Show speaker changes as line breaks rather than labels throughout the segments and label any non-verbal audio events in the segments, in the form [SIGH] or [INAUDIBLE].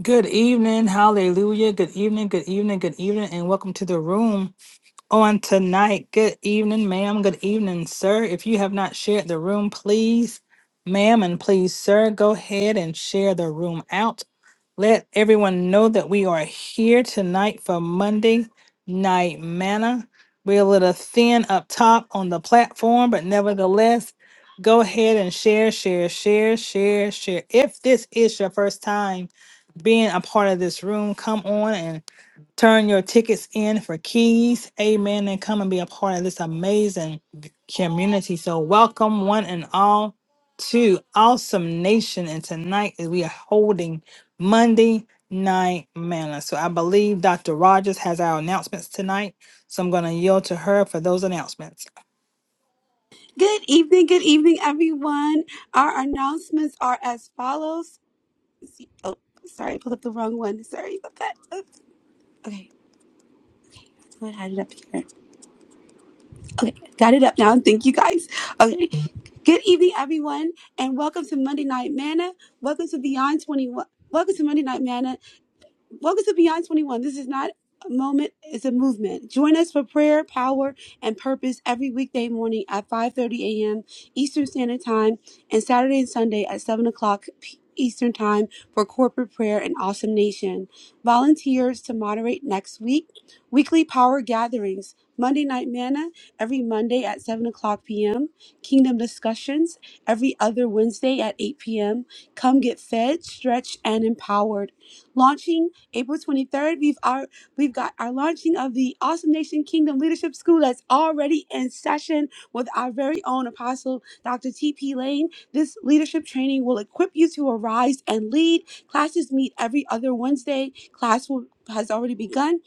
Good evening, hallelujah. Good evening, good evening, good evening, and welcome to the room on tonight. Good evening, ma'am. Good evening, sir. If you have not shared the room, please, ma'am, and please, sir, go ahead and share the room out. Let everyone know that we are here tonight for Monday Night Manna. We're a little thin up top on the platform, but nevertheless, go ahead and share, share, share, share, share. If this is your first time being a part of this room, come on and. Turn your tickets in for keys. Amen. And come and be a part of this amazing community. So, welcome one and all to Awesome Nation. And tonight is- we are holding Monday Night Manna. So, I believe Dr. Rogers has our announcements tonight. So, I'm going to yield to her for those announcements.
Good evening, good evening, everyone. Our announcements are as follows. Oh, sorry, I pulled up the wrong one. Sorry about that. Oops. Okay, I had it up here. Okay, got it up now. Thank you guys. Okay, good evening, everyone, and welcome to Monday Night Manna. Welcome to Beyond 21. Welcome to Monday Night Manna. Welcome to Beyond 21. This is not a moment, it's a movement. Join us for prayer, power, and purpose every weekday morning at 5.30 a.m. Eastern Standard Time and Saturday and Sunday at 7 o'clock Eastern Time for corporate prayer and Awesome Nation. Volunteers to moderate next week. Weekly power gatherings. Monday Night Manna every Monday at 7 o'clock p.m. Kingdom discussions every other Wednesday at 8 p.m. Come get fed, stretched, and empowered. Launching April 23rd, we've our we've got our launching of the Awesome Nation Kingdom Leadership School that's already in session with our very own apostle, Dr. T.P. Lane. This leadership training will equip you to arise and lead. Classes meet every other Wednesday. Class will has already begun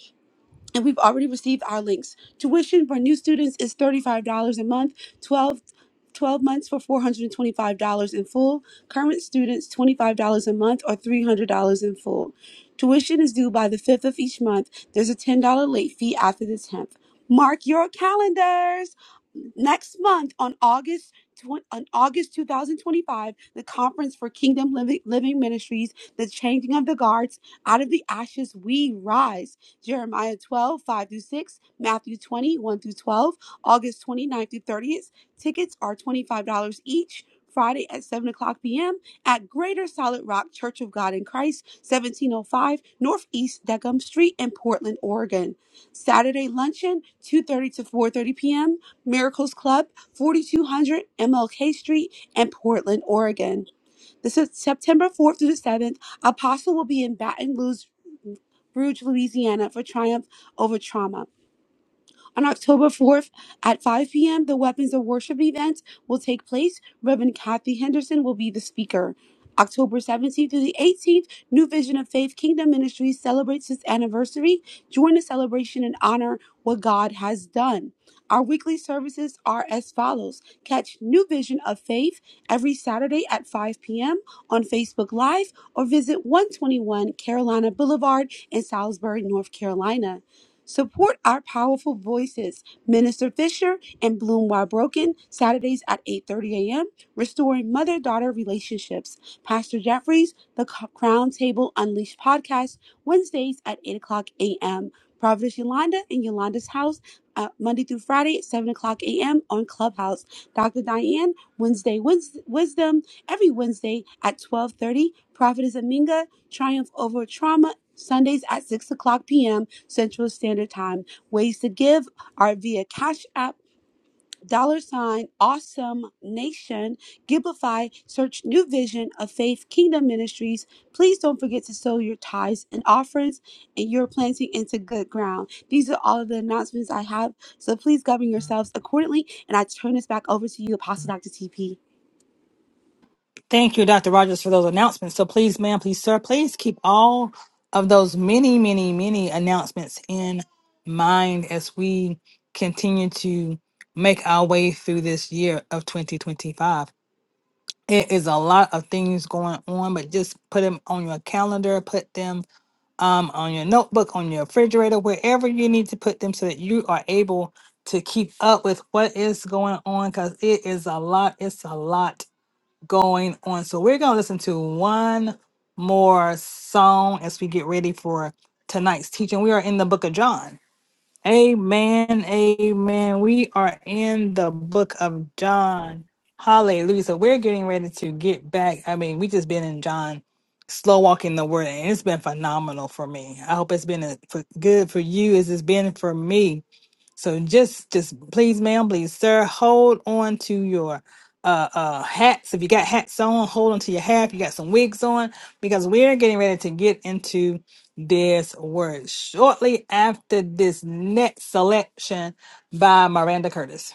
and we've already received our links. Tuition for new students is $35 a month, 12, 12 months for $425 in full. Current students, $25 a month or $300 in full. Tuition is due by the 5th of each month. There's a $10 late fee after the 10th. Mark your calendars. Next month on August twen- on August 2025, the conference for Kingdom Living, Living Ministries, the changing of the guards, out of the ashes we rise. Jeremiah 12 5 through 6, Matthew twenty one through 12, August twenty ninth through 30th. Tickets are $25 each. Friday at 7 o'clock p.m. at Greater Solid Rock Church of God in Christ, 1705 Northeast Deckham Street in Portland, Oregon. Saturday luncheon, 2.30 to 4.30 p.m. Miracles Club, 4200 MLK Street in Portland, Oregon. This is September 4th through the 7th. Apostle will be in Baton Rouge, Bruges, Louisiana for triumph over trauma. On October 4th at 5 p.m., the Weapons of Worship event will take place. Reverend Kathy Henderson will be the speaker. October 17th through the 18th, New Vision of Faith Kingdom Ministries celebrates its anniversary. Join the celebration and honor what God has done. Our weekly services are as follows. Catch New Vision of Faith every Saturday at 5 p.m. on Facebook Live or visit 121 Carolina Boulevard in Salisbury, North Carolina. Support our powerful voices, Minister Fisher and Bloom While Broken, Saturdays at 8:30 a.m. Restoring Mother-Daughter Relationships. Pastor Jeffries, The C- Crown Table Unleashed podcast, Wednesdays at 8 o'clock a.m. Providence Yolanda and Yolanda's house, uh, Monday through Friday at 7 o'clock a.m. on Clubhouse. Dr. Diane, Wednesday Wis- Wisdom, every Wednesday at 12:30. Prophetess Aminga, Triumph Over Trauma, Sundays at 6 o'clock p.m. Central Standard Time. Ways to give are via Cash App, dollar sign, awesome nation, Giblify, search New Vision of Faith Kingdom Ministries. Please don't forget to sow your tithes and offerings, and you're planting into good ground. These are all of the announcements I have, so please govern yourselves accordingly. And I turn this back over to you, Apostle Dr. TP.
Thank you, Dr. Rogers, for those announcements. So please, ma'am, please, sir, please keep all of those many, many, many announcements in mind as we continue to make our way through this year of 2025. It is a lot of things going on, but just put them on your calendar, put them um, on your notebook, on your refrigerator, wherever you need to put them so that you are able to keep up with what is going on because it is a lot. It's a lot going on. So we're going to listen to one more song as we get ready for tonight's teaching. We are in the book of John. Amen. Amen. We are in the book of John. Hallelujah. So we're getting ready to get back. I mean, we just been in John, slow walking the word, and it's been phenomenal for me. I hope it's been a, for, good for you as it's been for me so just, just please, ma'am, please, sir, hold on to your uh, uh, hats. If you got hats on, hold on to your hat. If you got some wigs on, because we're getting ready to get into this word shortly after this next selection by Miranda Curtis.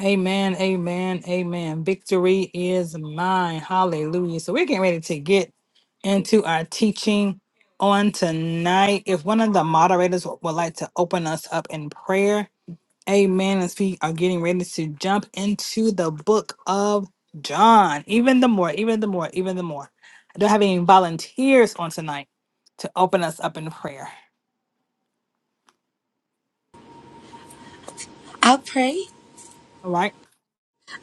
Amen, amen, amen. Victory is mine. Hallelujah. So we're getting ready to get into our teaching on tonight. If one of the moderators would would like to open us up in prayer, Amen. As we are getting ready to jump into the book of John, even the more, even the more, even the more. I don't have any volunteers on tonight to open us up in prayer.
I'll pray.
All Right?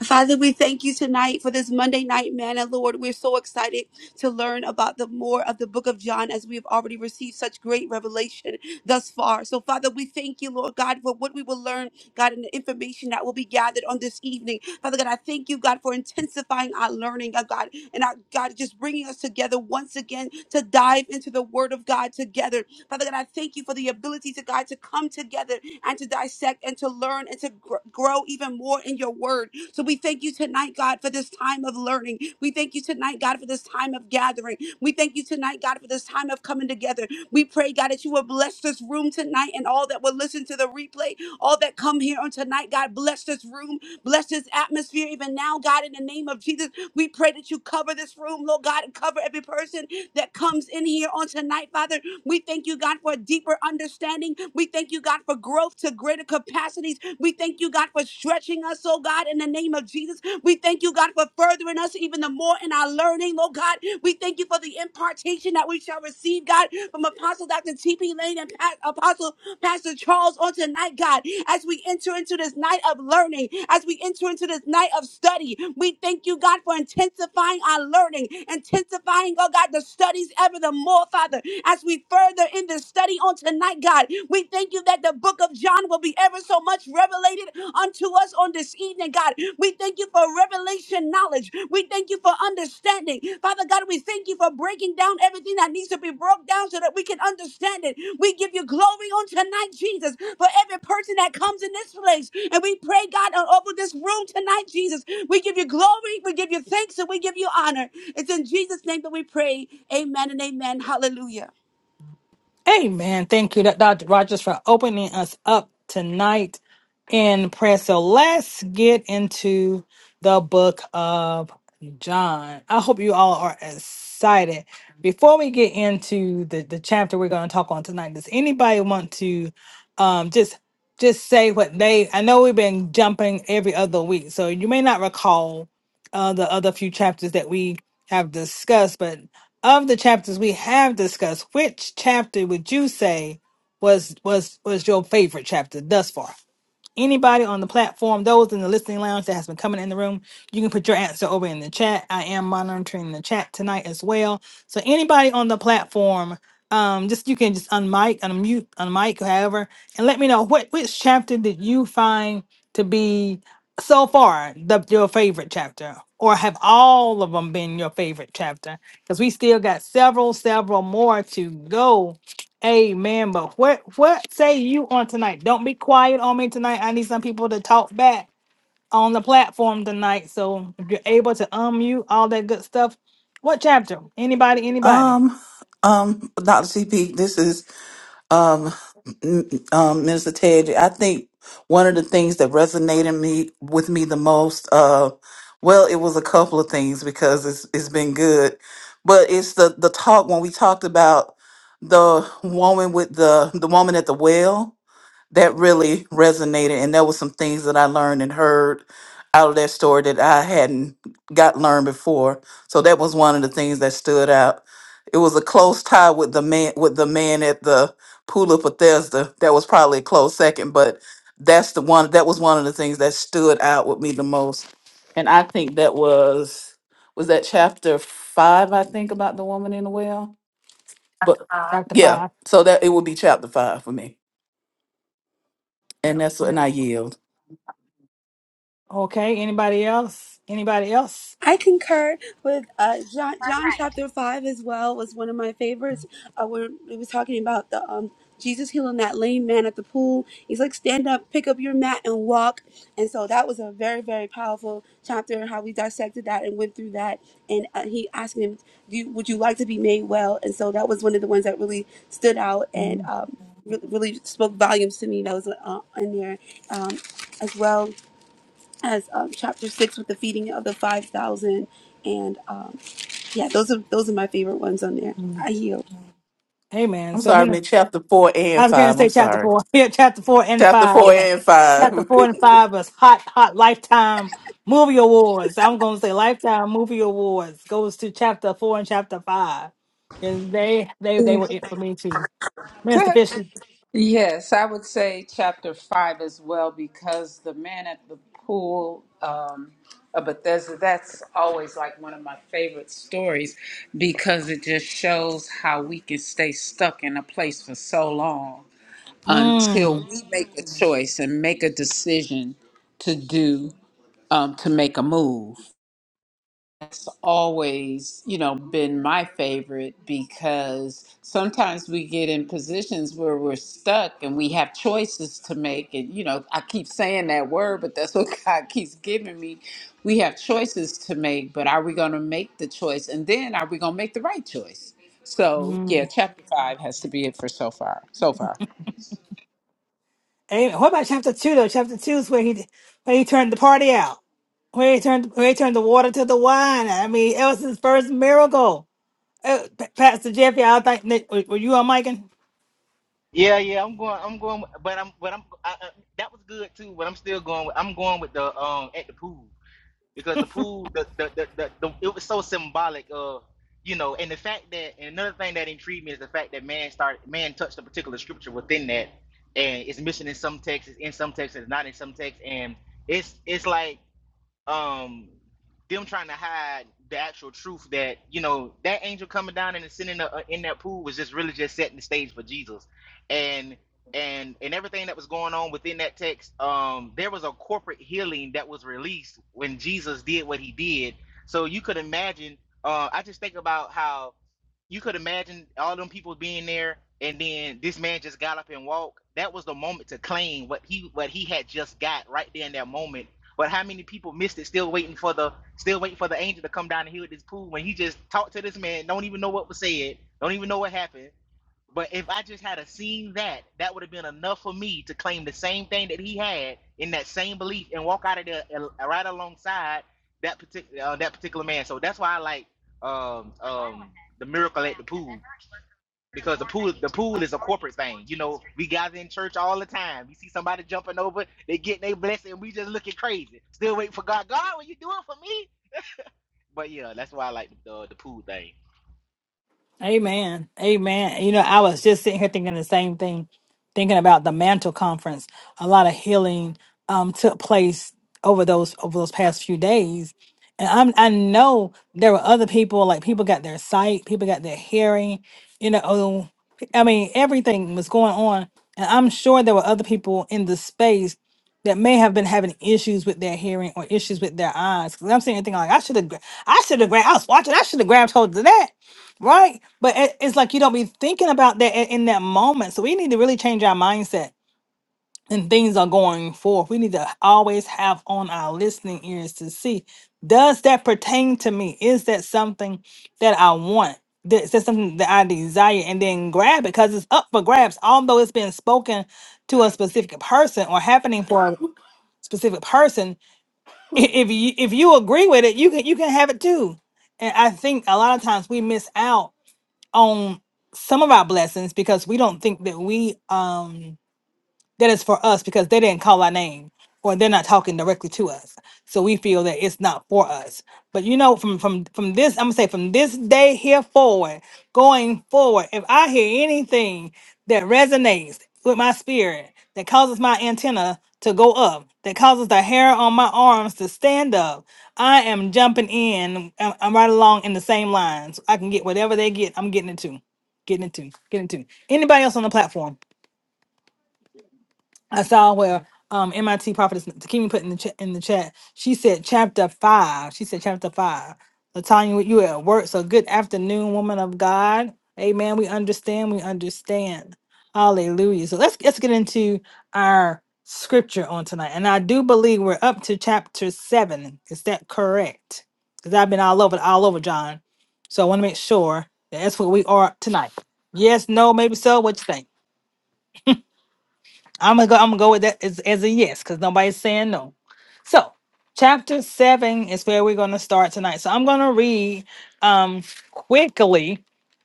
Father, we thank you tonight for this Monday night manna, Lord. We're so excited to learn about the more of the book of John as we have already received such great revelation thus far. So, Father, we thank you, Lord God, for what we will learn, God, and the information that will be gathered on this evening. Father God, I thank you, God, for intensifying our learning, oh God, and our God just bringing us together once again to dive into the Word of God together. Father God, I thank you for the ability to God to come together and to dissect and to learn and to gr- grow even more in your word. So we thank you tonight, God, for this time of learning. We thank you tonight, God, for this time of gathering. We thank you tonight, God, for this time of coming together. We pray, God, that you will bless this room tonight and all that will listen to the replay, all that come here on tonight. God, bless this room, bless this atmosphere even now, God, in the name of Jesus. We pray that you cover this room, Lord God, and cover every person that comes in here on tonight, Father. We thank you, God, for a deeper understanding. We thank you, God, for growth to greater capacities. We thank you, God, for stretching us, oh God, in the name of Jesus. We thank you, God, for furthering us even the more in our learning, oh God. We thank you for the impartation that we shall receive, God, from Apostle Dr. T.P. Lane and Pa- Apostle Pastor Charles on tonight, God, as we enter into this night of learning, as we enter into this night of study. We thank you, God, for intensifying our learning, intensifying, oh God, the studies ever the more, Father, as we further in this study on tonight, God, we thank you that the book of John will be ever so much revelated unto us on this evening, God. We thank you for revelation knowledge. We thank you for understanding. Father God, we thank you for breaking down everything that needs to be broke down so that we can understand it. We give you glory on tonight, Jesus, for every person that comes in this place. And we pray, God, on- over this room tonight, Jesus. We give you glory, we give you thanks, and we give you honor. It's in Jesus' name that we pray. Amen and amen. Hallelujah.
Amen. Thank you, Dr. Rogers, for opening us up tonight in prayer. So let's get into the book of John. I hope you all are excited. Before we get into the, the chapter we're going to talk on tonight, does anybody want to um, just just say what they? I know we've been jumping every other week, so you may not recall uh, the other few chapters that we have discussed, but of the chapters we have discussed, which chapter would you say was was was your favorite chapter thus far? Anybody on the platform, those in the listening lounge that has been coming in the room, you can put your answer over in the chat. I am monitoring the chat tonight as well. So anybody on the platform, um, just you can just unmic, unmute, unmic, however, and let me know what which chapter did you find to be so far the your favorite chapter, or have all of them been your favorite chapter? Because we still got several, several more to go Amen. But what what say you on tonight? Don't be quiet on me tonight. I need some people to talk back on the platform tonight. So if you're able to unmute all that good stuff, what chapter? Anybody? Anybody?
Um, um, Dr. CP, this is um, m- um, Minister Ted. I think one of the things that resonated me with me the most, uh, well, it was a couple of things because it's it's been good, but it's the the talk when we talked about the woman with the the woman at the well that really resonated and there was some things that i learned and heard out of that story that i hadn't got learned before so that was one of the things that stood out it was a close tie with the man with the man at the pool of bethesda that was probably a close second but that's the one that was one of the things that stood out with me the most and i think that was was that chapter five i think about the woman in the well but Chapter five.
Chapter
yeah
5.
so that it would be chapter five for me and that's
Yeah.
and i yield
Okay. Anybody else? Anybody else?
I concur with uh, John. John chapter five as well was one of my favorites. Uh, when we was talking about the um, Jesus healing that lame man at the pool, he's like, "Stand up, pick up your mat, and walk." And so that was a very, very powerful chapter. How we dissected that and went through that, and uh, he asking him, Do you, "Would you like to be made well?" And so that was one of the ones that really stood out and
Mhm.
um, re- really spoke volumes to me. That was uh, in there um, as well as um, chapter six with the feeding of the five thousand, and um, yeah, those are those are my favorite ones on there. I yield.
Amen.
I'm
So
sorry, I
many.
meant chapter four
I
and
was going to
five.
say
I'm
chapter
sorry.
four. [LAUGHS] Yeah, chapter four and
Chapter
five.
four
[LAUGHS]
and five.
Chapter
[LAUGHS]
four and five was hot, hot lifetime movie awards. I'm going to say lifetime movie awards goes to chapter four and chapter five. And they, they, they were it for me too. Mr.
[LAUGHS]
Fisher.
Yes, I would say chapter five as well because the man at the pool um, of Bethesda, that's always like one of my favorite stories because it just shows how we can stay stuck in a place for so long until
Mmm.
we make a choice and make a decision to do, um, to make a move always, you know, been my favorite because sometimes we get in positions where we're stuck and we have choices to make. And, you know, I keep saying that word, but that's what [LAUGHS] God keeps giving me. We have choices to make, but are we going to make the choice? And then are we going to make the right choice? So, yeah, chapter five has to be it for so far. So far.
And what about chapter two though? Chapter two is where he, where he turned the party out. Where he turned, where he turned the water to the wine. I mean, it was his first miracle. Uh, Pa- Pastor Jeffy, I think, were you on mic?
Yeah, yeah, I'm going. I'm going, with- but I'm, but I'm. I, I, that was good too, but I'm still going. With, I'm going with the um at the pool because the pool, the the the, the, the it was so symbolic of you know, and the fact that and another thing that intrigued me is the fact that man started man touched a particular scripture within that, and it's missing in some texts, it's in some texts, it's not in some texts, and it's it's like um them trying to hide the actual truth that you know that angel coming down and sitting uh, in that pool was just really just setting the stage for Jesus, and and and everything that was going on within that text. Um, there was a corporate healing that was released when Jesus did what he did. So you could imagine. Uh, I just think about how you could imagine all them people being there, and then this man just got up and walked. That was the moment to claim what he what he had just got right there in that moment but how many people missed it? Still waiting for the still waiting for the angel to come down and heal this pool when he just talked to this man. Don't even know what was said. Don't even know what happened. But if I just had a seen that, that would have been enough for me to claim the same thing that he had in that same belief and walk out of there al- right alongside that particular uh, that particular man. So that's why I like um, um, the miracle at the pool because the pool the pool is a corporate thing. You know, we gather in church all the time. We see somebody jumping over, they getting their blessing, and we just looking crazy. Still waiting for God. God, will you do it for me? But yeah, that's why I like the the pool thing.
Amen. Amen. You know, I was just sitting here thinking the same thing, thinking about the mantle conference. A lot of healing um took place over those over those past few days. And I'm I know there were other people, like people got their sight, people got their hearing, you know, oh, I mean everything was going on. And I'm sure there were other people in the space that may have been having issues with their hearing or issues with their eyes. Because I'm sitting here thinking like I should have I should have grabbed I was watching, I should have grabbed hold of that Right. But it, it's like you don't be thinking about that in, in that moment. So we need to really change our mindset and things are going forth. We need to always have on our listening ears to see does that pertain to me? Is that something that I want? That- Is that something that I desire? And then grab it because it's up for grabs. Although it's been spoken to a specific person or happening for a specific person, i- if you if you agree with it, you can you can have it too. And I think a lot of times we miss out on some of our blessings because we don't think that we um that is for us because they didn't call our name or they're not talking directly to us so we feel that it's not for us but you know from from from this i'm gonna say from this day here forward going forward if i hear anything that resonates with my spirit that causes my antenna to go up that causes the hair on my arms to stand up i am jumping in i'm, I'm right along in the same lines i can get whatever they get i'm getting it too getting it too getting it too anybody else on the platform I saw where um MIT prophetess Takimi put in the chat in the chat. She said chapter five. She said chapter five. Latanya, you at work, so good afternoon, woman of God. Amen. We understand. We understand. Hallelujah. So let's let's get into our scripture on tonight, and I do believe we're up to chapter seven. Is that correct? Because I've been all over all over John, so I want to make sure that that's where we are tonight. Yes, no, maybe so. What you think? I'm gonna go. I'm gonna go with that as, as a yes because nobody's saying no. So, chapter seven is where we're gonna start tonight. So I'm gonna read um quickly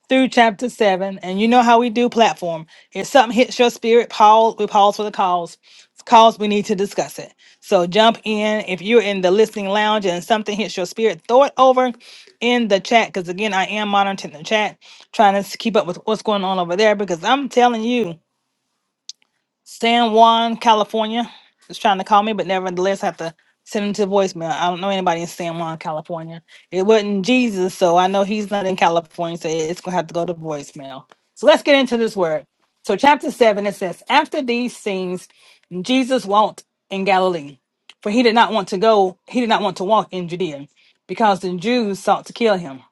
through chapter seven, and you know how we do platform. If something hits your spirit, pause. We pause for the cause. Cause we need to discuss it. So jump in if you're in the listening lounge and something hits your spirit. Throw it over in the chat because again, I am monitoring the chat, trying to s- keep up with what's going on over there because I'm telling you. San Juan, California is trying to call me, but nevertheless, I have to send him to voicemail. I don't know anybody in San Juan, California. It wasn't Jesus, so I know he's not in California, so it's going to have to go to voicemail. So let's get into this word. So, chapter 7, it says, After these things, Jesus walked in Galilee, for he did not want to go, he did not want to walk in Judea, because the Jews sought to kill him.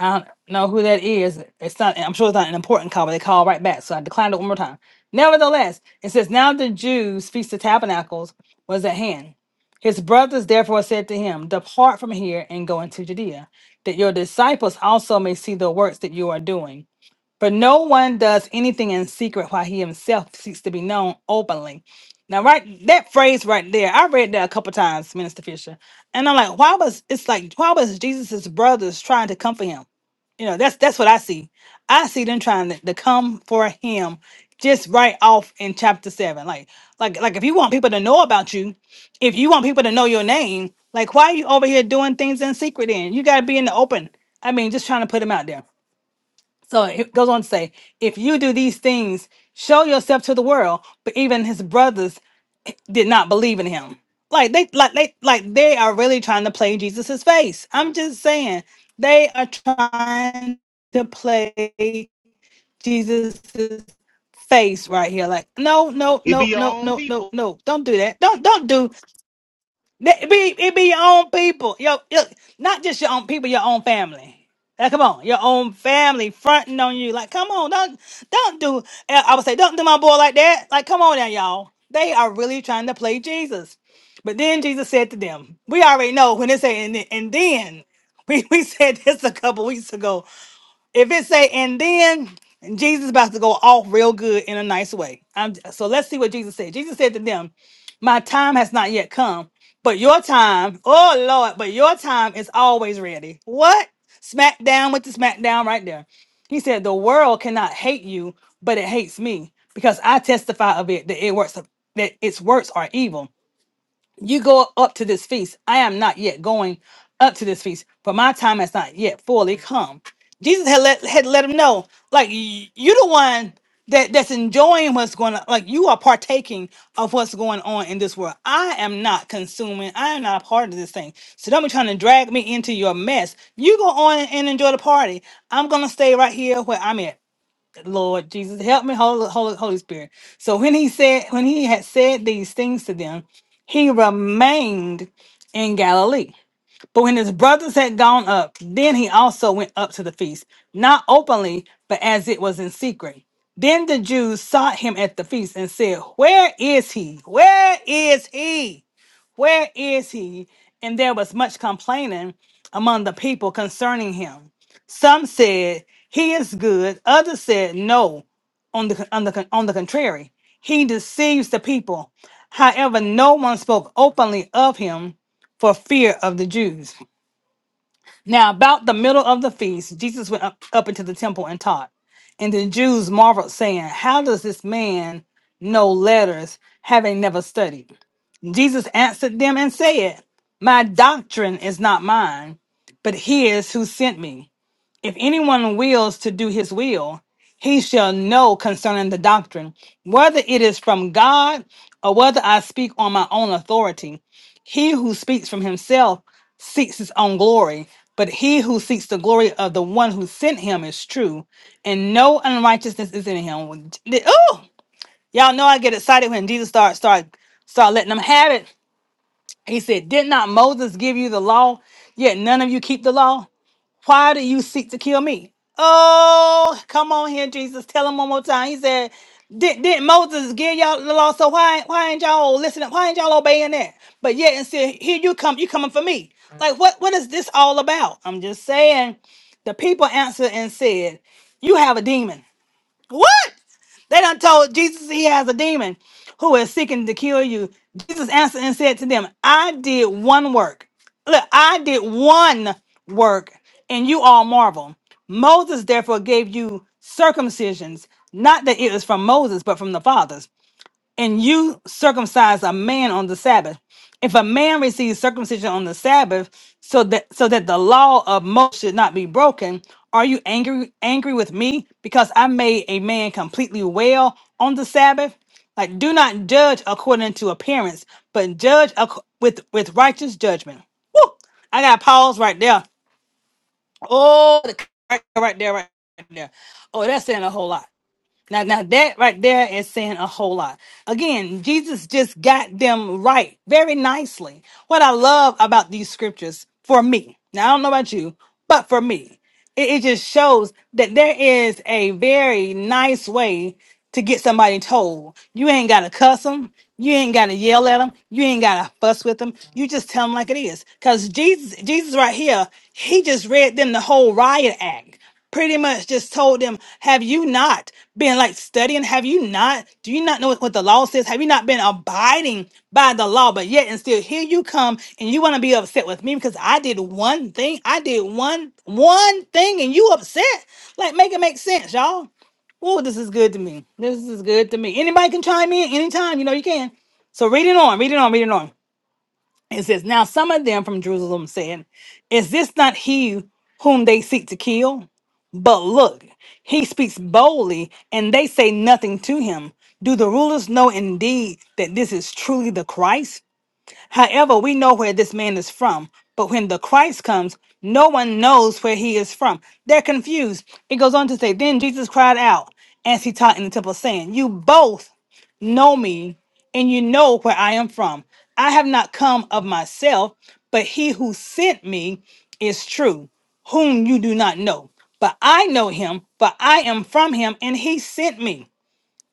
I don't know who that is. It's not. I'm sure it's not an important call, but they call right back. So I declined it one more time. Nevertheless, it says, "Now the Jews' feast of tabernacles was at hand. His brothers therefore said to him, Depart from here and go into Judea, that your disciples also may see the works that you are doing. For no one does anything in secret while he himself seeks to be known openly. Now, right that phrase right there, I read that a couple times, Minister Fisher. And I'm like, why was it's like why was Jesus's brothers trying to come for him? You know, that's that's what I see. I see them trying to, to come for him just right off in chapter seven. Like, like, like if you want people to know about you, if you want people to know your name, like why are you over here doing things in secret then? You gotta be in the open. I mean, just trying to put him out there. So it goes on to say, if you do these things, show yourself to the world. But even his brothers did not believe in him. Like they like they like they are really trying to play Jesus's face. I'm just saying they are trying to play Jesus's face right here. Like, no, no,
It be
no,
your
no,
own
no, no,
people.
no. Don't do that. Don't don't do it be it be your own people. Yo, yo, not just your own people, your own family. Like, come on, your own family fronting on you. Like, come on, don't don't do. and I would say, don't do my boy like that. Like, come on now, y'all. They are really trying to play Jesus. But then Jesus said to them, "We already know when it say and, then- and then." [LAUGHS] We, we said this a couple weeks ago. If it say and then Jesus is about to go off real good in a nice way. I'm, so let's see what Jesus said. Jesus said to them, "My time has not yet come, but your time, oh Lord, but your time is always ready." What? Smack down with the smack down right there. He said, "The world cannot hate you, but it hates me because I testify of it that it works that its works are evil." you go up to this feast. I am not yet going up to this feast, for my time has not yet fully come. Jesus had let had let him know, like y- you the one that that's enjoying what's going on. Like you are partaking of what's going on in this world. I am not consuming. I am not a part of this thing. So don't be trying to drag me into your mess. You go on and enjoy the party. I'm gonna stay right here where I'm at. Lord Jesus, help me, Holy, Holy, Holy Spirit. So when he said, when he had said these things to them, he remained in Galilee. But when his brothers had gone up, then he also went up to the feast, not openly, but as it was in secret. Then the Jews sought him at the feast and said, Where is he? Where is he? Where is he? And there was much complaining among the people concerning him. Some said, He is good. Others said, No, on the, on the, on the contrary, he deceives the people. However, no one spoke openly of him for fear of the Jews. Now, about the middle of the feast, Jesus went up, up into the temple and taught. And the Jews marveled, saying, How does this man know letters, having never studied? Jesus answered them and said, My doctrine is not mine, but his who sent me. If anyone wills to do his will, he shall know concerning the doctrine, whether it is from God or whether I speak on my own authority. He who speaks from himself seeks his own glory, but he who seeks the glory of the one who sent him is true, and no unrighteousness is in him. Oh, y'all know I get excited when Jesus start start start letting them have it. He said, Did not Moses give you the law? Yet none of you keep the law. Why do you seek to kill me? Oh, come on here, Jesus. Tell him one more time. He said, Did, did Moses give y'all the law? So why why ain't y'all listening? Why ain't y'all obeying that? But yet and said, Here you come, you coming for me. Like what what is this all about? I'm just saying. The people answered and said, You have a demon. What? They done told Jesus he has a demon who is seeking to kill you. Jesus answered and said to them, I did one work. Look, I did one work, and you all marvel. Moses therefore gave you circumcisions, not that it was from Moses, but from the fathers and you circumcise a man on the Sabbath. If a man receives circumcision on the Sabbath, so that so that the law of Moses should not be broken, are you angry angry with me because I made a man completely well on the Sabbath? Like, do not judge according to appearance, but judge ac- with with righteous judgment. Woo! I got pause right there. Oh, the- right right there, right there. Oh, that's saying a whole lot. Now, now that right there is saying a whole lot. Again, Jesus just got them right very nicely. What I love about these scriptures for me, now I don't know about you, but for me, it, it just shows that there is a very nice way to get somebody told. You ain't got to cuss them. You ain't got to yell at them. You ain't got to fuss with them. You just tell them like it is. Cause Jesus, Jesus right here, he just read them the whole riot act pretty much just told them, Have you not been like studying? Have you not? Do you not know what what the law says? Have you not been abiding by the law? But yet and still here you come and you want to be upset with me because I did one thing. I did one one thing and you upset. Like make it make sense, y'all. Oh, this is good to me. This is good to me. Anybody can chime in anytime, you know you can. So read it on, read it on, read it on. It says, Now some of them from Jerusalem said, Is this not he whom they seek to kill? But look, he speaks boldly, and they say nothing to him. Do the rulers know indeed that this is truly the Christ? However, we know where this man is from. But when the Christ comes, no one knows where he is from. They're confused. It goes on to say, Then Jesus cried out as he taught in the temple, saying, You both know me, and you know where I am from. I have not come of myself, but he who sent me is true, whom you do not know. But I know him, for I am from him, and he sent me.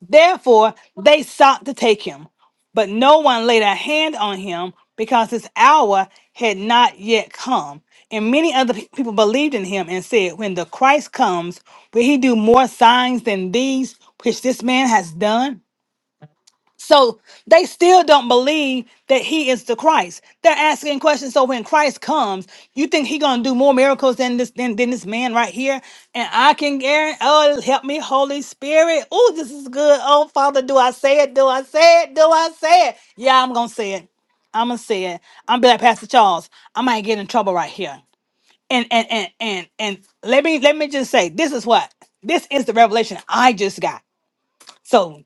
Therefore, they sought to take him, but no one laid a hand on him because his hour had not yet come. And many other pe- people believed in him and said, When the Christ comes, will he do more signs than these which this man has done? So they still don't believe that he is the Christ. They're asking questions. So when Christ comes, you think he gonna do more miracles than this than, than this man right here? And I can guarantee, oh help me, Holy Spirit. Oh, this is good. Oh Father, do I say it? Do I say it? Do I say it? Yeah, I'm gonna say it. I'm gonna say it. I'm be like Pastor Charles. I might get in trouble right here. And and and and and let me let me just say this is what this is the revelation I just got. So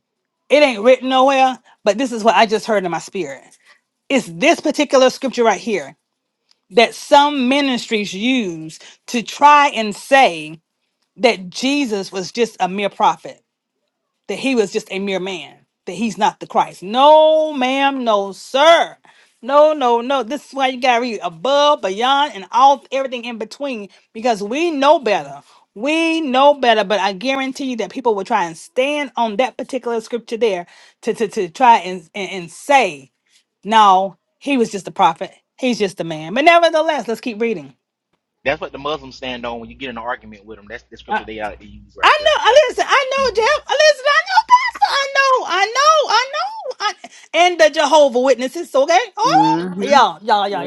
it ain't written nowhere, but this is what I just heard in my spirit. It's this particular scripture right here that some ministries use to try and say that Jesus was just a mere prophet that he was just a mere man, that he's not the Christ. No, ma'am, no, sir. No, no, no. This is why you gotta read above, beyond, and all everything in between, because we know better. We know better, but I guarantee you that people will try and stand on that particular scripture there to to, to try and, and and say, no, he was just a prophet. He's just a man. But nevertheless, let's keep reading.
That's what the Muslims stand on when you get in an argument with them. That's the scripture they out to use
I
right there.
know. I Listen, I know Jeff. I Listen, I know Pastor. I know. I know. I know. I, and the Jehovah Witnesses. Okay. All right.
Mm-hmm.
Yeah. Yeah. Yeah.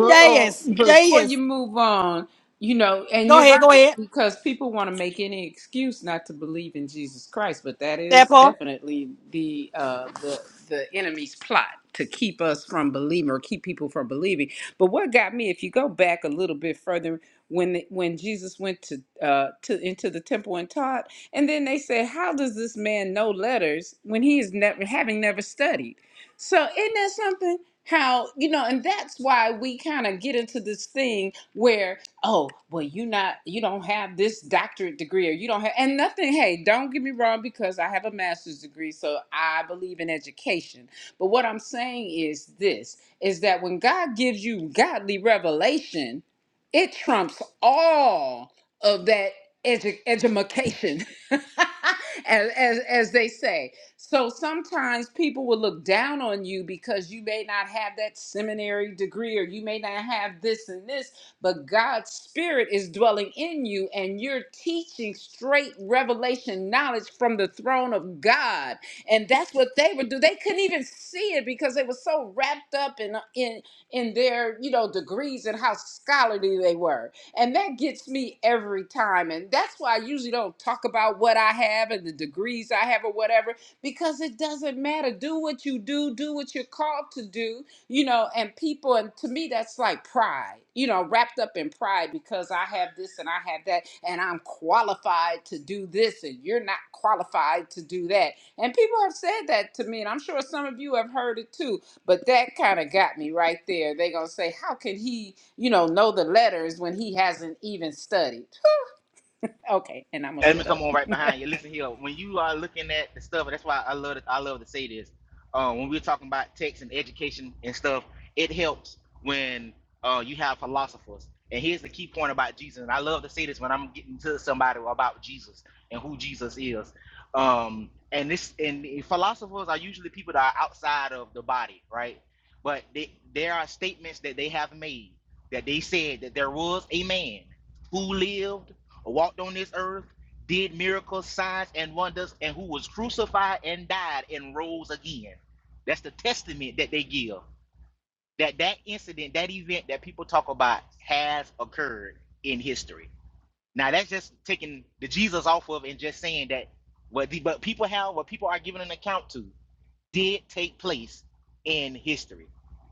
Yeah. Yes.
or before you
Yes.
move on, you know, and
Go
you're
ahead.
right
Go ahead.
because people want to make any excuse not to believe in Jesus Christ, but that
That
is
part.
definitely the uh, the the enemy's plot to keep us from believing or keep people from believing. But what got me, if you go back a little bit further, when the, when Jesus went to uh, to into the temple and taught, and then they said, "How does this man know letters when he is never having never studied?" So isn't that something? how you know and that's why we kind of get into this thing where oh well you not you don't have this doctorate degree or you don't have and nothing hey don't get me wrong because i have a master's degree so i believe in education but what i'm saying is this is that when god gives you godly revelation it trumps all of that edu- edumacation [LAUGHS] as, as as they say so sometimes people will look down on you because you may not have that seminary degree or you may not have this and this, but God's spirit is dwelling in you and you're teaching straight revelation knowledge from the throne of God. And that's what they would do. They couldn't even see it because they were so wrapped up in in in their, you know, degrees and how scholarly they were. And that gets me every time. And that's why I usually don't talk about what I have and the degrees I have or whatever because it doesn't matter. Do what you do, do what you're called to do, you know, and people, and to me, that's like pride, you know, wrapped up in pride because I have this and I have that, and I'm qualified to do this, and you're not qualified to do that. And people have said that to me, and I'm sure some of you have heard it too, but that kind of got me right there. They're going to say, How can he, you know, know the letters when he hasn't even studied? Okay, and I'm going
And
to
let me
shut up.
come on right behind you. Listen here, when you are looking at the stuff, that's why I love to, I love to say this. Uh, when we're talking about text and education and stuff, it helps when uh, you have philosophers. And here's the key point about Jesus. And I love to say this when I'm getting to somebody about Jesus and who Jesus is. Um, and this and the philosophers are usually people that are outside of the body, right? But they, there are statements that they have made that they said that there was a man who lived walked on this earth did miracles, signs, and wonders, and who was crucified and died and rose again. That's the testament that they give that that incident, that event that people talk about has occurred in history. Now that's just taking the Jesus off of and just saying that what the but people have what people are giving an account to did take place in history.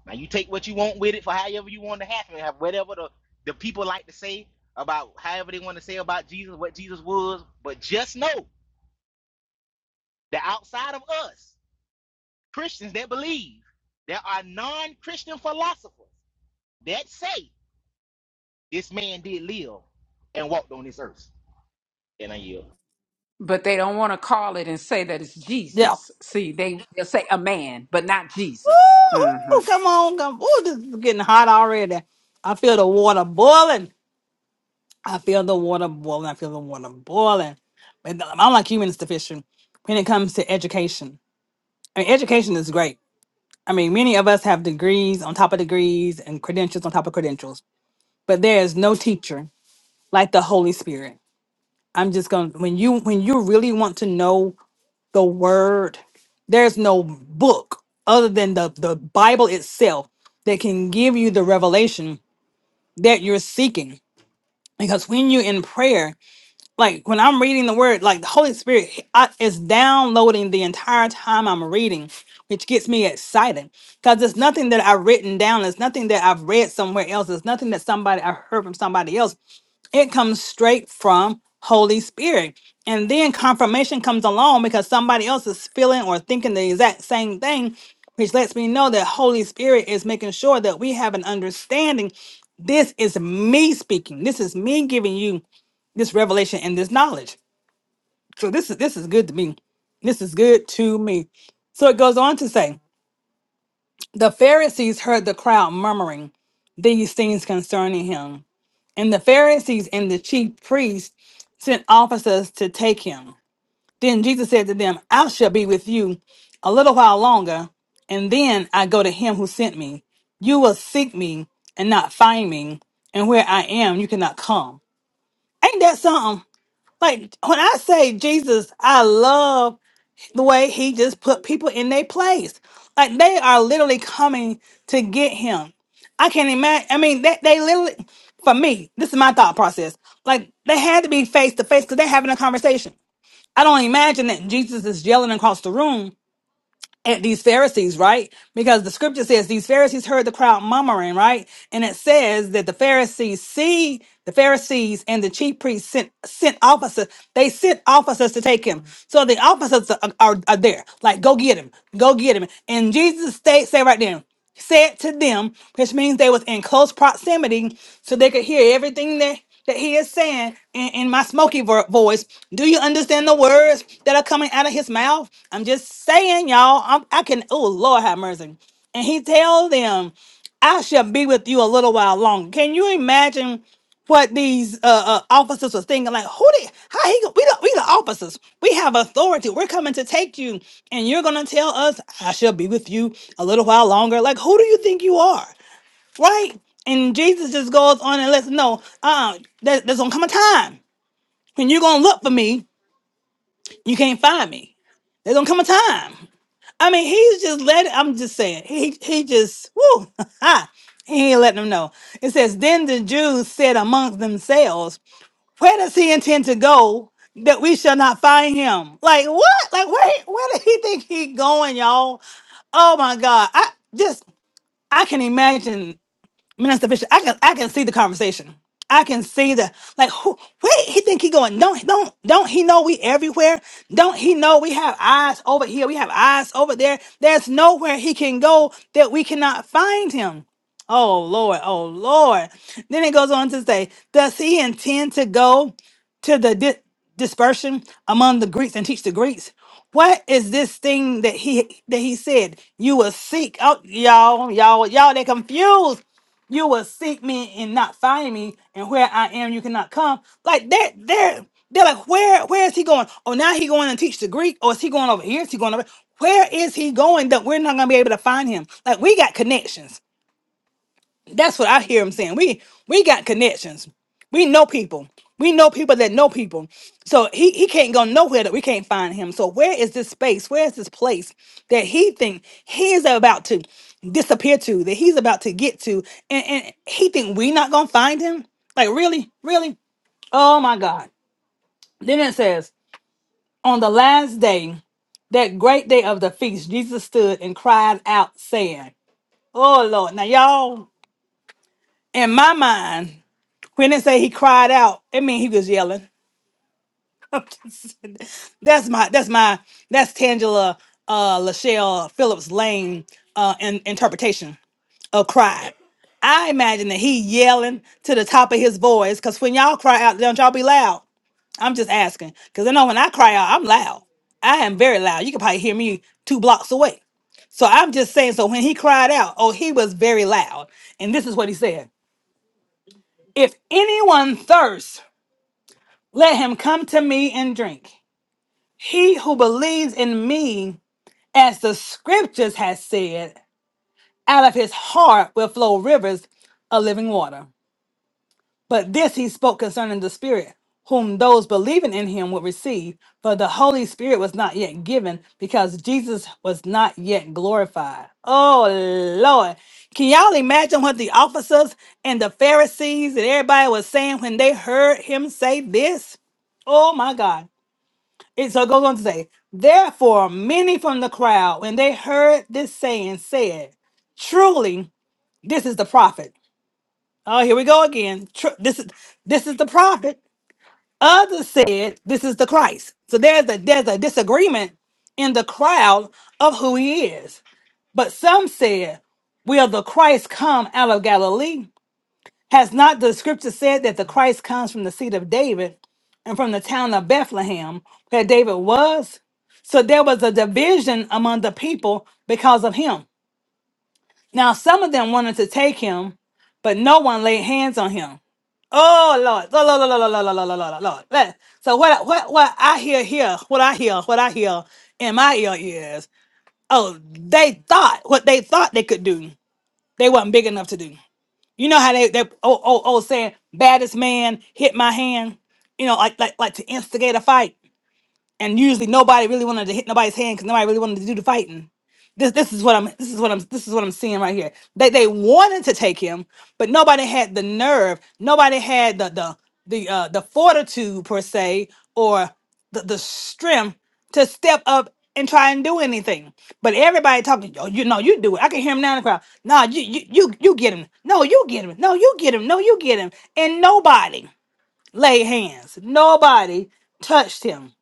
Now you take what you want with it for however you want to happen, have whatever the, the people like to say about however they want to say about Jesus, what Jesus was, but just know they're outside of us, Christians that believe. There are non Christian philosophers that say this man did live and walked on this earth. And I yield.
but they don't want to call it and say that it's
Yeah.
Jesus. See, they they'll say a man, but not Jesus. hmm
Woo-hoo, come on. Come. Ooh, this is getting hot already. I feel the water boiling. I feel the water boiling. I feel the water boiling. But I'm like you, Minister Fisher, when it comes to education. I mean, education is great I mean, many of us have degrees on top of degrees and credentials on top of credentials, but there is no teacher like the Holy Spirit. I'm just going to when you when you really want to know the word, there's no book other than the the Bible itself that can give you the revelation that you're seeking. Because when you're in prayer like when I'm reading the word, like the Holy Spirit he- I, is downloading the entire time I'm reading, which gets me excited because it's nothing that I've written down. It's nothing that I've read somewhere else. It's nothing that somebody I heard from somebody else. It comes straight from Holy Spirit. And then confirmation comes along because somebody else is feeling or thinking the exact same thing, which lets me know that Holy Spirit is making sure that we have an understanding. This is me speaking. This is me giving you this revelation and this knowledge. So this is this is good to me. This is good to me. So it goes on to say, the Pharisees heard the crowd murmuring these things concerning him. And the Pharisees and the chief priests sent officers to take him. Then Jesus said to them, I shall be with you a little while longer, and then I go to him who sent me. You will seek me and not find me, and where I am, you cannot come. Ain't that something? Like when I say Jesus, I love the way he just put people in their place. Like they are literally coming to get him. I can't imagine. I mean, they, they literally, for me, this is my thought process. Like they had to be face to face because they're having a conversation. I don't imagine that Jesus is yelling across the room at these Pharisees, right? Because the scripture says these Pharisees heard the crowd murmuring, right? And it says that the Pharisees see the Pharisees and the chief priests sent sent officers. They sent officers to take him. So the officers are, are, are there, like go get him, go get him. And Jesus stayed, say right there said to them, which means they was in close proximity, so they could hear everything that, that he is saying in, in my smoky vo- voice. Do you understand the words that are coming out of his mouth? I'm just saying, y'all. I'm, I can. Oh Lord, have mercy. And he tell them, "I shall be with you a little while longer." Can you imagine? what these uh, uh, officers was thinking, like, who did how he go- we the, we the officers, we have authority. We're coming to take you, and you're gonna tell us, I shall be with you a little while longer. Like, who do you think you are, right? And Jesus just goes on and lets them know, uh, there, there's gonna come a time when you're gonna look for me, you can't find me. There's gonna come a time. I mean, he's just let. I'm just saying, he he just woo, [LAUGHS] he ain't letting them know. It says, then the Jews said amongst themselves. Where does he intend to go that we shall not find him? Like what? Like where? he- Where did he think he going, y'all? Oh my God! I just I can imagine Minister Bishop, I can I can see the conversation. I can see the like who where he think he going. Don't don't don't he know we everywhere? Don't he know we have eyes over here? We have eyes over there. There's nowhere he can go that we cannot find him. Oh Lord, oh Lord. Then it goes on to say, does he intend to go to the di- dispersion among the Greeks and teach the Greeks? What is this thing that he that he said? You will seek out y'all, y'all, y'all. They confused. You will seek me and not find me, and where I am, you cannot come. Like that, they're they're like, where where is he going? Oh, now he going and teach the Greek, or is he going over here? Is he going over? Where is he going that we're not gonna be able to find him? Like we got connections. That's what I hear him saying. We we got connections. We know people. We know people that know people. So he, he can't go nowhere that we can't find him. So where is this space? Where is this place that he think he's about to disappear to, that he's about to get to, and, and he think we not gonna find him? Like really, really? Oh my God. Then it says, on the last day, that great day of the feast, Jesus stood and cried out, saying, Oh Lord, now y'all, in my mind, When they say he cried out, it mean he was yelling. [LAUGHS] I'm just saying. that's my that's my that's Tangela uh Lachelle Phillips Lane uh in, interpretation of cried. I imagine that he yelling to the top of his voice because when y'all cry out, don't y'all be loud? I'm just asking because I know when I cry out, I'm loud. I am very loud. You can probably hear me two blocks away. So I'm just saying, so when he cried out, oh, he was very loud. And this is what he said If anyone thirsts, Let him come to me and drink. He who believes in me, as the scriptures has said, out of his heart will flow rivers of living water. But this he spoke concerning the Spirit, whom those believing in him would receive, for the Holy Spirit was not yet given, because Jesus was not yet glorified. Oh Lord. Can y'all imagine what the officers and the Pharisees and everybody was saying when they heard him say this? Oh my God. It so it goes on to say, therefore many from the crowd, when they heard this saying, said, "Truly, this is the prophet." Oh, here we go again. Tru- this is this is the prophet. Others said, "This is the Christ." So there's a there's a disagreement in the crowd of who he is. But some said, "Will the Christ come out of Galilee?" Has not the scripture said that the Christ comes from the seed of David and from the town of Bethlehem, where David was? So there was a division among the people because of him. Now, some of them wanted to take him, but no one laid hands on him. Oh Lord, Lord, Lord, Lord, Lord, Lord, Lord, Lord, Lord, Lord, Lord. Let- So what, what, what I hear here, what I hear, what I hear in my ear is, oh, they thought what they thought they could do, they wasn't big enough to do. You know how they they oh oh oh saying baddest man hit my hand. You know like like like to instigate a fight and usually nobody really wanted to hit nobody's hand because nobody really wanted to do the fighting. This this is what I'm this is what I'm this is what I'm seeing right here. They they wanted to take him, but nobody had the nerve. Nobody had the the the uh, the fortitude per se or the, the strength to step up and try and do anything. But everybody talking, oh, you know, you do it. I can hear him now in the crowd. No, you you you you get him. No, you get him. No, you get him. No, you get him. And nobody laid hands. Nobody touched him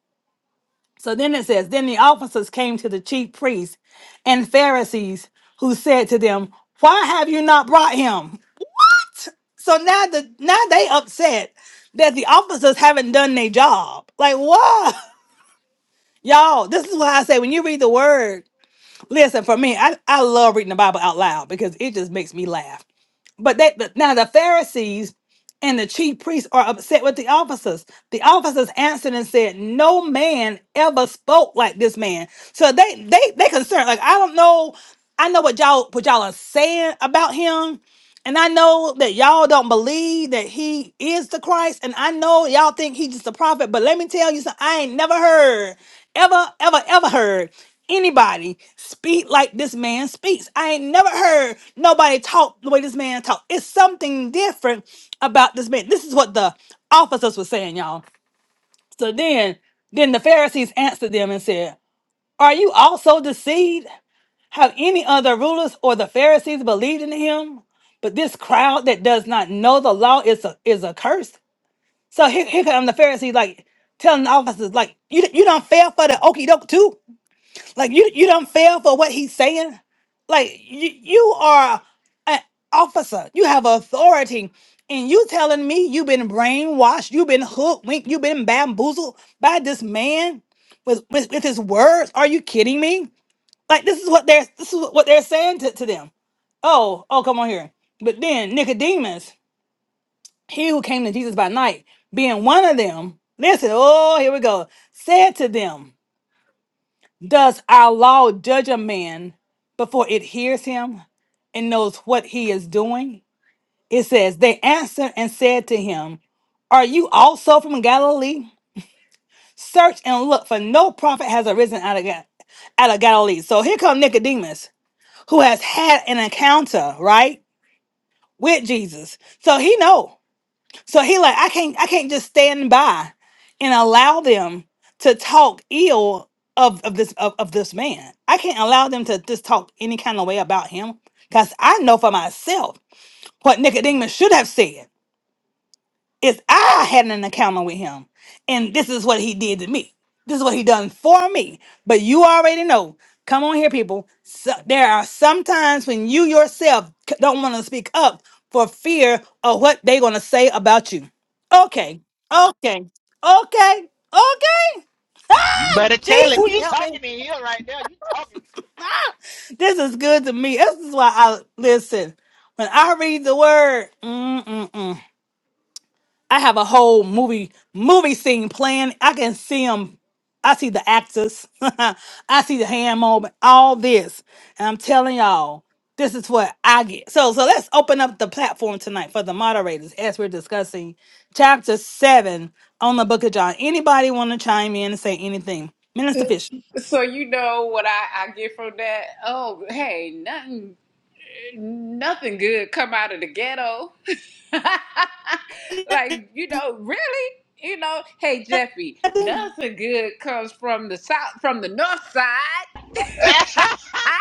so then it says, Then the officers came to the chief priests and Pharisees, who said to them, Why have you not brought him? So now the now they upset that the officers haven't done their job. Like what? [LAUGHS] Y'all, this is why I say when you read the word, listen, for me, I, I love reading the Bible out loud because it just makes me laugh. But they, but now the Pharisees and the chief priests are upset with the officers. The officers answered and said, "No man ever spoke like this man." So they they they concerned. Like I don't know. I know what y'all what y'all are saying about him, and I know that y'all don't believe that he is the Christ. And I know y'all think he's just a prophet. But let me tell you something. I ain't never heard, ever, ever, ever heard anybody speak like this man speaks. I ain't never heard nobody talk the way this man talk. It's something different about this man. This is what the officers were saying, y'all. So then, then the Pharisees answered them and said, Are you also deceived? Have any of the rulers or the Pharisees believed in him? But this crowd that does not know the law is a is a curse. So here, here come the Pharisees like telling the officers like you you don't fail for the okey doke too. Like you you don't fail for what he's saying. Like you you are an officer. You have authority. And you telling me you've been brainwashed, you've been hoodwinked, you've been bamboozled by this man with, with, with his words. Are you kidding me? Like this is what they're this is what they're saying to, to them. Oh, oh, come on here. But then Nicodemus, he who came to Jesus by night, being one of them, listen, oh, here we go, said to them, Does our law judge a man before it hears him and knows what he is doing? It says, They answered and said to him, Are you also from Galilee? Search and look, for no prophet has arisen out of, Ga- out of Galilee. So here comes Nicodemus. who has had an encounter, right, with Jesus. So he know. So he like, I can't, I can't just stand by and allow them to talk ill of, of this of, of this man. I can't allow them to just talk any kind of way about him. Because I know for myself what Nicodemus should have said. It's I had an encounter with him, and this is what he did to me. This is what he done for me. But you already know. Come on here, people. So, there are some times when you yourself c- don't want to speak up for fear of what they're gonna say about you. Okay, okay, okay, okay.
You
Ah,
better tell him. Who
Jesus,
you
help me.
talking to here right now. You talking.
This is good to me. This is why I listen. When I read the word, mm-mm-mm. I have a whole movie movie scene planned. I can see them. I see the actors. [LAUGHS] I see the hand moment. All this, and I'm telling y'all, this is what I get. So, so let's open up the platform tonight for the moderators as we're discussing chapter seven on the Book of John. Anybody want to chime in and say anything? Minister Fisher,
So you know what I, I get from that? Oh, hey, nothing, nothing good come out of the ghetto. [LAUGHS] like you know, really, you know, hey Jeffy, nothing good comes from the south, from the north side.
[LAUGHS] you
Ah,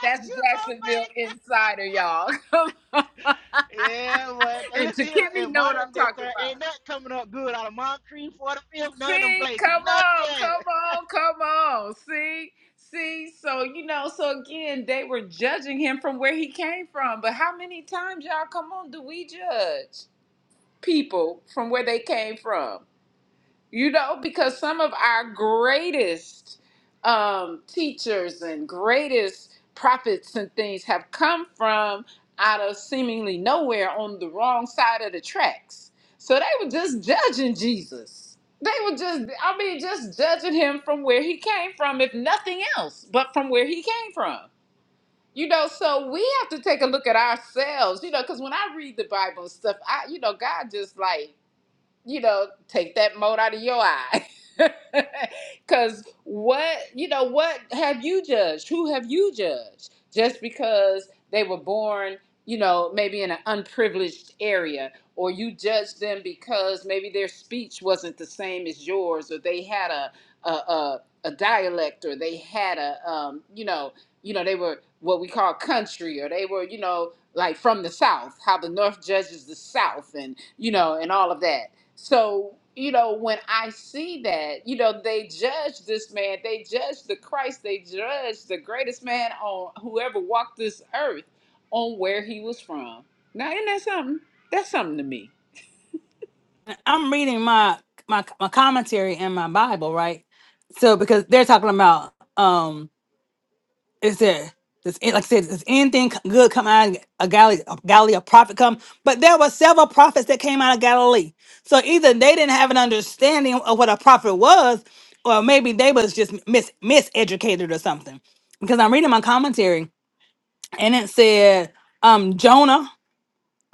That's
so
Jacksonville
funny.
insider, y'all. [LAUGHS]
Yeah, well,
and to
listen here.
Kimmy,
In
know what I'm
modern day
talking
term,
about.
ain't nothing coming up good out of Moncrief, Fort Fifth, none of them
See,
places.
come on,
Nothing.
come on, come on. See, see, so you know, so again, they were judging him from where he came from. But how many times, y'all, come on, do we judge people from where they came from? you know, because some of our greatest um, teachers and greatest prophets and things have come from out of seemingly nowhere on the wrong side of the tracks. So they were just judging Jesus. They were just, I mean, just judging him from where he came from, if nothing else, but from where he came from. You know, so we have to take a look at ourselves, you know, because when I read the Bible and stuff, I, you know, God just like you know, take that mote out of your eye. [LAUGHS] Because what, you know, what have you judged? Who have you judged? Just because they were born, you know, maybe in an unprivileged area, or you judged them because maybe their speech wasn't the same as yours, or they had a, a, a, a dialect, or they had a, um, you know, you know, they were what we call country, or they were, you know, like from the South, how the North judges the South, and you know, and all of that so, you know, when I see that, you know, they judge this man, they judge the Christ, they judge the greatest man on whoever walked this earth on where he was from. Now, isn't that something? That's something to me.
I'm reading my my my commentary in my Bible, right? So because they're talking about. um. Is there does any- like I said, does anything c- good come out of Galilee? Of Galilee, a prophet come, but there were several prophets that came out of Galilee. So either they didn't have an understanding of what a prophet was, or maybe they was just mis miseducated or something. Because I'm reading my commentary, and it said um Jonah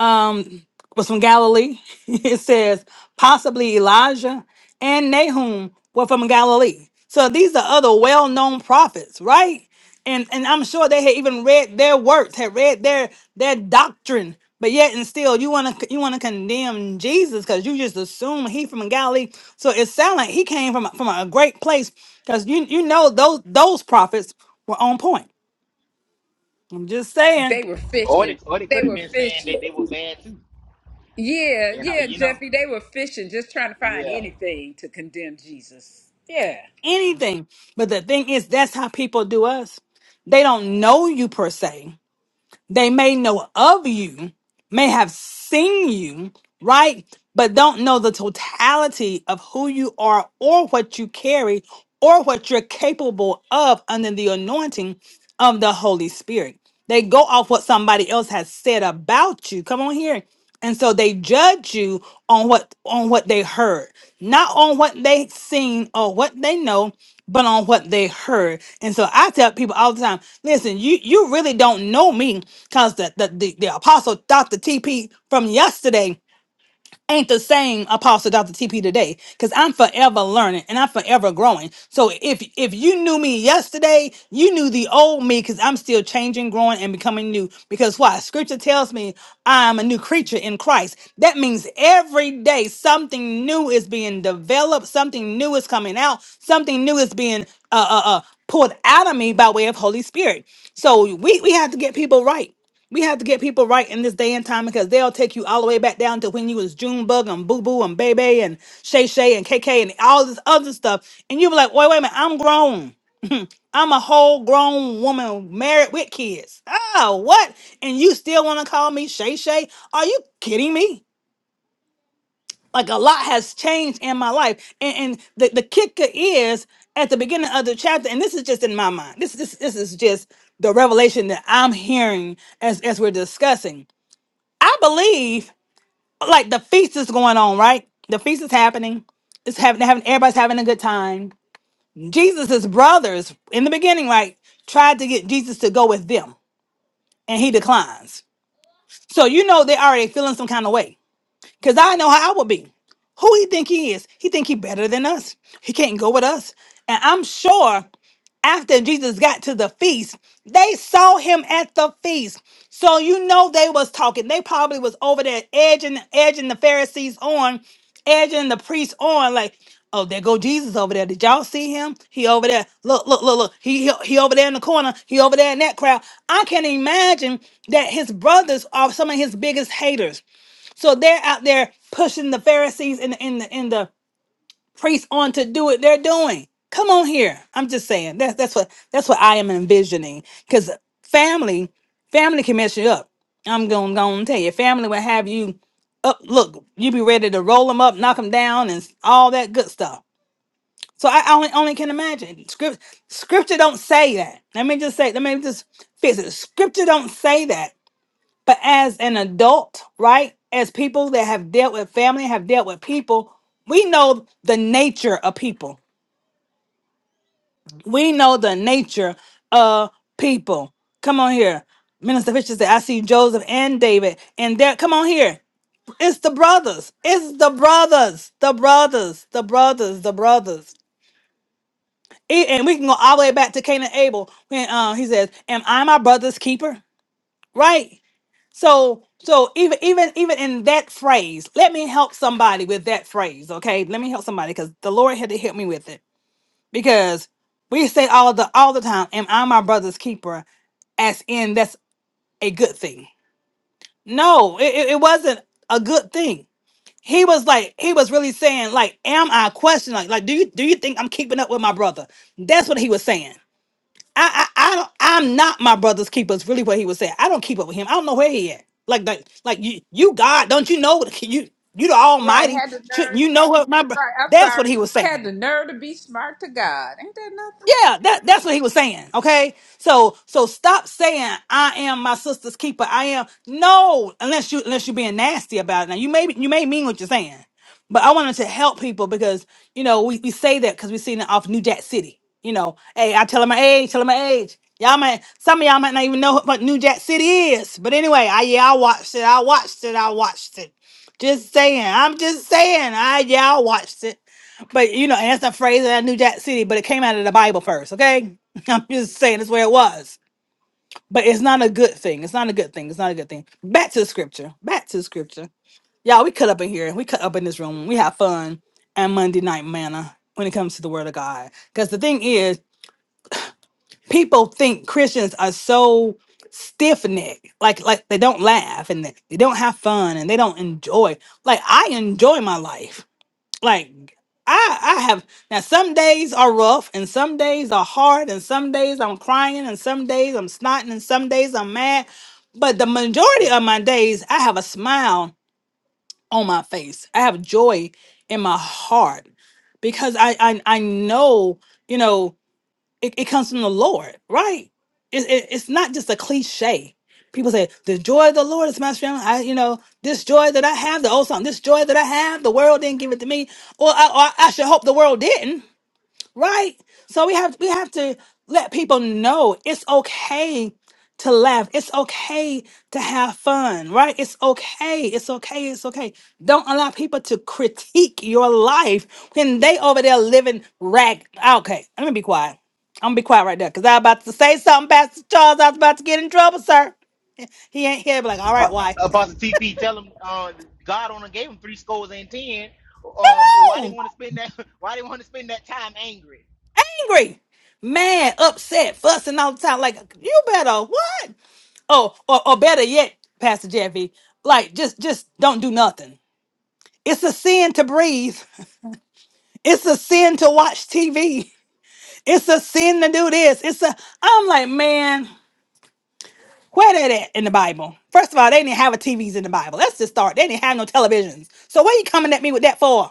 um, was from Galilee. [LAUGHS] it says possibly Elijah and Nahum were from Galilee. So these are other well-known prophets, right? And and I'm sure they had even read their works, had read their their doctrine. But yet and still, you wanna you wanna condemn Jesus because you just assume he from Galilee. So it sounds like he came from a- from a great place because you you know those those prophets were on point. I'm just
They
saying.
were
Or they,
fishing.
or they
They
could have
were
been saying that
fishing.
they were bad too.
Yeah,
and know,
yeah,
you know.
Jeffy, they were fishing, just trying to find
Yeah.
anything to condemn Jesus. Yeah.
anything. But the thing is, that's how people do us. They don't know you per se. They may know of you, may have seen you, right? But don't know the totality of who you are or what you carry or what you're capable of under the anointing of the Holy Spirit. They go off what somebody else has said about you. Come on here and so they judge you on what on what they heard not on what they seen or what they know but on what they heard and so i tell people all the time listen you you really don't know me because the, the the the apostle dr tp from yesterday ain't the same apostle Dr. TP today cuz I'm forever learning and I'm forever growing. So if if you knew me yesterday, you knew the old me cuz I'm still changing, growing and becoming new because why? Scripture tells me I'm a new creature in Christ. That means every day something new is being developed, something new is coming out, something new is being uh uh, uh pulled out of me by way of Holy Spirit. So we we have to get people right. We have to get people right in this day and time because they'll take you all the way back down to when you was Junebug and Boo Boo and Bebe and Shay Shay and KK and all this other stuff. And you'll be like, wait, wait a minute, I'm grown. I'm a whole grown woman married with kids. Oh, what? And you still want to call me Shay Shay? Are you kidding me? Like a lot has changed in my life. And, and the, the kicker is at the beginning of the chapter, and this is just in my mind. This this this is just the revelation that I'm hearing as, as we're discussing. I believe like the feast is going on, right? The feast is happening. It's having having everybody's having a good time. Jesus' brothers in the beginning, right, tried to get Jesus to go with them, and he declines. So you know they're already feeling some kind of way. Cause I know how I would be. Who he think he is? He think he better than us. He can't go with us. And I'm sure after Jesus got to the feast, they saw him at the feast. So you know they was talking. They probably was over there edging, edging the Pharisees on, edging the priests on. Like, oh, there go Jesus over there. Did y'all see him? He over there. Look, look, look, look. He he, he over there in the corner. He over there in that crowd. I can imagine that his brothers are some of his biggest haters. So they're out there pushing the Pharisees and, the, and the and the priests on to do what they're doing. Come on here. I'm just saying. That's that's what that's what I am envisioning. Because family, family can mess you up. I'm gonna gonna tell you, family will have you up. Look, you be ready to roll them up, knock them down, and all that good stuff. So I I only only can imagine. Script, scripture don't say that. Let me just say. Let me just fix it. Scripture don't say that. But as an adult, right? As people that have dealt with family, have dealt with people, we know the nature of people. We know the nature of people. Come on here. Minister Fisher said, I see Joseph and David. And there, come on here. It's the brothers. It's the brothers. The brothers. The brothers. The brothers. E- And we can go all the way back to Cain and Abel when uh, he says, Am I my brother's keeper? Right? So so even even even in that phrase, let me help somebody with that phrase, okay? Let me help somebody because the Lord had to help me with it because we say all the all the time, "Am I my brother's keeper?" As in, that's a good thing. No, it, it it wasn't a good thing. He was like, he was really saying, like, "Am I question Like, like, do you do you think I'm keeping up with my brother?" That's what he was saying. I, I, I don't, I'm not my brother's keeper. Is really what he was saying. I don't keep up with him. I don't know where he at. Like, like, like you, you God, don't you know? [LAUGHS] You, you the
Right,
Almighty.
had the
Shouldn't
nerve.
you know what my? bro-
Right, I'm
That's what
sorry.
he was saying.
Had the nerve to be smart to God. Ain't that
Yeah, that, that's what he was saying. Okay. So, so stop saying I am my sister's keeper. I am no, unless you, unless you're being nasty about it. Now you may, you may mean what you're saying, but I wanted to help people because, you know, we, we say that because we've seen it off New Jack City. You know, hey, I tell him my age, tell him my age. Y'all might, some of y'all might not even know what New Jack City is. But anyway, I, yeah, I watched it. I watched it. I watched it. Just saying. I'm just saying. I, yeah, I watched it. But you know, and that's a phrase that I knew Jack City, but it came out of the Bible first, okay? [LAUGHS] I'm just saying that's where it was. But it's not a good thing. It's not a good thing. It's not a good thing. Back to the scripture. Back to the scripture. Y'all, we cut up in here. We cut up in this room. We have fun and Monday night manna when it comes to the word of God. Because the thing is, people think Christians are so stiff necked. Like like they don't laugh and they they don't have fun and they don't enjoy. Like I enjoy my life like I I have now some days are rough and some days are hard and some days I'm crying and some days I'm snotting and some days I'm mad. But the majority of my days I have a smile on my face. I have joy in my heart because I I, I know, you know it, it comes from the Lord, right? It, it- it's not just a cliche. People say, the joy of the Lord is my strength. I, you know, this joy that I have, the old song, this joy that I have, the world didn't give it to me. Well, I, I, I should hope the world didn't right? So we have we have to let people know it's okay to laugh. It's okay to have fun, right? It's okay. It's okay. It's okay. Don't allow people to critique your life when they over there living rag. Okay, I'm gonna be quiet. I'm gonna be quiet right there because I was about to say something, Pastor Charles. I was about to get in trouble, sir. He ain't here. Be like, all right,
uh,
why?
about the TP, tell him uh, God only gave him three scores and ten. Um, why they
[LAUGHS]
want to spend that? [LAUGHS] Why they want to spend that time angry?
angry, mad, upset, fussing all the time. Like, you better what? Oh, or, or better yet, Pastor Jeffy, like just just don't do nothing. It's a sin to breathe. [LAUGHS] It's a sin to watch TV. It's a sin to do this. It's a I'm like, man, where that at in the Bible? First of all, they didn't have a TVs in the Bible. Let's just start. They didn't have no televisions. So what are you coming at me with that for?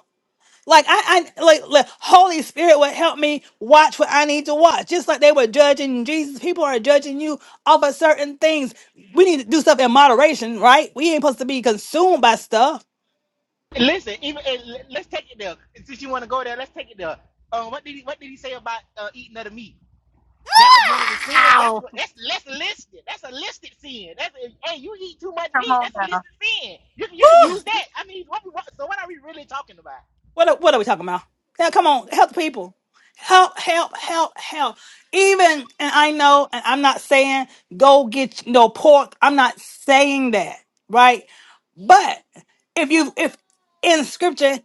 Like I, I like, like Holy Spirit would help me watch what I need to watch. Just like they were judging Jesus, people are judging you off of certain things. We need to do stuff in moderation, right? We ain't supposed to be consumed by stuff.
Listen, even and let's take it there. Since you want to go there, let's take it there. Um, what did he What did he say about uh, eating other meat? That was one of the sins. That's what. That's that's listed. That's a listed sin. That's a, hey, you eat too much meat.
nothing?
That's a listed sin. You can you can use that. I mean, what, what, so what are we really talking about?
What are, what are we talking about? Now, come on, help the people. Help, help, help, help. Even, and I know, and I'm not saying go get no pork. I'm not saying that, right? But if you, if in scripture,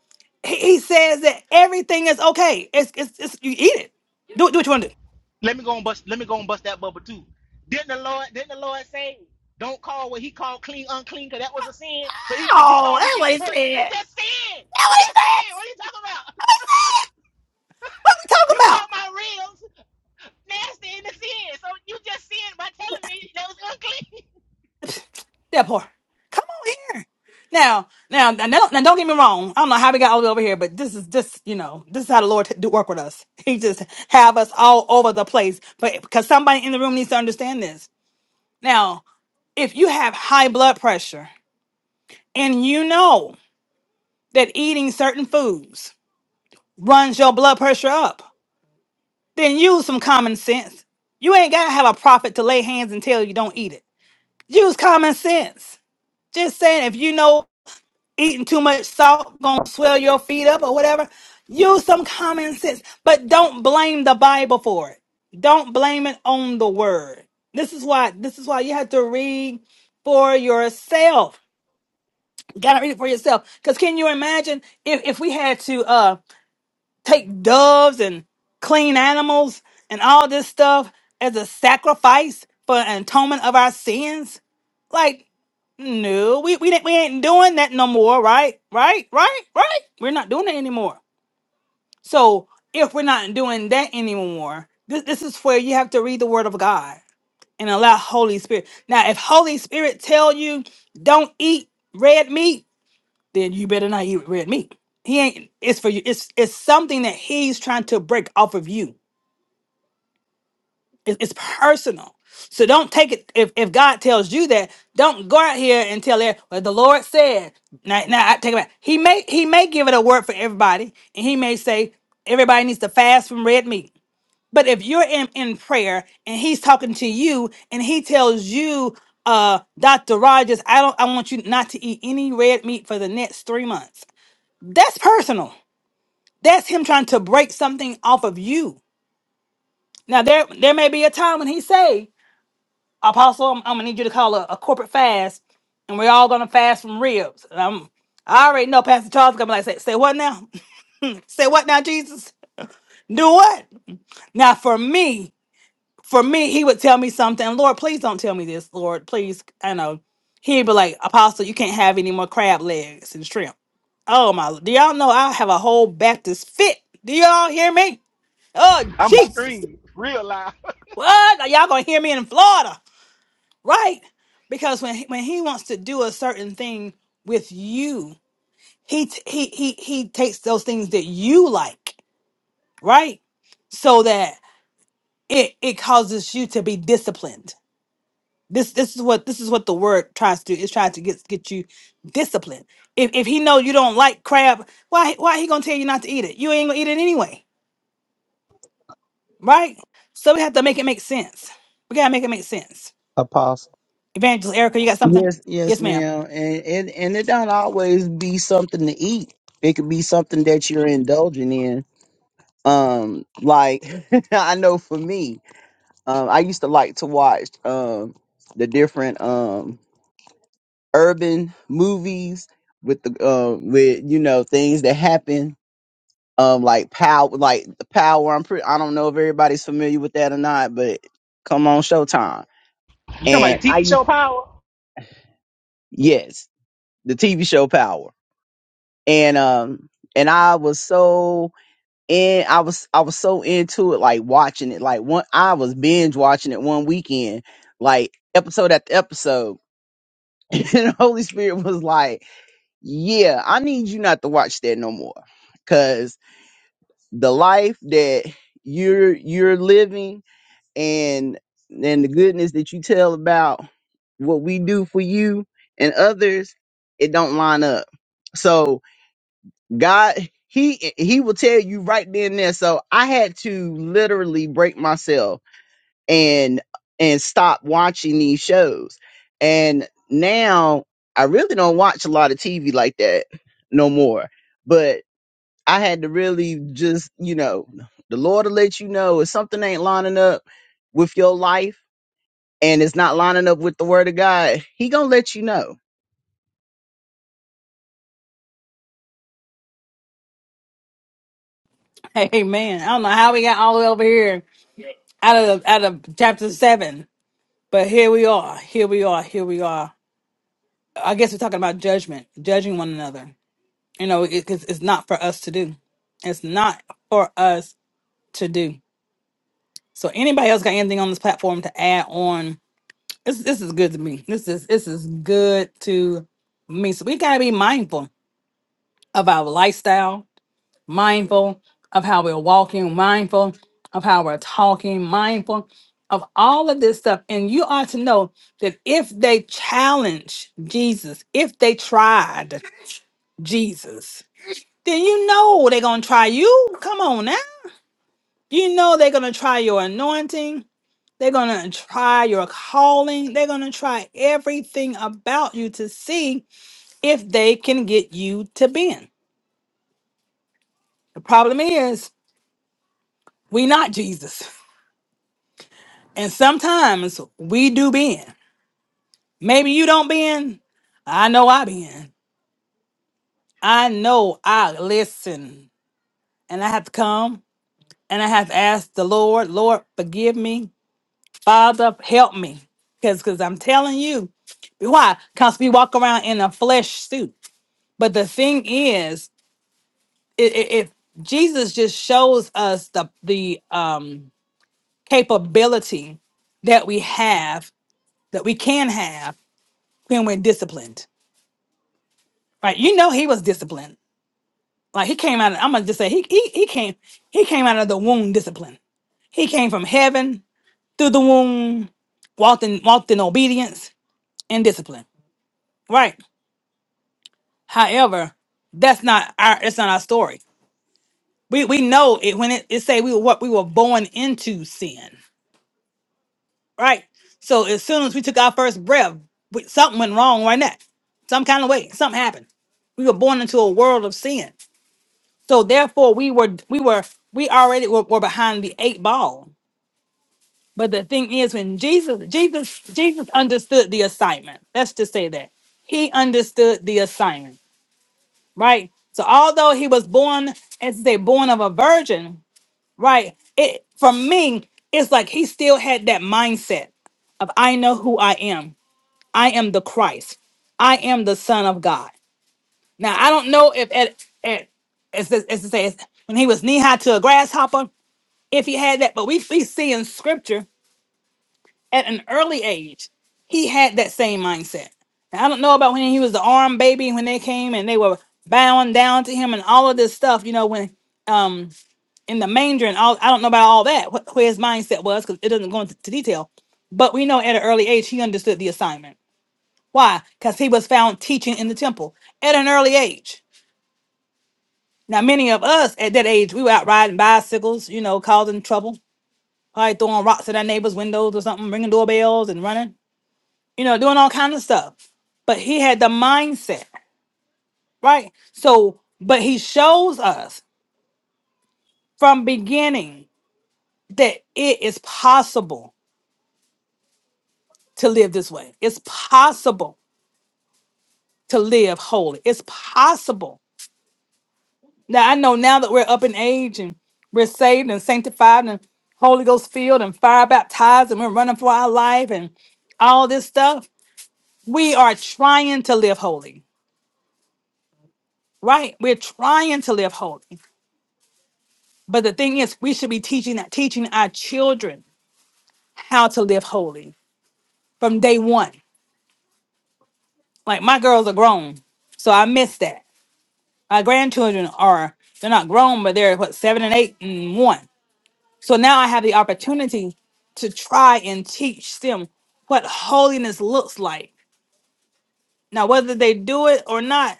he, he says that everything is okay. It's, it's, it's you eat it. Do, do what you want to do.
Let me go and bust. Let me go and bust that bubble too. Didn't the Lord? Didn't the Lord say, "Don't call what He called clean unclean, because that was a sin." So even if you
Oh,
call me
that what he said.
important, you just sin. You just sin. What are you talking about?
What are we talking
You
about?
call my ribs nasty in the sin. So you just sin by telling me that was unclean.
That poor. Come on here. Now, now, now, don't now don't get me wrong. I don't know how we got all the way over here, but this is just, you know, this is how the Lord t- do work with us. [LAUGHS] He just have us all over the place, but because somebody in the room needs to understand this. Now, if you have high blood pressure and you know that eating certain foods runs your blood pressure up, then use some common sense. You ain't gotta have a prophet to lay hands and tell you don't eat it. Use common sense. Just saying, if you know eating too much salt gonna swell your feet up or whatever. Use some common sense, but don't blame the Bible for it. Don't blame it on the word. This is why this is why you have to read for yourself. You gotta read it for yourself. Cause can you imagine if, if we had to uh take doves and clean animals and all this stuff as a sacrifice for an atonement of our sins? Like, no, we we didn't- we ain't doing that no more, right? Right? Right? Right? We're not doing it anymore. So if we're not doing that anymore, this this is where you have to read the Word of God and allow Holy Spirit. Now, if Holy Spirit tell you don't eat red meat, then you better not eat red meat. He ain't. It's for you. It's it's something that he's trying to break off of you. It- It's personal. So don't take it if, if God tells you that, don't go out here and tell it well, the Lord said. Now, now I take it back. He may he may give it a word for everybody, and he may say everybody needs to fast from red meat. But if you're in, in prayer and he's talking to you and he tells you, uh, Dr. Rogers, I don't I want you not to eat any red meat for the next three months. That's personal. That's him trying to break something off of you. Now there there may be a time when he say Apostle, I'm, I'm gonna need you to call a, a corporate fast, and we're all gonna fast from ribs. And I'm, I already know Pastor Charles gonna be like, say, say what now? [LAUGHS] Say what now, Jesus? Do what? Now for me, for me, he would tell me something. Lord, please don't tell me this, Lord. Please, I know. He'd be like, Apostle, you can't have any more crab legs and shrimp. Oh my, do y'all know I have a whole Baptist fit? Do y'all hear me? Oh
I'm
Jesus.
real live.
What? Are y'all gonna hear me in Florida? right? Because when he, when he wants to do a certain thing with you, he t- he he he takes those things that you like, right? So that it it causes you to be disciplined. This this is what this is what the word tries to do. It's trying to get get you disciplined. If if he know you don't like crab, why why he gonna tell you not to eat it? You ain't gonna eat it anyway, right? So we have to make it make sense. We gotta make it make sense.
Apostle.
Evangelist Erica, you got something?
Yes, yes,
Yes, ma'am.
ma'am. And and and it don't always be something to eat. It could be something that you're indulging in. Um, like [LAUGHS] I know for me, um, I used to like to watch um the different um urban movies with the uh with you know things that happen um like power like the power. I'm pretty I don't know if everybody's familiar with that or not, but come on Showtime.
You talking
And
about the
I
TV show Power?
yes, the TV show Power and um and I was so in I was I was so into it like watching it like one I was binge watching it one weekend like episode after episode [LAUGHS] and the Holy Spirit was like yeah I need you not to watch that no more cuz the life that you're you're living and and the goodness that you tell about what we do for you and others it don't line up so God, he he will tell you right then and there. So I had to literally break myself and and stop watching these shows. And now I really don't watch a lot of TV like that no more. But I had to really just, you know, the Lord will let you know if something ain't lining up with your life and it's not lining up with the word of God, he gonna let you know
[LAUGHS] Amen. I don't know how we got all the way over here out of out of chapter seven, but here we are. Here we are. Here we are. I guess we're talking about judgment, judging one another. You know, it, 'cause it's not for us to do. It's not for us to do. So, anybody else got anything on this platform to add on? This this is good to me. This is this is good to me. So we gotta be mindful of our lifestyle mindful of how we're walking, mindful of how we're talking, mindful of all of this stuff. And you ought to know that if they challenge Jesus, if they tried Jesus, then you know they're going to try you. Come on now. You know they're going to try your anointing. They're going to try your calling. They're going to try everything about you to see if they can get you to bend. The problem is, we not Jesus. [LAUGHS] And sometimes we do bend. Maybe you don't bend. I know I bend. I know I listen. And I have to come and I have to ask the Lord, Lord, forgive me. Father, help me. Because because 'cause I'm telling you, why? Because we walk around in a flesh suit. But the thing is, it, it, it Jesus just shows us the the um capability that we have, that we can have when we're disciplined Right. You know he was disciplined. Like he came out of, I'm gonna just say he, he he came he came out of the womb discipline. He came from heaven through the womb, walked in walked in obedience and discipline. Right. However, that's not our it's not our story. We we know it when it, it say we were what we were born into sin. Right. So as soon as we took our first breath, we, something went wrong right now. Some kind of way. Something happened. We were born into a world of sin. So therefore, we were we were we already were, were behind the eight ball. But the thing is, when Jesus Jesus Jesus understood the assignment. Let's just say that he understood the assignment, right? So although he was born, as they born of a virgin, right? It for me, it's like he still had that mindset of I know who I am. I am the Christ. I am the Son of God. Now I don't know if at at as as to say when he was knee high to a grasshopper. if he had that. But we, we see in scripture at an early age, he had that same mindset. Now, I don't know about when he was the arm baby when they came and they were bowing down to him and all of this stuff, you know, when um in the manger and all I don't know about all that, what, where his mindset was, because it doesn't go into to detail. But we know at an early age he understood the assignment. Why? Because he was found teaching in the temple at an early age. Now, many of us at that age, we were out riding bicycles, you know, causing trouble Probably throwing rocks at their neighbors' windows or something, ringing doorbells and running, you know, doing all kinds of stuff. But he had the mindset, right? So, but he shows us from beginning that it is possible to live this way. It's possible to live holy. It's possible. Now I know now that we're up in age and we're saved and sanctified and Holy Ghost filled and fire baptized and we're running for our life and all this stuff. We are trying to live holy right? We're trying to live holy. But the thing is, we should be teaching that teaching our children how to live holy from day one. Like my girls are grown, so I miss that. My grandchildren are they're not grown, but they're what seven and eight and one. So now I have the opportunity to try and teach them what holiness looks like. Now, whether they do it or not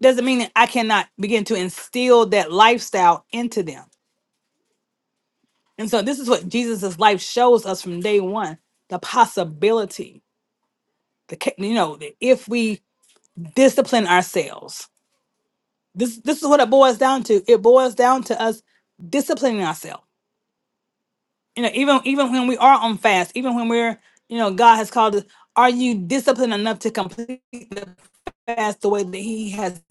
doesn't mean that I cannot begin to instill that lifestyle into them. And so this is what Jesus' life shows us from day one: the possibility, the ca- you know, that if we discipline ourselves, this this is what it boils down to. It boils down to us disciplining ourselves. You know, even even when we are on fast, even when we're you know God has called us, are you disciplined enough to complete the fast the way that He has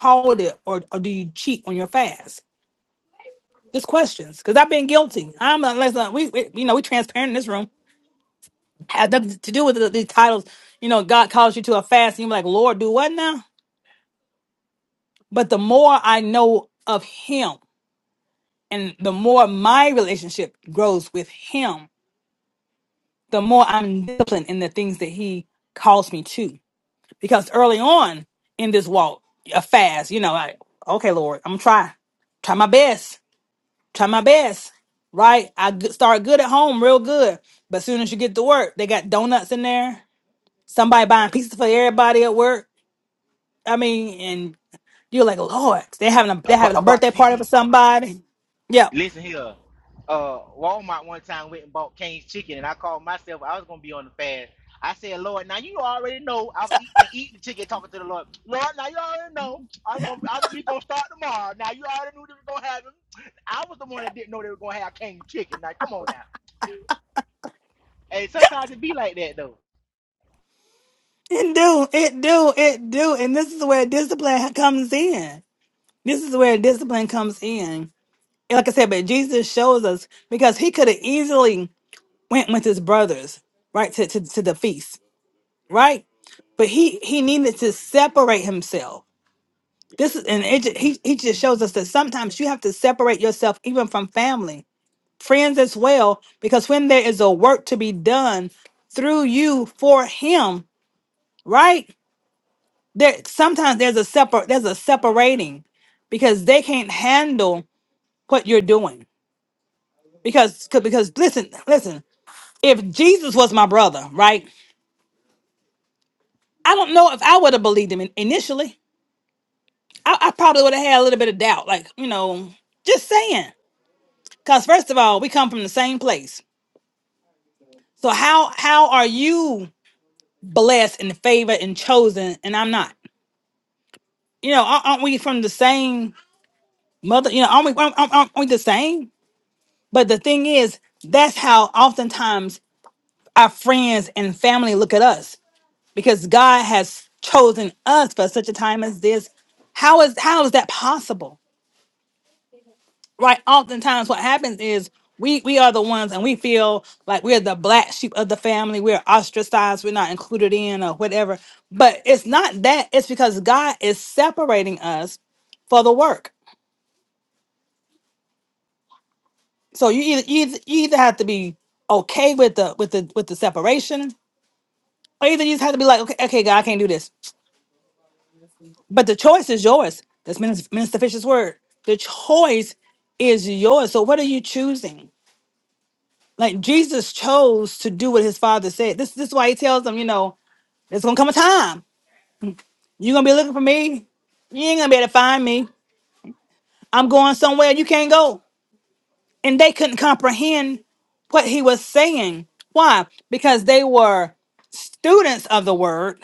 called it, or, or do you cheat on your fast? Just questions, because I've been guilty. I'm not. Let's not. We, we you know we transparent in this room. had nothing to do with the, these titles. You know, God calls you to a fast, and you're like, Lord, do what now? But the more I know of Him, and the more my relationship grows with Him, the more I'm disciplined in the things that He calls me to. Because early on in this walk, a fast, you know, like, okay, Lord, I'm gonna try, try my best, try my best, right? I g- start good at home, real good. But soon as you get to work, they got donuts in there. Somebody buying pieces for everybody at work I mean, and you're like, Lord, they're having a they're
About,
having a
about
birthday
the
party for
TV.
somebody. yeah.
Listen here. Uh, Walmart one time went and bought Kane's chicken, and I called myself. I was gonna be on the fast. I said, Lord, now you already know I was eating, eating the chicken, talking to the Lord. Lord, now you already know I'm gonna I'm we gonna start tomorrow. Now you already knew they were gonna have them. I was the one that didn't know they were gonna have Kane's chicken. Now come on now. Hey, sometimes it be like that though.
It do, it do, it do. And this is where discipline comes in. This is where discipline comes in. And like I said, but Jesus shows us because he could have easily went with his brothers, right, to, to, to the feast, right? But he he needed to separate himself. This is and it, ju- he he just shows us that sometimes you have to separate yourself even from family friends as well, because when there is a work to be done through you for him, right? There sometimes there's a separate there's a separating because they can't handle what you're doing. Because 'cause- because listen, listen, if Jesus was my brother, right? I don't know if I would have believed him in- initially. I, I probably would have had a little bit of doubt, like, you know, just saying. Because first of all, we come from the same place. So how how are you blessed and favored and chosen and I'm not? you know, aren't aren't we from the same mother? You know, aren't we, aren't, aren't aren't we the same? But the thing is, that's how oftentimes our friends and family look at us because God has chosen us for such a time as this. How is how is that possible? Right? Oftentimes, what happens is we we are the ones, and we feel like we're the black sheep of the family. We're ostracized. We're not included in, or whatever. But it's not that. It's because God is separating us for the work. So you either you either, you either have to be okay with the with the with the separation, or either you just have to be like, okay, okay, God, I can't do this. But the choice is yours. That's Minister, Minister Fisher's word. The choice is yours. So what are you choosing? Like Jesus chose to do what his father said. This this is why he tells them, you know, there's gonna come a time. You're gonna be looking for me. You ain't gonna be able to find me. I'm going somewhere you can't go. And they couldn't comprehend what he was saying. Why? Because they were students of the word,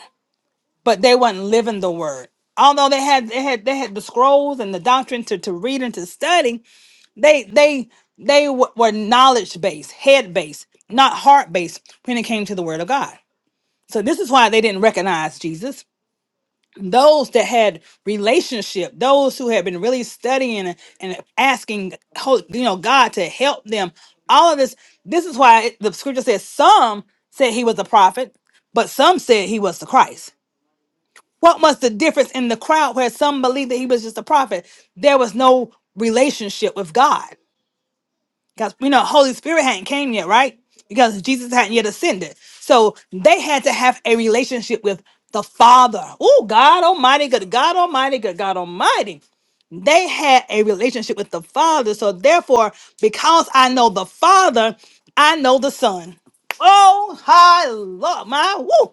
but they weren't living the word. Although they had they had they had the scrolls and the doctrine to, to read and to study, they they they w- were knowledge based, head based, not heart based when it came to the word of God. So this is why they didn't recognize Jesus. Those that had relationship, those who had been really studying and and asking, ho- you know, God to help them, all of this. This is why it- the scripture says some said he was a prophet, but some said he was the Christ. What was the difference in the crowd where some believed that he was just a prophet? There was no relationship with God. Because you know, Holy Spirit hadn't came yet, right? Because Jesus hadn't yet ascended. So they had to have a relationship with the Father. Oh, God Almighty, good God Almighty, good God Almighty. They had a relationship with the Father. So therefore, because I know the Father, I know the Son. Oh, hi, Lord, my woo.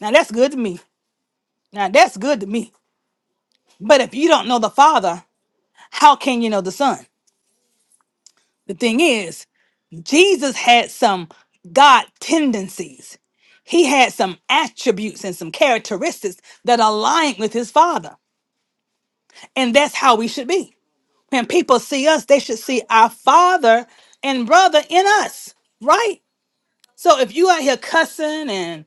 Now that's good to me. Now that's good to me. But if you don't know the Father, how can you know the Son? The thing is, Jesus had some God tendencies. He had some attributes and some characteristics that aligned with his Father. And that's how we should be. When people see us, they should see our Father and brother in us, right? So if you out here cussing and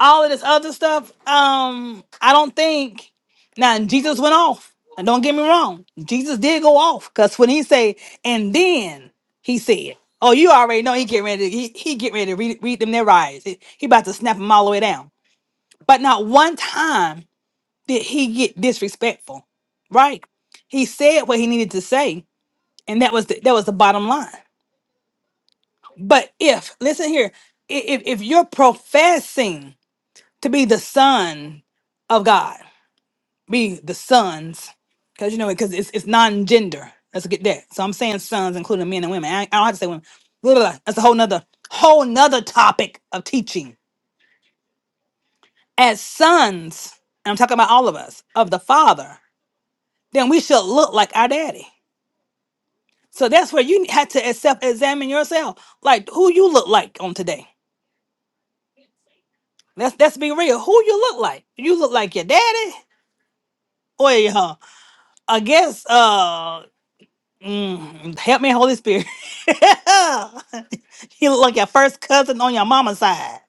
all of this other stuff, um, I don't think now Jesus went off. And don't get me wrong, Jesus did go off because when he say, and then he said, "Oh, you already know he get ready. To, he he get ready to read, read them their rights. He, he about to snap them all the way down." But not one time did he get disrespectful, right? He said what he needed to say, and that was the, that was the bottom line. But if listen here, i- if if you're professing to be the son of God, be the sons, because you know, because it's it's non-gender. Let's get that. So I'm saying sons, including men and women. I, I don't have to say women. Blah, blah, blah. That's a whole nother whole nother topic of teaching. As sons, and I'm talking about all of us of the Father, then we should look like our daddy. So that's where you had to self-examine yourself, like who you look like on today. Let's let's be real. Who you look like? You look like your daddy or your I guess uh Mm, help me, Holy Spirit. [LAUGHS] you look like your first cousin on your mama's side.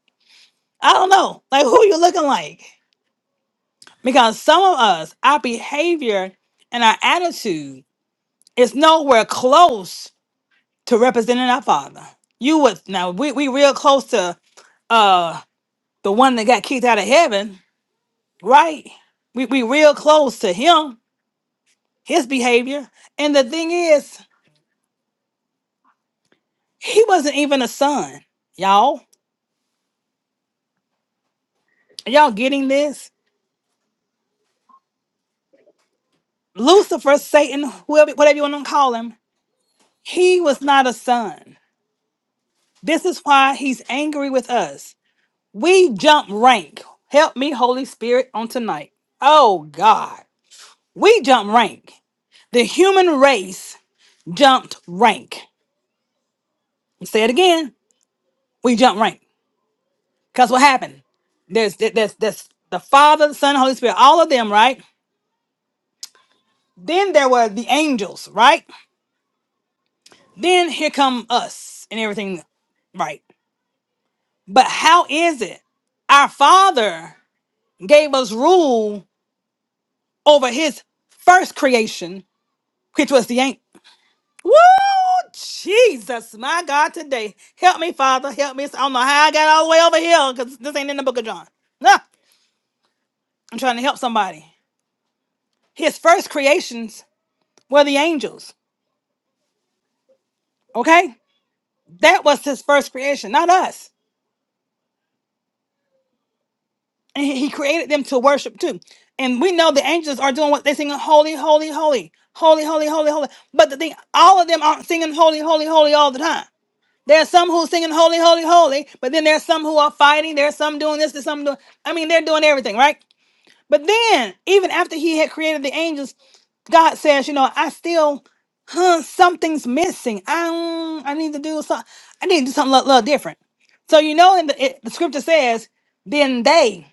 I don't know. Like, who you looking like? Because some of us, our behavior and our attitude is nowhere close to representing our Father. You would, now, we, we real close to uh the one that got kicked out of heaven, right? We, we real close to him, his behavior. And the thing is, he wasn't even a son, y'all. Are Y'all getting this? Lucifer, Satan, whoever, whatever you want to call him, he was not a son. This is why he's angry with us. We jump rank. Help me, Holy Spirit, on tonight. Oh, God. We jump rank. The human race jumped rank. Say it again. We jump rank. Because what happened? There's, there's, there's the Father, the Son, Holy Spirit, all of them, right? Then there were the angels, right? Then here come us and everything, right? But how is it our Father gave us rule over His first creation, which was the angel. Woo! Jesus, my God, today. Help me, Father. Help me. I don't know how I got all the way over here because this ain't in the book of John. No, I'm trying to help somebody. His first creations were the angels, okay? That was His first creation, not us. And he he created them to worship too. And we know the angels are doing what they're singing, holy, holy, holy, holy, holy, holy, holy. But the thing, all of them aren't singing holy, holy, holy all the time. There are some who are singing holy, holy, holy, but then there's some who are fighting. There's some doing this, there's some doing. I mean, they're doing everything, right? But then, even after he had created the angels, God says, you know, I still, huh, something's missing. I, mm, I need to do something. I need to do something a little, little different. So you know, in the, it, the scripture says, then they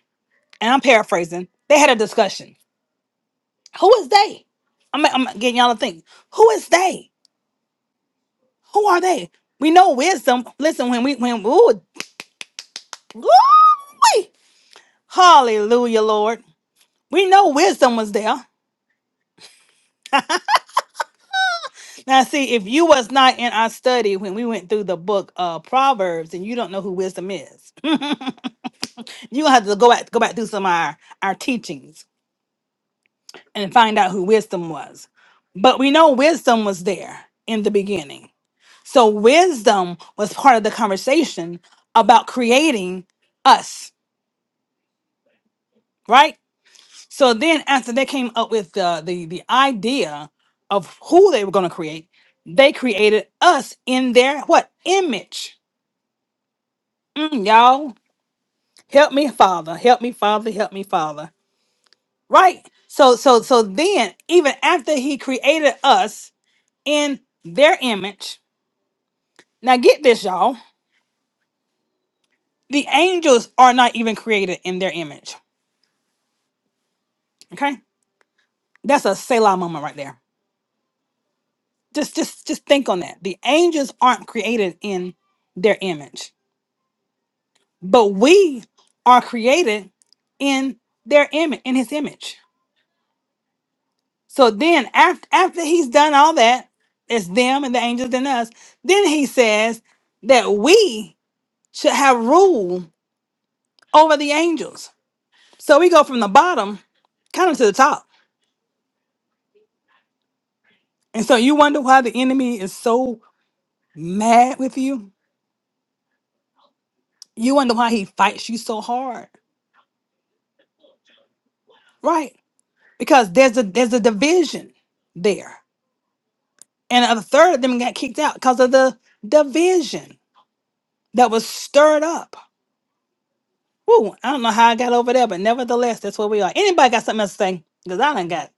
and I'm paraphrasing, they had a discussion. Who is they? I'm, I'm getting y'all to think. Who is they? Who are they? We know wisdom. Listen, when we when ooh, glory, hallelujah, Lord. We know wisdom was there. Now, see, if you was not in our study when we went through the book of Proverbs, and you don't know who wisdom is, you gonna have to go back go back through some of our, our teachings and find out who wisdom was. But we know wisdom was there in the beginning. So wisdom was part of the conversation about creating us, right? So then after they came up with the the, the idea of who they were going to create, they created us in their what image? Mm, y'all, help me, Father, help me, Father, help me, Father. Right? So so so then even after he created us in their image, now get this, y'all. The angels are not even created in their image. Okay? That's a Selah moment right there. Just just just think on that. The angels aren't created in their image, but we are created in their image, in his image. So then after after he's done all that, it's them and the angels and us, then he says that we should have rule over the angels. So we go from the bottom kind of to the top. And so you wonder why the enemy is so mad with you. You wonder why he fights you so hard Right. Because there's a there's a division there. And a third of them got kicked out because of the division that was stirred up. Woo, I don't know how I got over there, but nevertheless, that's where we are. Anybody got something else to say? Because I done got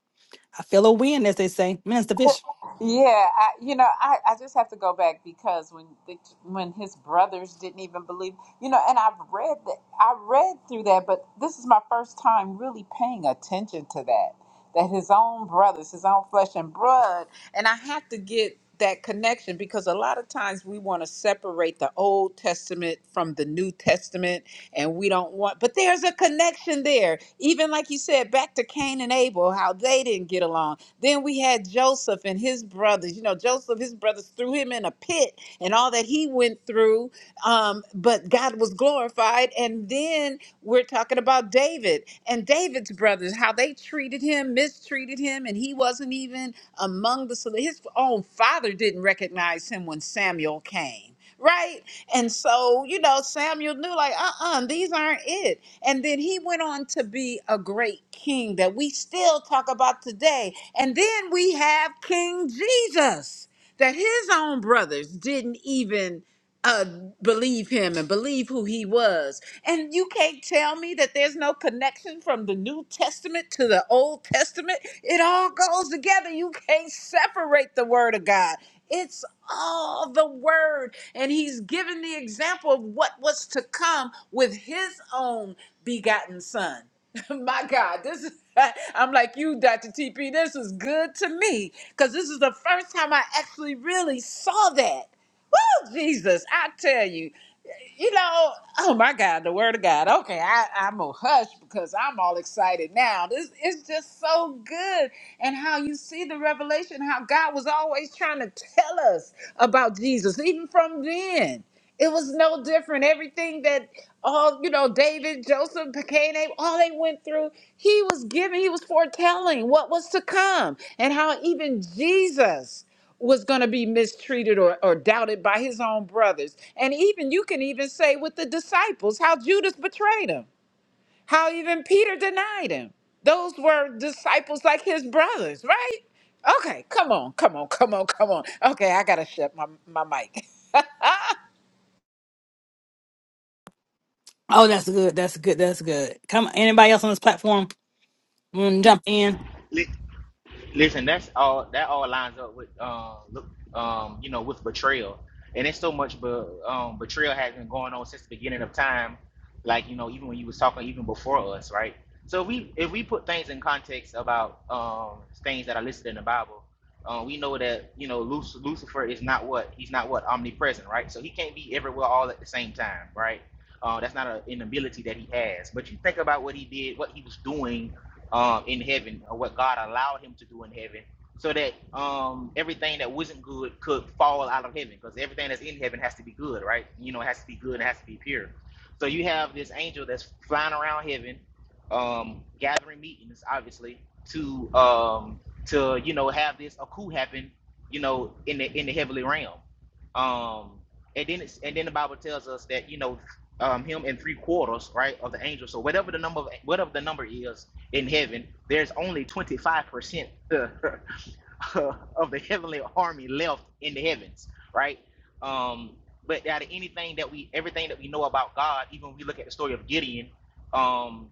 I feel a win, as they say. Minister Bishop.
Yeah, I, you know, I, I just have to go back because when the, when his brothers didn't even believe, you know, and I've read that I read through that, but this is my first time really paying attention to that. That his own brothers, his own flesh and blood, and I have to get that connection because a lot of times we want to separate the Old Testament from the New Testament, and we don't want, but there's a connection there. Even like you said, back to Cain and Abel, how they didn't get along then we had Joseph and his brothers. You know, Joseph, his brothers threw him in a pit and all that he went through. Um, but God was glorified. And then we're talking about David and David's brothers, how they treated him, mistreated him, and he wasn't even among the. so His own father didn't recognize him when Samuel came. Right. And so, you know, Samuel knew, like, uh uh, these aren't it. And then he went on to be a great king that we still talk about today and then we have King Jesus, that his own brothers didn't even uh, believe him and believe who he was. And you can't tell me that there's no connection from the New Testament to the Old Testament. It all goes together. You can't separate the Word of God. It's all the Word. And he's given the example of what was to come with his own begotten Son. [LAUGHS] my God, this is. [LAUGHS] I'm like you, Dr. TP. This is good to me because this is the first time I actually really saw that. Oh, Jesus, I tell you, you know, oh my God, the Word of God. Okay, I, I'm a hush because I'm all excited now. This is just so good, and how you see the revelation, how God was always trying to tell us about Jesus, even from then. It was no different. Everything that all you know, David, Joseph, Cain, Abel, all they went through he was giving, he was foretelling what was to come and how even Jesus was going to be mistreated or, or doubted by his own brothers. And even you can even say with the disciples how Judas betrayed him, how even Peter denied him. Those were disciples like his brothers, right? Okay, come on, come on, come on, come on. Okay, I got to shut my, my mic. [LAUGHS]
Oh, that's good. That's good. That's good. Come on, anybody else on this platform mm, jump in.
Li- Listen, that's all. That all lines up with um, look, um, you know, with betrayal, and it's so much, but um, betrayal has been going on since the beginning of time. Like you know, even when you was talking, even before us, right? So if we if we put things in context about um, things that are listed in the Bible, uh, we know that you know Luc- Lucifer is not what he's not what omnipresent, right? So he can't be everywhere all at the same time, right? Uh, that's not a, an ability that he has. But you think about what he did, what he was doing um, in heaven, or what God allowed him to do in heaven, so that um, everything that wasn't good could fall out of heaven, because everything that's in heaven has to be good, right? You know, it has to be good and it has to be pure. So you have this angel that's flying around heaven, um, gathering meetings, obviously, to um, to you know have this a coup happen, you know, in the in the heavenly realm. Um, and then it's, and then the Bible tells us that you know um, him and three quarters, right, of the angels. So whatever the number of, whatever the number is in heaven, there's only 25% [LAUGHS] of the heavenly army left in the heavens, right? Um, but out of anything that we, everything that we know about God, even when we look at the story of Gideon, um,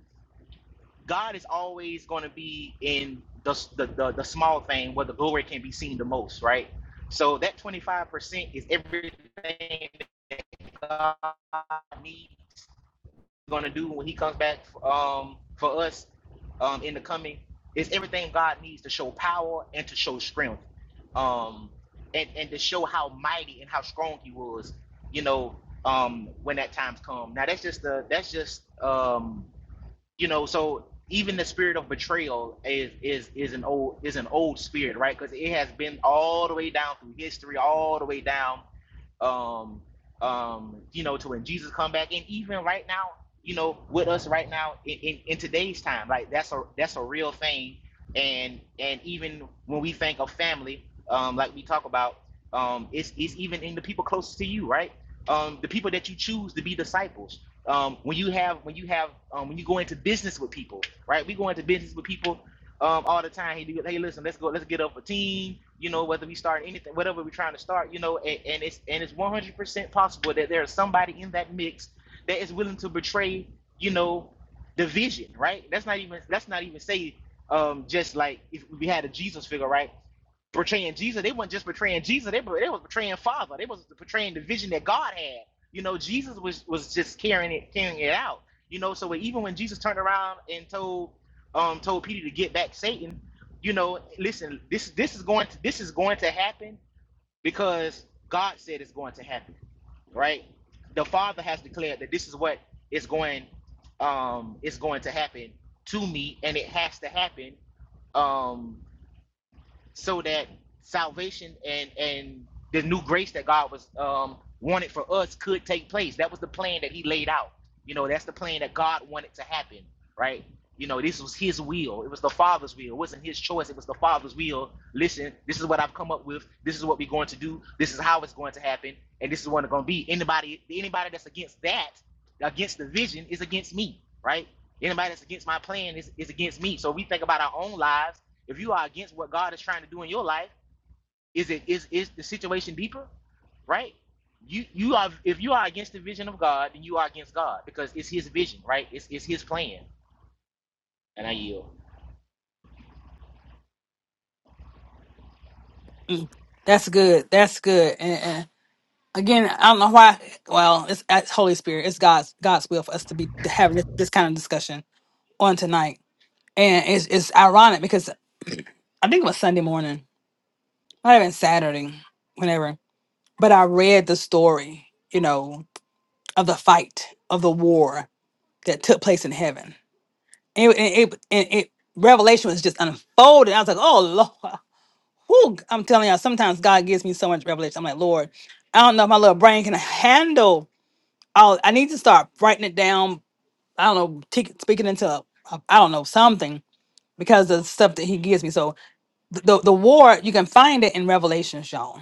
God is always going to be in the, the, the, the small thing where the glory can be seen the most, right? So that 25% is everything that God needs gonna do when he comes back um, for us um, in the coming is everything God needs to show power and to show strength, um, and and to show how mighty and how strong He was, you know, um, when that time's come. Now that's just the that's just um, you know so even the spirit of betrayal is is is an old is an old spirit right because it has been all the way down through history all the way down um um you know to when jesus come back and even right now you know with us right now in, in, in today's time like that's a that's a real thing and and even when we think of family um like we talk about um it's it's even in the people closest to you right um the people that you choose to be disciples um, when you have when you have um, when you go into business with people, right? We go into business with people um, all the time. Hey, hey, listen, let's go, let's get up a team. You know, whether we start anything, whatever we're trying to start, you know, and, and it's and it's one hundred percent possible that there is somebody in that mix that is willing to betray, you know, the vision, right? That's not even that's not even say um, just like if we had a Jesus figure, right? Portraying Jesus, they weren't just portraying Jesus; they, they was portraying Father. They was portraying the vision that God had you know, Jesus was was just carrying it carrying it out. You know, so even when Jesus turned around and told um told Peter to get back Satan, you know, listen, this this is going to this is going to happen because God said it's going to happen, right? The Father has declared that this is what is going um is going to happen to me, and it has to happen. Um, so that salvation and and the new grace that God was um, wanted for us could take place. That was the plan that He laid out. You know, that's the plan that God wanted to happen, right? You know, this was His will. It was the Father's will. It wasn't His choice. It was the Father's will. Listen, this is what I've come up with. This is what we're going to do. This is how it's going to happen, and this is what it's going to be. Anybody, anybody that's against that Against the vision is against me, right? Anybody that's against my plan is, is against me. So we think about our own lives. If you are against what God is trying to do in your life, is it is is the situation deeper, right? You you are if you are against the vision of God, then you are against God because it's His vision, right? It's it's His plan. And I yield.
That's good. That's good. And, and again, I don't know why. Well, it's, it's Holy Spirit. It's God's God's will for us to be having this, this kind of discussion on tonight. and it's it's ironic because I think it was Sunday morning, not even Saturday, whenever. But I read the story, you know, of the fight of the war that took place in heaven. And it, and it, and it revelation was just unfolding. I was like, oh Lord, [LAUGHS] whew. I'm telling y'all, sometimes God gives me so much revelation. I'm like, Lord, I don't know if my little brain can handle. all I need to start writing it down. I don't know, take, speaking into, a, a- I don't know, something because of the stuff that He gives me. So the, the the war you can find it in revelations y'all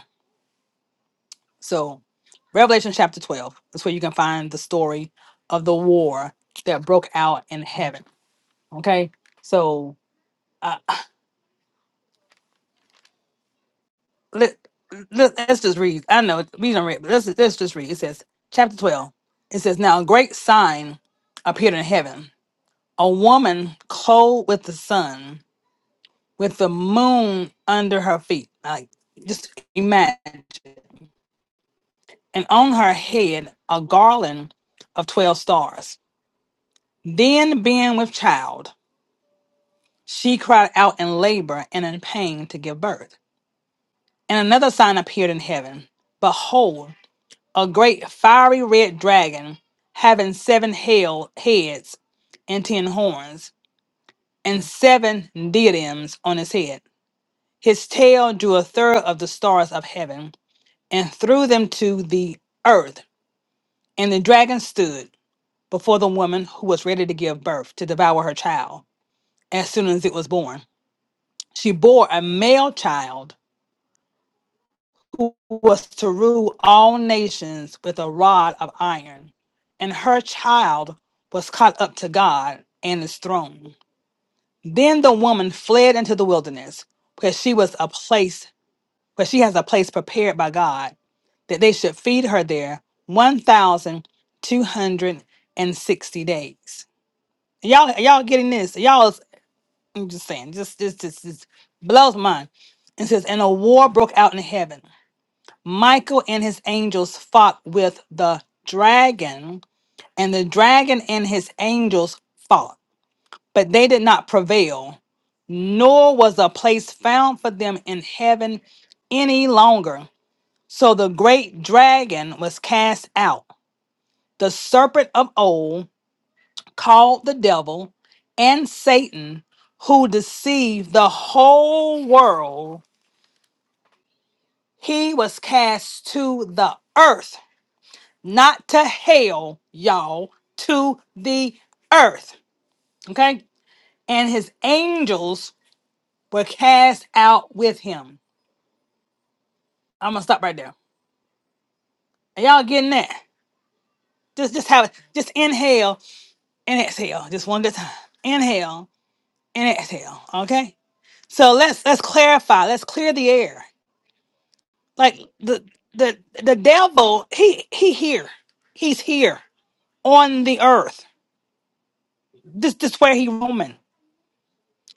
so revelation chapter 12 is where you can find the story of the war that broke out in heaven okay so uh, [CLEARS THROAT] let, let, us just read i know we don't read but let's, let's just read it says chapter 12 it says now a great sign appeared in heaven a woman clothed with the sun with the moon under her feet like just imagine and on her head a garland of twelve stars. Then, being with child, she cried out in labor and in pain to give birth. And another sign appeared in heaven Behold, a great fiery red dragon, having seven hell heads and ten horns, and seven diadems on his head. His tail drew a third of the stars of heaven and threw them to the earth. And the dragon stood before the woman who was ready to give birth to devour her child as soon as it was born. She bore a male child who was to rule all nations with a rod of iron, and her child was caught up to God and his throne. Then the woman fled into the wilderness, where she was a place where she has a place prepared by God, that they should feed her there one thousand two hundred and sixty days. Y'all y'all getting this? Y'all I'm just saying, just this just, just blows mine. It says, and a war broke out in heaven. Michael and his angels fought with the dragon, and the dragon and his angels fought, but they did not prevail, nor was a place found for them in heaven any longer. So the great dragon was cast out, the serpent of old, called the devil and Satan, who deceived the whole world He was cast to the earth, not to hell, y'all, to the earth. Okay? And his angels were cast out with him. I'm gonna stop right there. Are y'all getting that? Just just have it. Just inhale and exhale. Just one good time. Inhale and exhale. Okay? So let's let's clarify. Let's clear the air. Like the the the devil, he he here. He's here on the earth. This this where he roaming.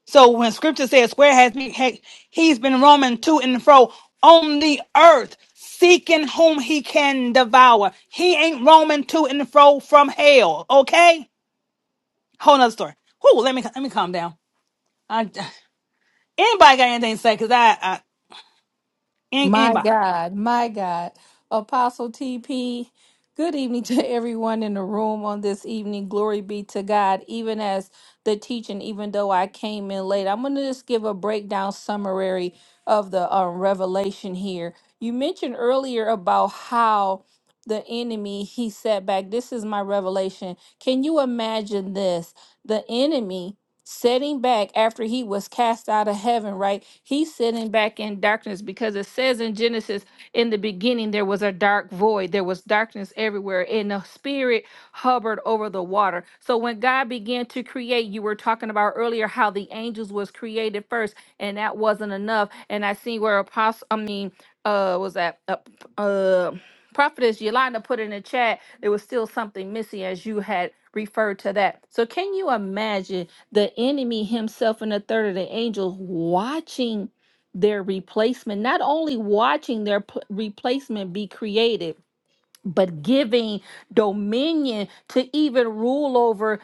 So when scripture says, Where has he he- he's been roaming to and fro on the earth, seeking whom he can devour. He ain't roaming to and fro from hell. Okay? Whole nother story. Whoo, let me let me calm down. I, anybody got anything to say? Cause I, I an-
My
anybody.
God, my God. Apostle TP, good evening [LAUGHS] to everyone in the room on this evening. Glory be to God. Even as the teaching, even though I came in late, I'm going to just give a breakdown summary of the um, revelation here. You mentioned earlier about how the enemy he set back this is my revelation can you imagine this the enemy setting back after he was cast out of heaven, right? He's sitting back in darkness because it says in Genesis, in the beginning, there was a dark void, there was darkness everywhere, and the spirit hovered over the water. So when God began to create, you were talking about earlier how the angels was created first, and that wasn't enough. And I see where apostle, I mean, uh, was that uh, uh prophetess Yolanda put in the chat, there was still something missing as you had referred to that. So can you imagine? the enemy himself and a third of the angels watching their replacement, not only watching their p- replacement be created, but giving dominion to even rule over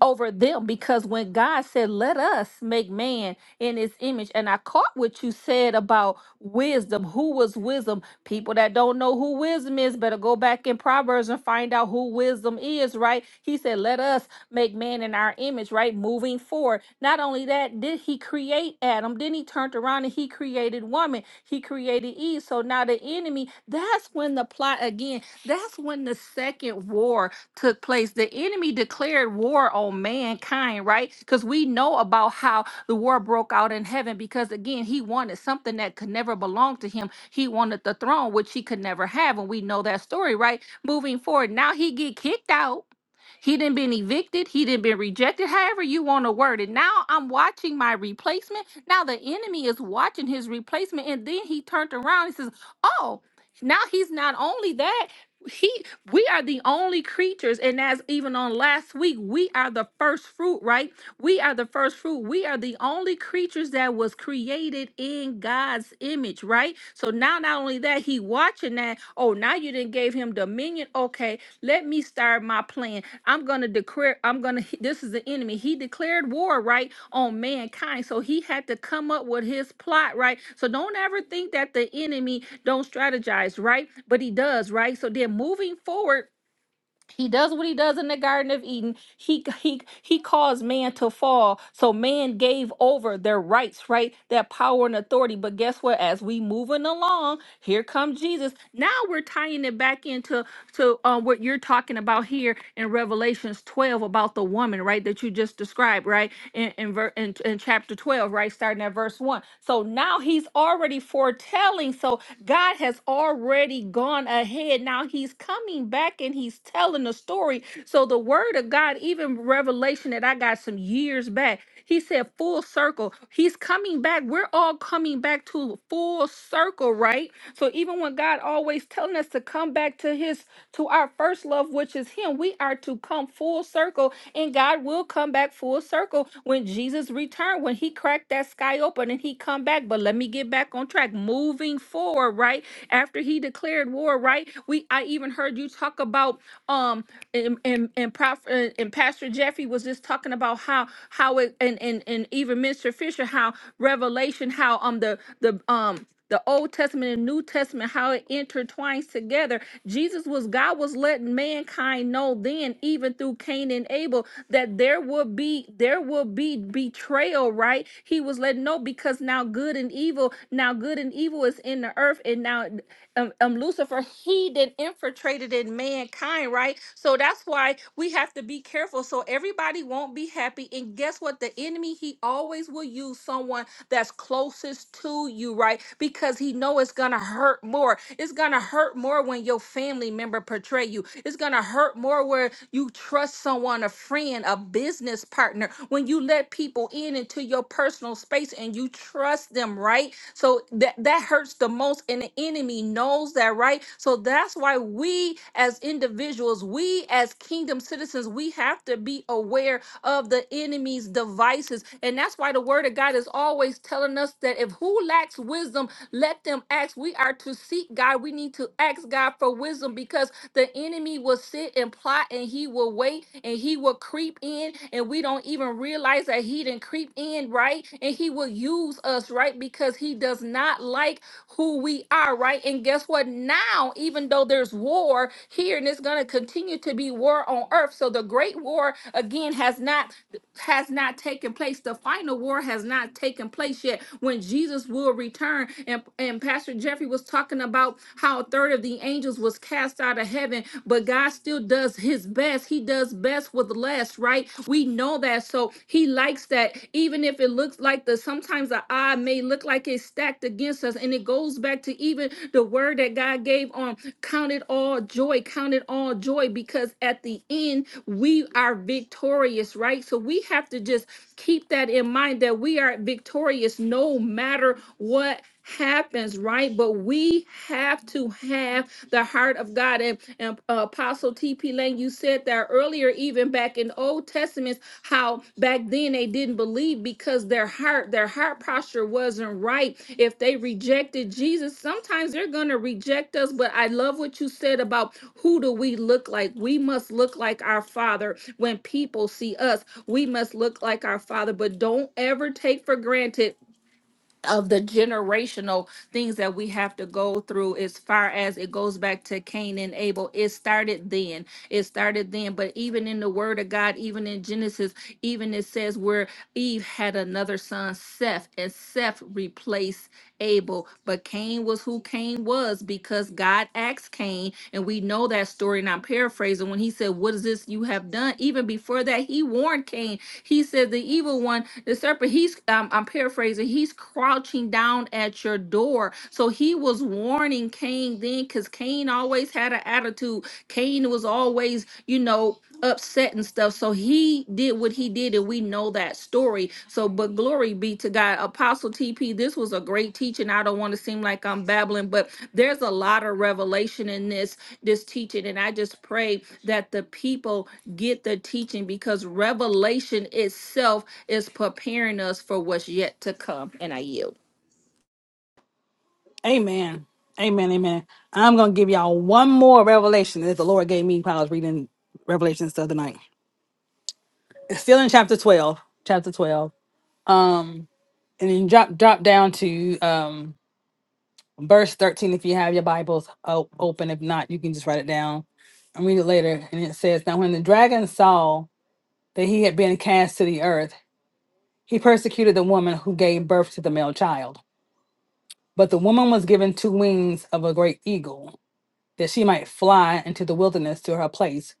over them because when God said, Let us make man in his image, and I caught what you said about wisdom. Who was wisdom? People that don't know who wisdom is better go back in Proverbs and find out who wisdom is, right? He said, Let us make man in our image, right? Moving forward. Not only that, did he create Adam? Then he turned around and he created woman. He created Eve. So now the enemy, that's when the plot again, that's when the second war took place, the enemy declared war on mankind, right? Because we know about how the war broke out in heaven because, again, he wanted something that could never belong to him. He wanted the throne, which he could never have. And we know that story, right? Moving forward, now he get kicked out. He didn't been evicted. He didn't been rejected. However you want to word it. Now I'm watching my replacement. Now the enemy is watching his replacement, and then he turned around and says, "Oh, now he's not only that." He we are the only creatures, and as even on last week, we are the first fruit, right? We are the first fruit. We are the only creatures that was created in God's image, right? So now, not only that, He watching that. Oh, now you didn't gave Him dominion. Okay, let me start my plan. I'm going to declare, I'm going to, this is the enemy. He declared war, right, on mankind. So he had to come up with his plot, right? So don't ever think that the enemy don't strategize, right? But he does, right? So then moving forward, he does what he does in the garden of eden he he he caused man to fall so man gave over their rights right their power and authority but guess what as we moving along here comes jesus now we're tying it back into to um, what you're talking about here in revelations 12 about the woman right that you just described right in in, ver- in in chapter 12 right starting at verse 1 so now he's already foretelling so god has already gone ahead now he's coming coming back and he's telling the story. So the word of God, even revelation that I got some years back, he said full circle. He's coming back. We're all coming back to full circle, right? So even when God always telling us to come back to his to our first love, which is him, we are to come full circle and God will come back full circle when Jesus returned, when he cracked that sky open and he come back. But let me get back on track. Moving forward, right? After he declared war, before, right? We I even heard you talk about um and and and, Prof, and and Pastor Jeffrey was just talking about how how it and and and even Mr. Fisher how Revelation how um the the um the Old Testament and New Testament, how it intertwines together. Jesus was God was letting mankind know then, even through Cain and Abel, that there will be there will be betrayal, right? He was letting know because now good and evil, now good and evil is in the earth, and now um, um Lucifer, he then infiltrated in mankind, right? So that's why we have to be careful. So everybody won't be happy. And guess what? The enemy, he always will use someone that's closest to you, right? Because he know it's gonna hurt more. It's gonna hurt more when your family member portray you. It's gonna gonna hurt more where you trust someone, a friend, a business partner, when you let people in into your personal space and you trust them, right? So that that hurts the most, and the enemy knows that, right? So that's why we as individuals, we as kingdom citizens, we have to be aware of the enemy's devices. And that's why the word of God is always telling us that if who lacks wisdom, let them ask. We are to seek God. We need to ask God for wisdom because the enemy will sit and plot and he will wait and he will creep in and we don't even realize that he didn't creep in, right? And he will use us, right? Because he does not like who we are, right? And guess what? Now, even though there's war here and it's going to continue to be war on earth, so the great war again has not has not taken place. The final war has not taken place yet when Jesus will return. And, and Pastor Jeffrey was talking about how a third of the angels was cast out of heaven, but God still does his best. He does best with less, right? We know that. So he likes that. Even if it looks like the sometimes the eye may look like it's stacked against us. And it goes back to even the word that God gave on Count it all joy. Count it all joy because at the end, we are victorious, right? So we have to just keep that in mind that we are victorious no matter what happens right but we have to have the heart of god and, and uh, apostle tp lane you said that earlier even back in in the Old Testament how back then they didn't believe because their heart, their heart posture wasn't right. If they rejected Jesus, sometimes they're going to reject us. But I love what you said about who do we look like? We must look like our Father when people see us. We must look like our Father. But don't ever take for granted of the generational things that we have to go through as far as it goes back to Cain and Abel. It started then. It started then. But even in the word of God, even in Genesis, even it says where Eve had another son, Seth, and Seth replaced Abel. But Cain was who Cain was because God asked Cain, and we know that story. And I'm paraphrasing when he said, What is this you have done? Even before that, he warned Cain he said, The evil one, the serpent, he's, um, I'm paraphrasing, he's crouching down at your door. So he was warning Cain then because Cain always had an attitude. Cain was always, you know, upset and stuff. So he did what he did, and we know know that story. So, but glory be to God. Apostle TP, this was a great teaching. I don't want to seem like I'm babbling, but there's a lot of revelation in this this teaching, and I just pray that the people get the teaching because revelation itself is preparing us for what's yet to come. And I yield.
Amen. Amen. Amen. I'm gonna give y'all one more revelation that the Lord gave me while I was reading Revelations the other night. It's still in chapter 12. Chapter 12. Um, and then drop drop down to um verse 13 if you have your bibles o- open if not you can just write it down and read it later and it says now when the dragon saw that he had been cast to the earth he persecuted the woman who gave birth to the male child but the woman was given two wings of a great eagle that she might fly into the wilderness to her place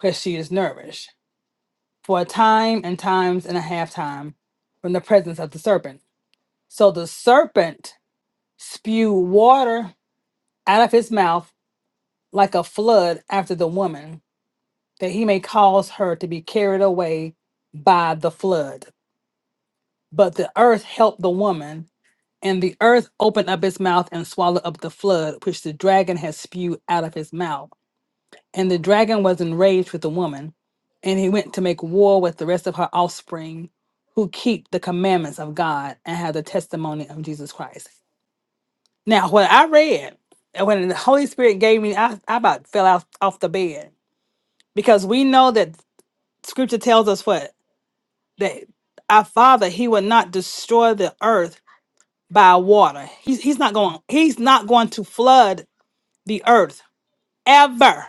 where she is nourished for a time and times and a half time from the presence of the serpent so the serpent spewed water out of his mouth like a flood after the woman, that he may cause her to be carried away by the flood. But the earth helped the woman, and the earth opened up its mouth and swallowed up the flood, which the dragon had spewed out of his mouth. And the dragon was enraged with the woman, and he went to make war with the rest of her offspring who keep the commandments of God and have the testimony of Jesus Christ. Now, what I read, and when the Holy Spirit gave me, I, I about fell out off the bed because we know that scripture tells us what that our father he will not destroy the earth by water he's, he's not going he's not going to flood the earth ever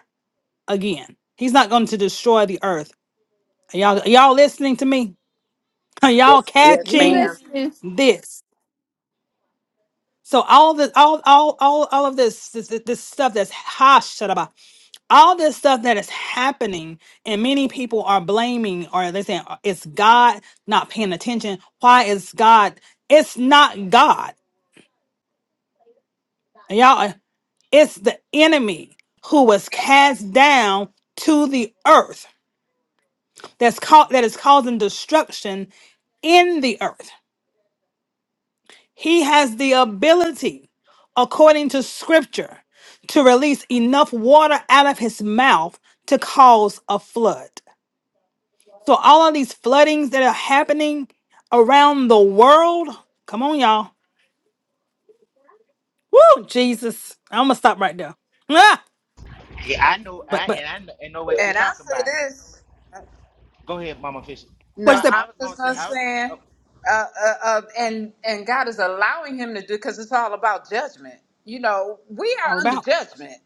again he's not going to destroy the earth y'all y'all listening to me [LAUGHS] are y'all
Yes, yes,
We
catching
ma'am.
listening.
this So all this, all, all, all, all of this, this, this stuff that's hush, all this stuff that is happening, and many people are blaming, or they're saying "Uh, it's God not paying attention. Why is God? It's not God, y'all. uh, It's the enemy who was cast down to the earth. That's called that is causing destruction in the earth. He has the ability, according to scripture, to release enough water out of his mouth to cause a flood. So, all of these floodings that are happening around the world, come on, y'all. Woo, Jesus. I'm going to stop right there. Ah,
Yeah, I know.
but,
I
but,
and I know, and know what you're
And I
talking
say
about.
this.
Go ahead, Mama Fisher.
what's
No,
I,
that
I'm
I was gonna
just
say
gonna
I. was- Oh,
saying, uh, uh, uh, and and God is allowing him to do because it's all about judgment. You know, we
all
are under
about?
judgment.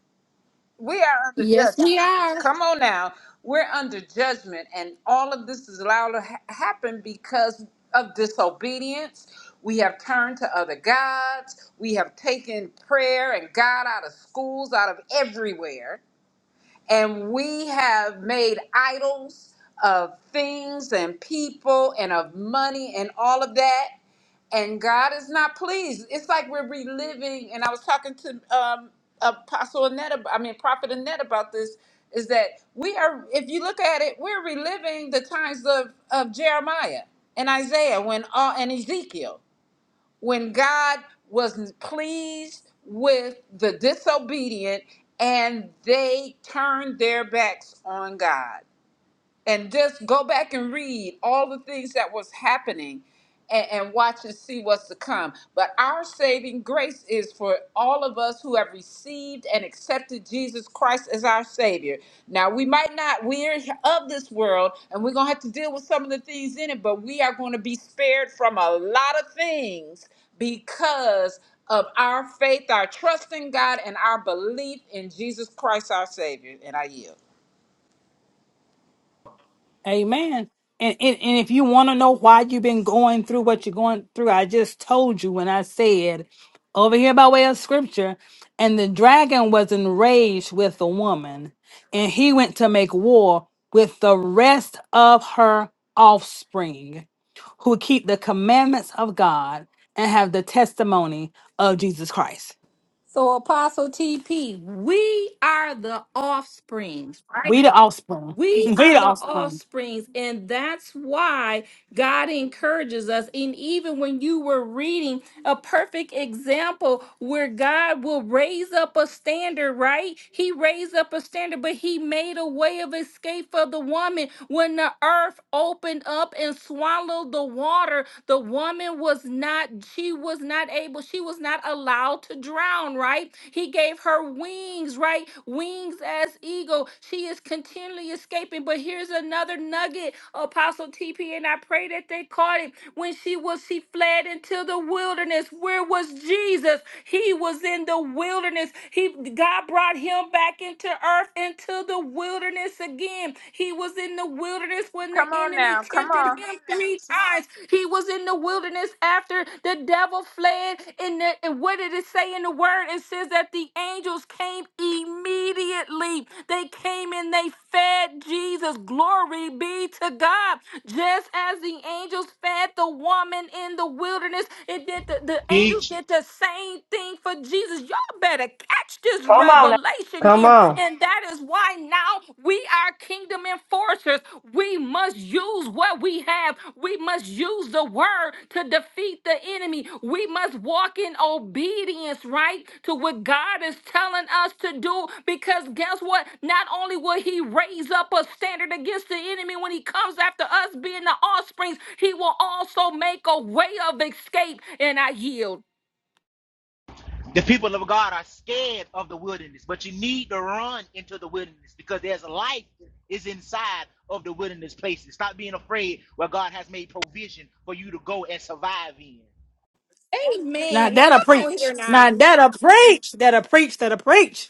We are under
Yes,
judgment.
we are.
Come on now, we're under judgment, and all of this is allowed to ha- happen because of disobedience. We have turned to other gods. We have taken prayer and God out of schools, out of everywhere and we have made idols of things and people and of money and all of that and god is not pleased it's like we're reliving and i was talking to um apostle annette ab- i mean prophet annette about this is that we are if you look at it we're reliving the times of of jeremiah and isaiah when all and ezekiel when God was pleased with the disobedient and they turned their backs on God and just go back and read all the things that was happening and, and watch and see what's to come. But our saving grace is for all of us who have received and accepted Jesus Christ as our Savior. Now, we might not, we're of this world and we're going to have to deal with some of the things in it, but we are going to be spared from a lot of things because of our faith, our trust in God, and our belief in Jesus Christ, our Savior. And I yield.
Amen. And, and and if you want to know why you've been going through what you're going through, I just told you when I said over here by way of scripture, and the dragon was enraged with the woman, and he went to make war with the rest of her offspring who keep the commandments of God and have the testimony of Jesus Christ.
So, Apostle TP, we are the offspring,
We the offspring. [LAUGHS]
We
We the
are the
offspring.
offsprings, and that's why God encourages us. And even when you were reading a perfect example where God will raise up a standard, right? He raised up a standard, but he made a way of escape for the woman. When the earth opened up and swallowed the water, the woman was not, she was not able, she was not allowed to drown, right? He gave her wings, right? Wings as eagle. She is continually barely escaping. But here's another nugget, Apostle TP, and I pray that they caught it. When she was, she fled into the wilderness. Where was Jesus? He was in the wilderness. He God brought him back into earth, into the wilderness again. He was in the wilderness when the
Come on
enemy
now. Come
tempted
on.
him three times. He was in the wilderness after the devil fled fled. And, the, and what did it say in the word? It says that the angels came immediately. They came and they fed Jesus. Glory be to God. Just as the angels fed the woman in the wilderness, it did the, the
Teach.
angels did the same thing for Jesus. Y'all better catch this
Come on. now.
revelation
Come
here.
on.
And that is why now we are kingdom enforcers. We must use what we have. We must use the word to defeat the enemy. We must walk in obedience, right, to what God is telling us to do. Because guess what? Not only will He raise up a standard against the enemy when He comes after us being the offsprings, He will also make a way of escape. And I yield.
The people of God are scared of the wilderness, but you need to run into the wilderness because there's life is inside of the wilderness places. Stop being afraid where God has made provision for you to go and survive in.
Now
Amen. Now
that'll
come on
preach.
here now.
Now that'll preach. That'll preach. That'll preach.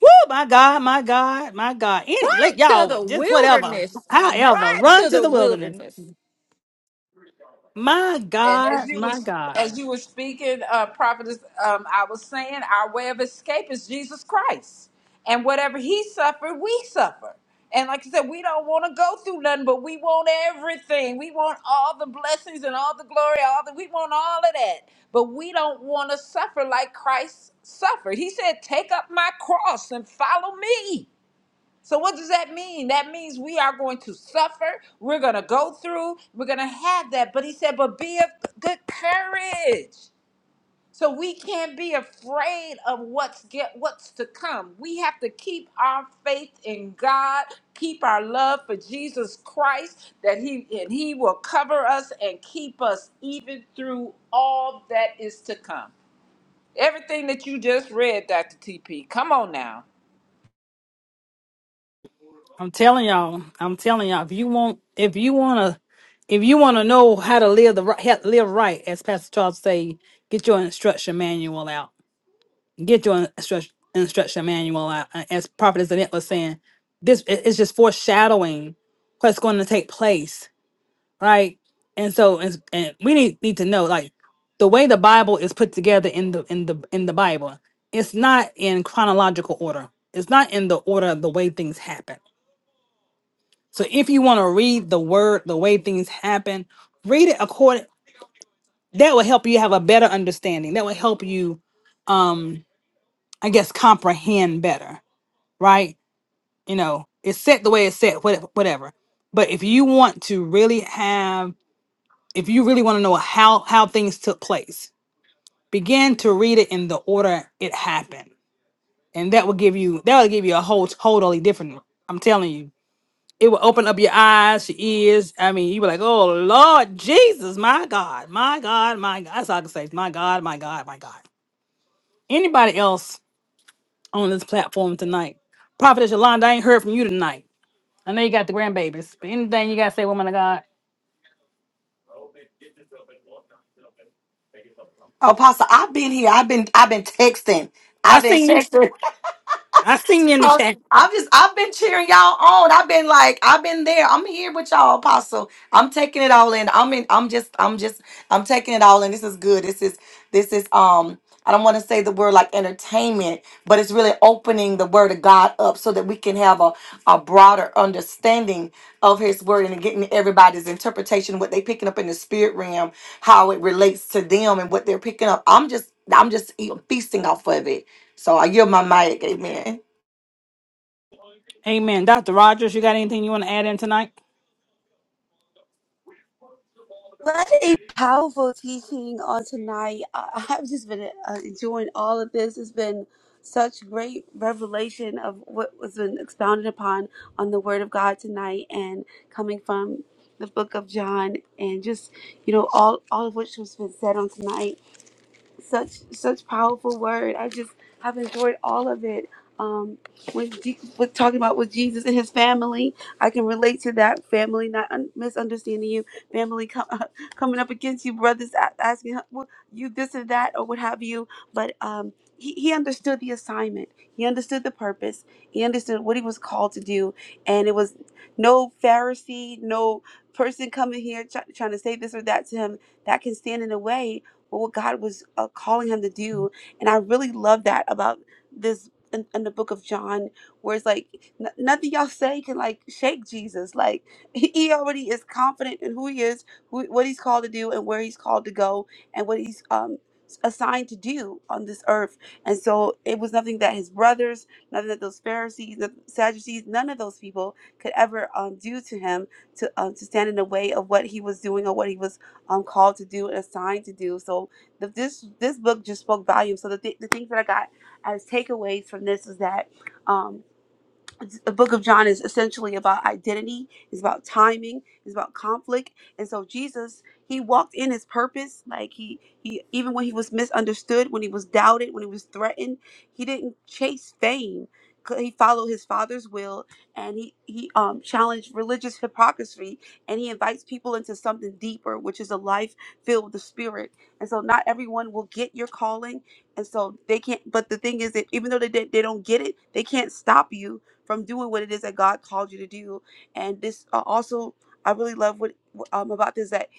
Woo, my God, my God, my God.
Run
Any, let
to
y'all
the
just whatever,
wilderness.
however,
Run
run
to
to
the
the wilderness.
wilderness.
My
And as
God,
you
my
was
God.
as you were speaking, uh, prophetess, um, I was saying our way of escape is Jesus Christ, and whatever He suffered, we suffer. And like I said, we don't want to go through nothing, but we want everything. We want all the blessings and all the glory, all the we want all of that. But we don't want to suffer like Christ suffered. He said, "Take up my cross and follow me." So, what does that mean? That means we are going to suffer. We're going to go through. We're going to have that. But he said, but be of good courage. So we can't be afraid of what's get what's to come. We have to keep our faith in God, keep our love for Jesus Christ, that He and He will cover us and keep us even through all that is to come. Everything that you just read, Dr. TP. Come on now.
I'm telling y'all, I'm telling y'all, if you want, if you want to, if you want to know how to live the ri- how to live right, as Pastor Charles say, get your instruction manual out. Get your instruction instruction manual out. Uh, As Prophet Annette was saying, this it- it's just foreshadowing what's going to take place right? And so, and, and we need need to know like the way the Bible is put together in the in the in the Bible, it's not in chronological order. It's not in the order of the way things happen. So if you want to read the word, the way things happen, read it according. That will help you have a better understanding. That will help you, um, I guess, comprehend better, right? You know, it's set the way it's set, what- whatever. But if you want to really have if you really want to know how how things took place, begin to read it in the order it happened, and that will give you that will give you a whole totally different. I'm telling you, it will open up your eyes, your ears. I mean, you were like, oh Lord Jesus, my God, my God, my God. That's all I can say. My God, my God, my God. Anybody else on this platform tonight? Prophetess Yolanda, I ain't heard from you tonight. I know you got the grandbabies, but anything you gotta say, woman of God?
Apostle, I've been here. I've been I've been texting.
I
I've been
seen you.
texting.
I seen you in the chat.
Apostle. I've just I've been cheering y'all on. I've been like I've been there. I'm here with y'all, Apostle. I'm taking it all in. I'm in. I'm just I'm just I'm taking it all in. This is good. This is this is um. I don't want to say the word like entertainment, but it's really opening the word of God up so that we can have a, a broader understanding of his word and getting everybody's interpretation, what they picking up in the spirit realm, how it relates to them and what they're picking up. I'm just I'm just e, feasting off of it. So I yield my mic. Amen.
Amen. Dr. Rogers, you got anything you want to add in tonight?
What a powerful teaching on tonight. I, [LAUGHS] I've just been uh, enjoying all of this. It's been such great revelation of what was been expounded upon on the Word of God tonight, and coming from the Book of John, and just you know all all of which was been said on tonight such such powerful word. I just have enjoyed all of it. Um, when Je- with talking about with Jesus and his family, I can relate to that family not un- misunderstanding you, family com- [LAUGHS] coming up against you, brothers a- asking how- well, you this and that or what have you. But um, he he understood the assignment. He understood the purpose. He understood what he was called to do, and it was no Pharisee, no person coming here try- trying to say this or that to him that can stand in the way with what God was uh, calling him to do. And I really love that about this in, in the book of John, where it's like n- nothing y'all say can like shake Jesus. Like [LAUGHS] he, he already is confident in who he is, who, what he's called to do, and where he's called to go, and what he's um assigned to do on this earth. And so it was nothing that his brothers, nothing that those Pharisees, the Sadducees, none of those people could ever um, do to him to um, to stand in the way of what he was doing or what he was um, called to do and assigned to do. So the, this this book just spoke volumes. So the, th- the things that I got as takeaways from this is that. Um, the book of John is essentially about identity, it's about timing, it's about conflict. And so Jesus, he walked in his purpose. Like he he even when he was misunderstood, when he was doubted, when he was threatened, he didn't chase fame. C- He followed his father's will and he he um challenged religious hypocrisy and he invites people into something deeper, which is a life filled with the spirit. And so not everyone will get your calling. And so they can't but the thing is that even though they did- they don't get it, they can't stop you from doing what it is that God called you to do. And this uh, also, I really love what um, about this that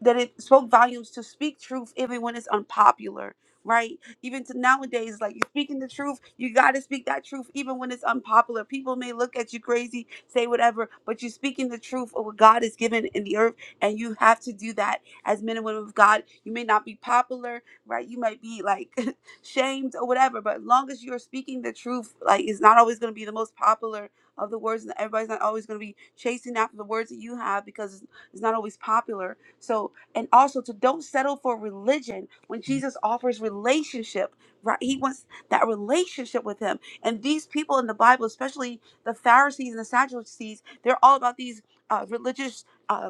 that it spoke volumes to speak truth even when it's unpopular. Right, even to nowadays, like you're speaking the truth, you got to speak that truth, even when it's unpopular. People may look at you crazy, say whatever, but you're speaking the truth of what God is given in the earth, and you have to do that as men and women of God. You may not be popular, right? You might be like [LAUGHS] shamed or whatever. But as long as you're speaking the truth, like it's not always going to be the most popular of the words, and everybody's not always going to be chasing after the words that you have because it's, it's not always popular. So, and also to don't settle for religion when Jesus offers relationship. Right, he wants that relationship with him, and these people in the Bible, especially the Pharisees and the Sadducees, they're all about these uh, religious. uh,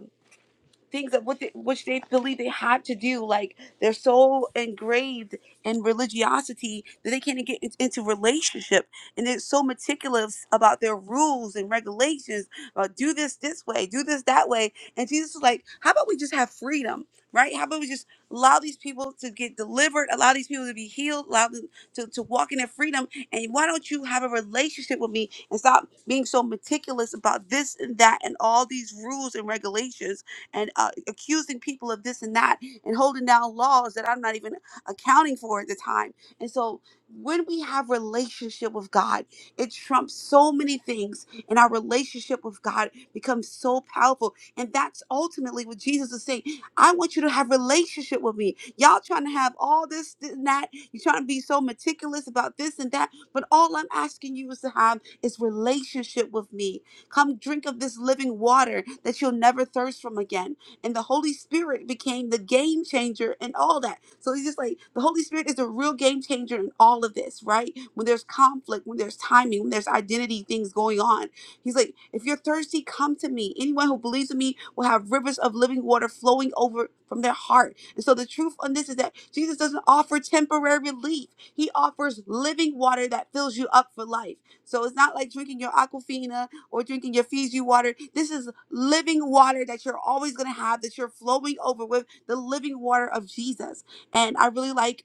things that what they, which they believe they have to do. Like they're so engraved in religiosity that they can't get in- into relationship, and they're so meticulous about their rules and regulations. Uh, do this this way, do this that way. And Jesus was like, "How about we just have freedom, right? How about we just allow these people to get delivered, allow these people to be healed, allow them to, to walk in their freedom? And why don't you have a relationship with me and stop being so meticulous about this and that and all these rules and regulations?" and uh, accusing people of this and that and holding down laws that I'm not even accounting for at the time. And so when we have relationship with God, it trumps so many things and our relationship with God becomes so powerful. And that's ultimately what Jesus is saying. I want you to have relationship with me. Y'all trying to have all this, this and that. You're trying to be so meticulous about this and that. But all I'm asking you is to have is relationship with me Come drink of this living water that you'll never thirst from again. And the Holy Spirit became the game changer and all that. So he's just like, the Holy Spirit is a real game changer in all of this, right? When there's conflict, when there's timing, when there's identity things going on. He's like, if you're thirsty, come to me. Anyone who believes in me will have rivers of living water flowing over from their heart. And so the truth on this is that Jesus doesn't offer temporary relief. He offers living water that fills you up for life. So it's not like drinking your aquafina or drinking your Fiji water. This is living water that you're always going to have, that you're flowing over with the living water of Jesus. And I really like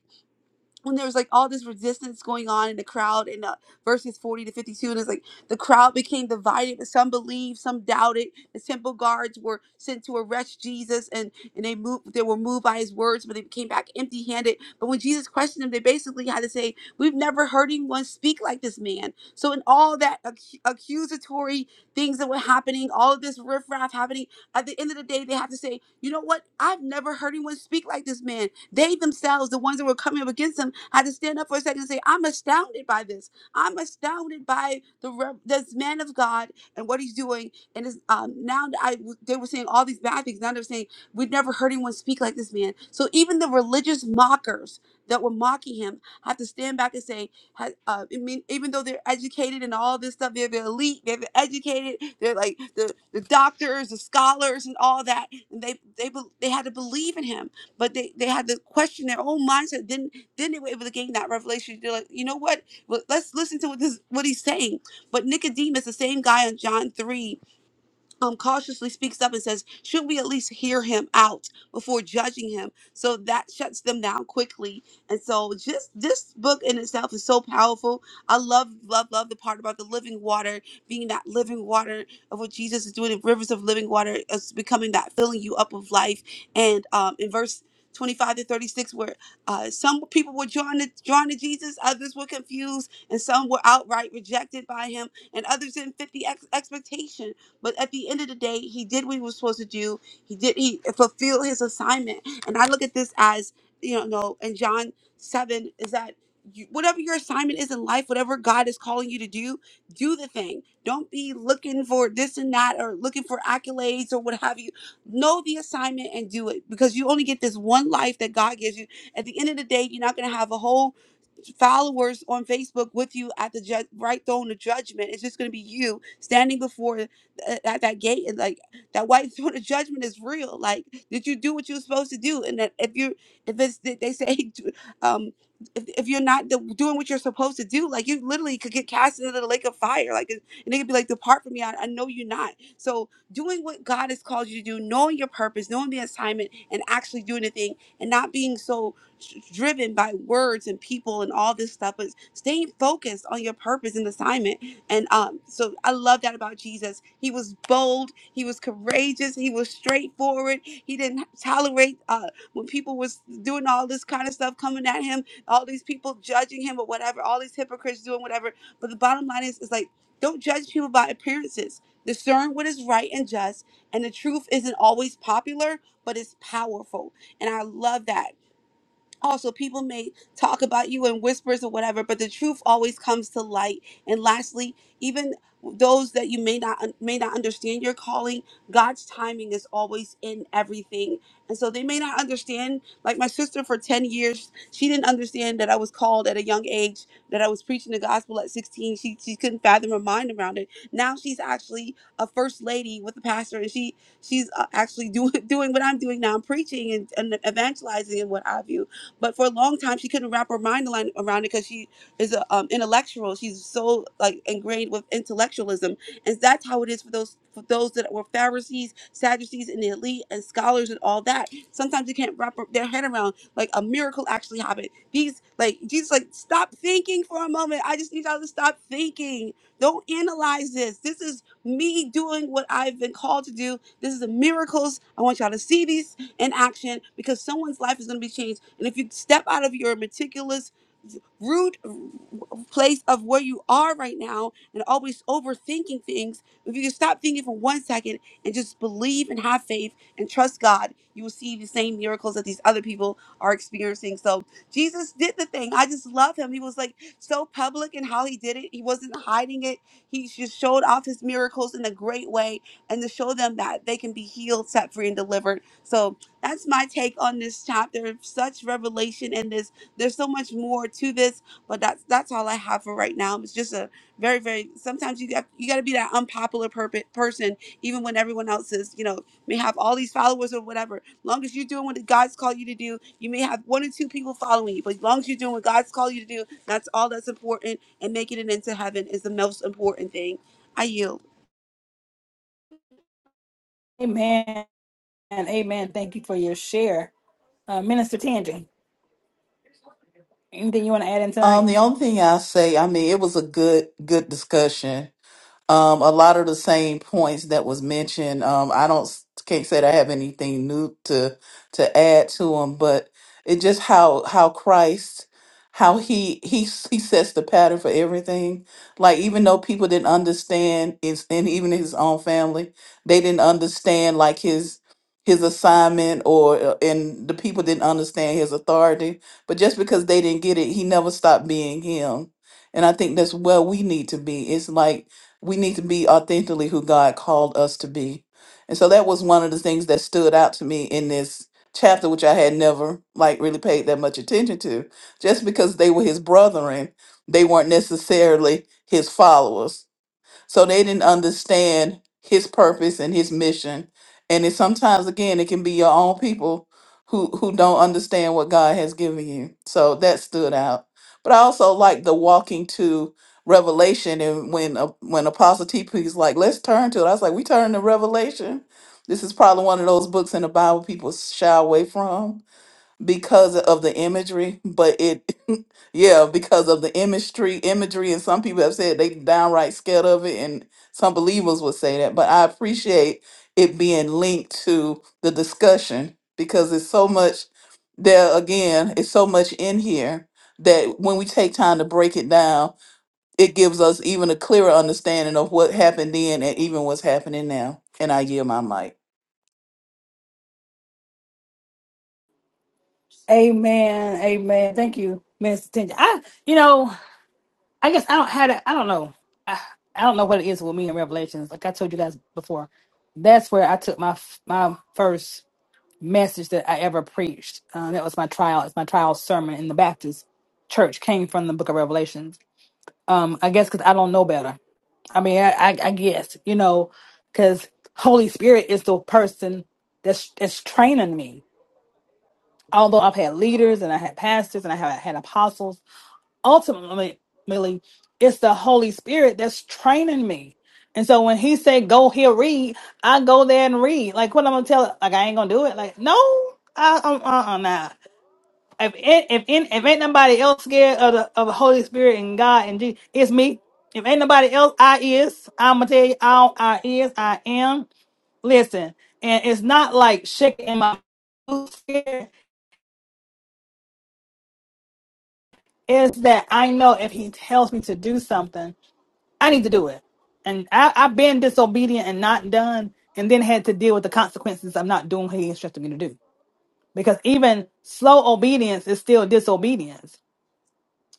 when there was like all this resistance going on in the crowd in uh, verses 40 to 52 and it's like the crowd became divided but some believed some doubted the temple guards were sent to arrest jesus and and they moved they were moved by his words but they came back empty handed but when jesus questioned them they basically had to say we've never heard anyone speak like this man so in all that ac- accusatory things that were happening all of this riffraff happening at the end of the day, they have to say, you know what? I've never heard anyone speak like this man. They themselves, the ones that were coming up against him, had to stand up for a second and say, I'm astounded by this. I'm astounded by the rev- this man of God and what he's doing. And it's, um, now that I they were saying all these bad things. Now they're saying we've never heard anyone speak like this man. So even the religious mockers that were mocking him have to stand back and say has, uh, I mean, even though they're educated and all this stuff, they're the elite, they're the educated, they're like the, the doctors, the scholars, and all that. And they they be- they had to believe in him, but they, they had to question their own mindset. Then then they were able to gain that revelation. They're like, you know what? Well, let's listen to what this what he's saying. But Nicodemus, the same guy in John three, um, cautiously speaks up and says, Should we at least hear him out before judging him? So that shuts them down quickly. And so, just this book in itself is so powerful. I love, love, love the part about the living water being that living water of what Jesus is doing in rivers of living water, is becoming that filling you up with life. And um, in verse 25 to 36 where uh, some people were drawn to, drawn to jesus others were confused and some were outright rejected by him and others didn't fit the ex- expectation but at the end of the day, he did what he was supposed to do. He did he fulfilled his assignment. And I look at this as, you know, in John 7 is that you, whatever your assignment is in life, whatever God is calling you to do, do the thing. Don't be looking for this and that or looking for accolades or what have you. Know the assignment and do it because you only get this one life that God gives you. At the end of the day, you're not going to have a whole followers on Facebook with you at the ju- right throne of judgment. It's just going to be you standing before th- at that gate, and like that white throne of judgment is real. Like, did you do what you were supposed to do? And that if you, if it's they they say, [LAUGHS] um, if, if you're not the, doing what you're supposed to do, like you literally could get cast into the lake of fire. Like, and they could be like, "Depart from me, I, I know you're not." So, doing what God has called you to do, knowing your purpose, knowing the assignment, and actually doing the thing, and not being so s- driven by words and people and all this stuff, but staying focused on your purpose and assignment. And um, so I love that about Jesus. He was bold, he was courageous, he was straightforward. He didn't tolerate uh, when people was doing all this kind of stuff coming at him, all these people judging him or whatever, all these hypocrites doing whatever. But the bottom line is, is like, don't judge people by appearances. Discern what is right and just. And the truth isn't always popular, but it's powerful. And I love that also people may talk about you in whispers or whatever but the truth always comes to light and lastly even those that you may not may not understand your calling god's timing is always in everything and so they may not understand like my sister for 10 years she didn't understand that i was called at a young age that i was preaching the gospel at 16 she, she couldn't fathom her mind around it now she's actually a first lady with a pastor and she she's uh, actually doing [LAUGHS] doing what i'm doing now i'm preaching and, and evangelizing and what have you but for a long time, she couldn't wrap her mind aline- around it because she is a um, intellectual. She's so like ingrained with intellectualism, and that's how it is for those for those that were Pharisees, Sadducees, and the elite, and scholars, and all that. Sometimes they can't wrap their head around like a miracle actually happened. These like Jesus, like stop thinking for a moment. I just need y'all to stop thinking. Don't analyze this. This is me doing what I've been called to do. This is the miracles. I want y'all to see these in action because someone's life is going to be changed. And if you step out of your meticulous root place of where you are right now and always overthinking things, if you can stop thinking for one second and just believe and have faith and trust God, you will see the same miracles that these other people are experiencing. So Jesus did the thing. I just love him. He was like so public in how he did it. He wasn't hiding it. He just showed off his miracles in a great way and to show them that they can be healed, set free, and delivered. So that's my take on this chapter. Such revelation in this. There's so much more to this, but that's that's all I have for right now. It's just a very very. Sometimes you got you got to be that unpopular perp- person, even when everyone else is you know may have all these followers or whatever. Long as you're doing what God's called you to do, you may have one or two people following you, but as long as you're doing what God's called you to do, that's all that's important. And making it into heaven is the most important thing. I yield.
Amen. Amen. Thank you for your share. Uh, Minister Tangi, anything you want to add in
um,
tonight?
the only thing I say, I mean, it was a good, good discussion. Um, a lot of the same points that was mentioned. Um, I don't can't say that I have anything new to to add to them, but it just how how Christ, how he he s- he sets the pattern for everything. Like even though people didn't understand, it's and even his own family, they didn't understand like his his assignment or uh, and the people didn't understand his authority. But just because they didn't get it, he never stopped being him. And I think that's where we need to be. It's like we need to be authentically who God called us to be. And so that was one of the things that stood out to me in this chapter, which I had never like really paid that much attention to. Just because they were his brethren, they weren't necessarily his followers so they didn't understand his purpose and his mission. And it sometimes again it can be your own people who who don't understand what God has given you. So that stood out. But I also like the walking to Revelation and when uh, when Apostle TP is like, let's turn to it. I was like, we turn to Revelation. This is probably one of those books in the Bible people shy away from because of the imagery, but it, [LAUGHS] yeah, because of the imagery, imagery, and some people have said they downright scared of it, and some believers would say that. But I appreciate it being linked to the discussion because it's so much there. Again, it's so much in here that when we take time to break it down, it gives us even a clearer understanding of what happened then and even what's happening now. And I yield my mic.
Amen. Amen. Thank you, Minister Tangi. I, you know, I guess I don't have it. I don't know. I, I don't know what it is with me in Revelations. Like I told you guys before, that's where I took my f- my first message that I ever preached. Uh, that was my trial. It's my trial sermon in the Baptist church. Came from the Book of Revelations. Um, I guess because I don't know better I mean, I, I, I guess you know, because Holy Spirit is the person that's that's training me. Although I've had leaders and I had pastors and I have had apostles, ultimately, really, it's the Holy Spirit that's training me. And so when he said, "Go here, read," I go there and read. Like what I'm gonna tell? Like I ain't gonna do it. Like no, I, I'm uh uh nah. If it, if in, if ain't nobody else scared of the of the Holy Spirit and God and Jesus, it's me. If ain't nobody else, I is. I'm gonna tell you, I, don't- I is. I am. Listen, and it's not like shaking in my boots here. It's that I know if He tells me to do something, I need to do it. And I, I've been disobedient and not done, and then had to deal with the consequences of not doing what He instructed me to do. Because even slow obedience is still disobedience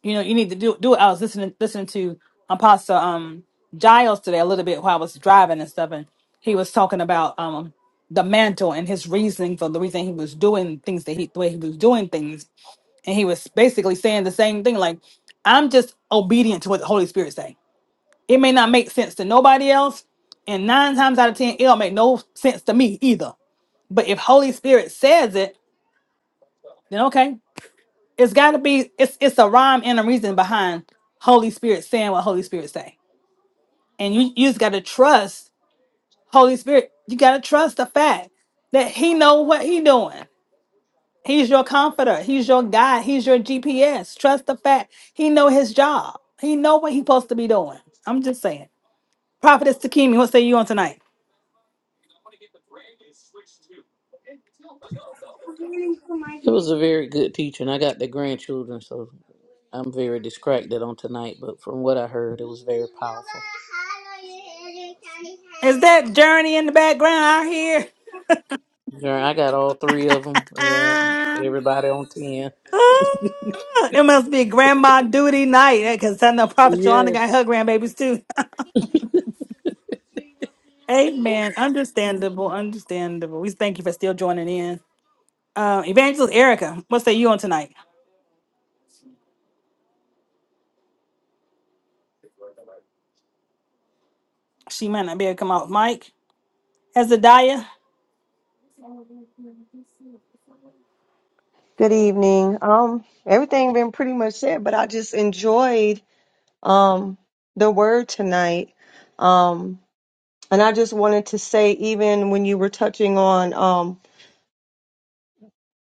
you know, you need to do do it. I was listening listening to Apostle um Giles today a little bit while I was driving and stuff, and he was talking about um the mantle and his reasoning for the reason he was doing things that he the way he was doing things, and he was basically saying the same thing like, I'm just obedient to what the Holy Spirit say. It may not make sense to nobody else, and nine times out of ten, it'll make no sense to me either. But if Holy Spirit says it, then okay it's got to be it's it's a rhyme and a reason behind holy spirit saying what holy spirit say and you, you just got to trust holy spirit you got to trust the fact that he know what he doing he's your comforter he's your guide he's your gps trust the fact he know his job he know what he supposed to be doing i'm just saying prophetess takimi what say you on tonight
It was a very good teacher, and I got the grandchildren, so I'm very distracted on tonight. But from what I heard, it was very powerful.
is that journey in the background out here
Girl, I got all three of them. Yeah,
Ah.
everybody on ten.
Ah, it must be grandma duty night because I know Prophet Shalonda got
Yes.
her grandbabies too. [LAUGHS] Amen. Understandable. Understandable. We thank you for still joining in. Uh, Evangelist Erica, what say you on tonight? She might not be able to come out. Mike, Hezadiah,
Good evening. Um, everything been pretty much said, but I just enjoyed um the word tonight. Um, and I just wanted to say, even when you were touching on um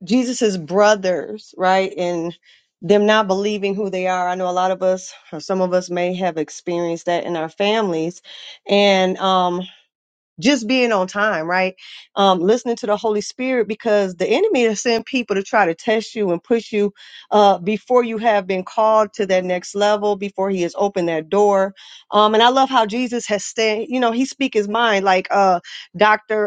Jesus's brothers, right, and them not believing who they are. I know a lot of us, or some of us, may have experienced that in our families, and um. just being on time, right? Um, listening to the Holy Spirit because the enemy is send people to try to test you and push you uh, before you have been called to that next level, before he has opened that door. Um, and I love how Jesus has stayed, you know, he speak his mind like uh, Dr.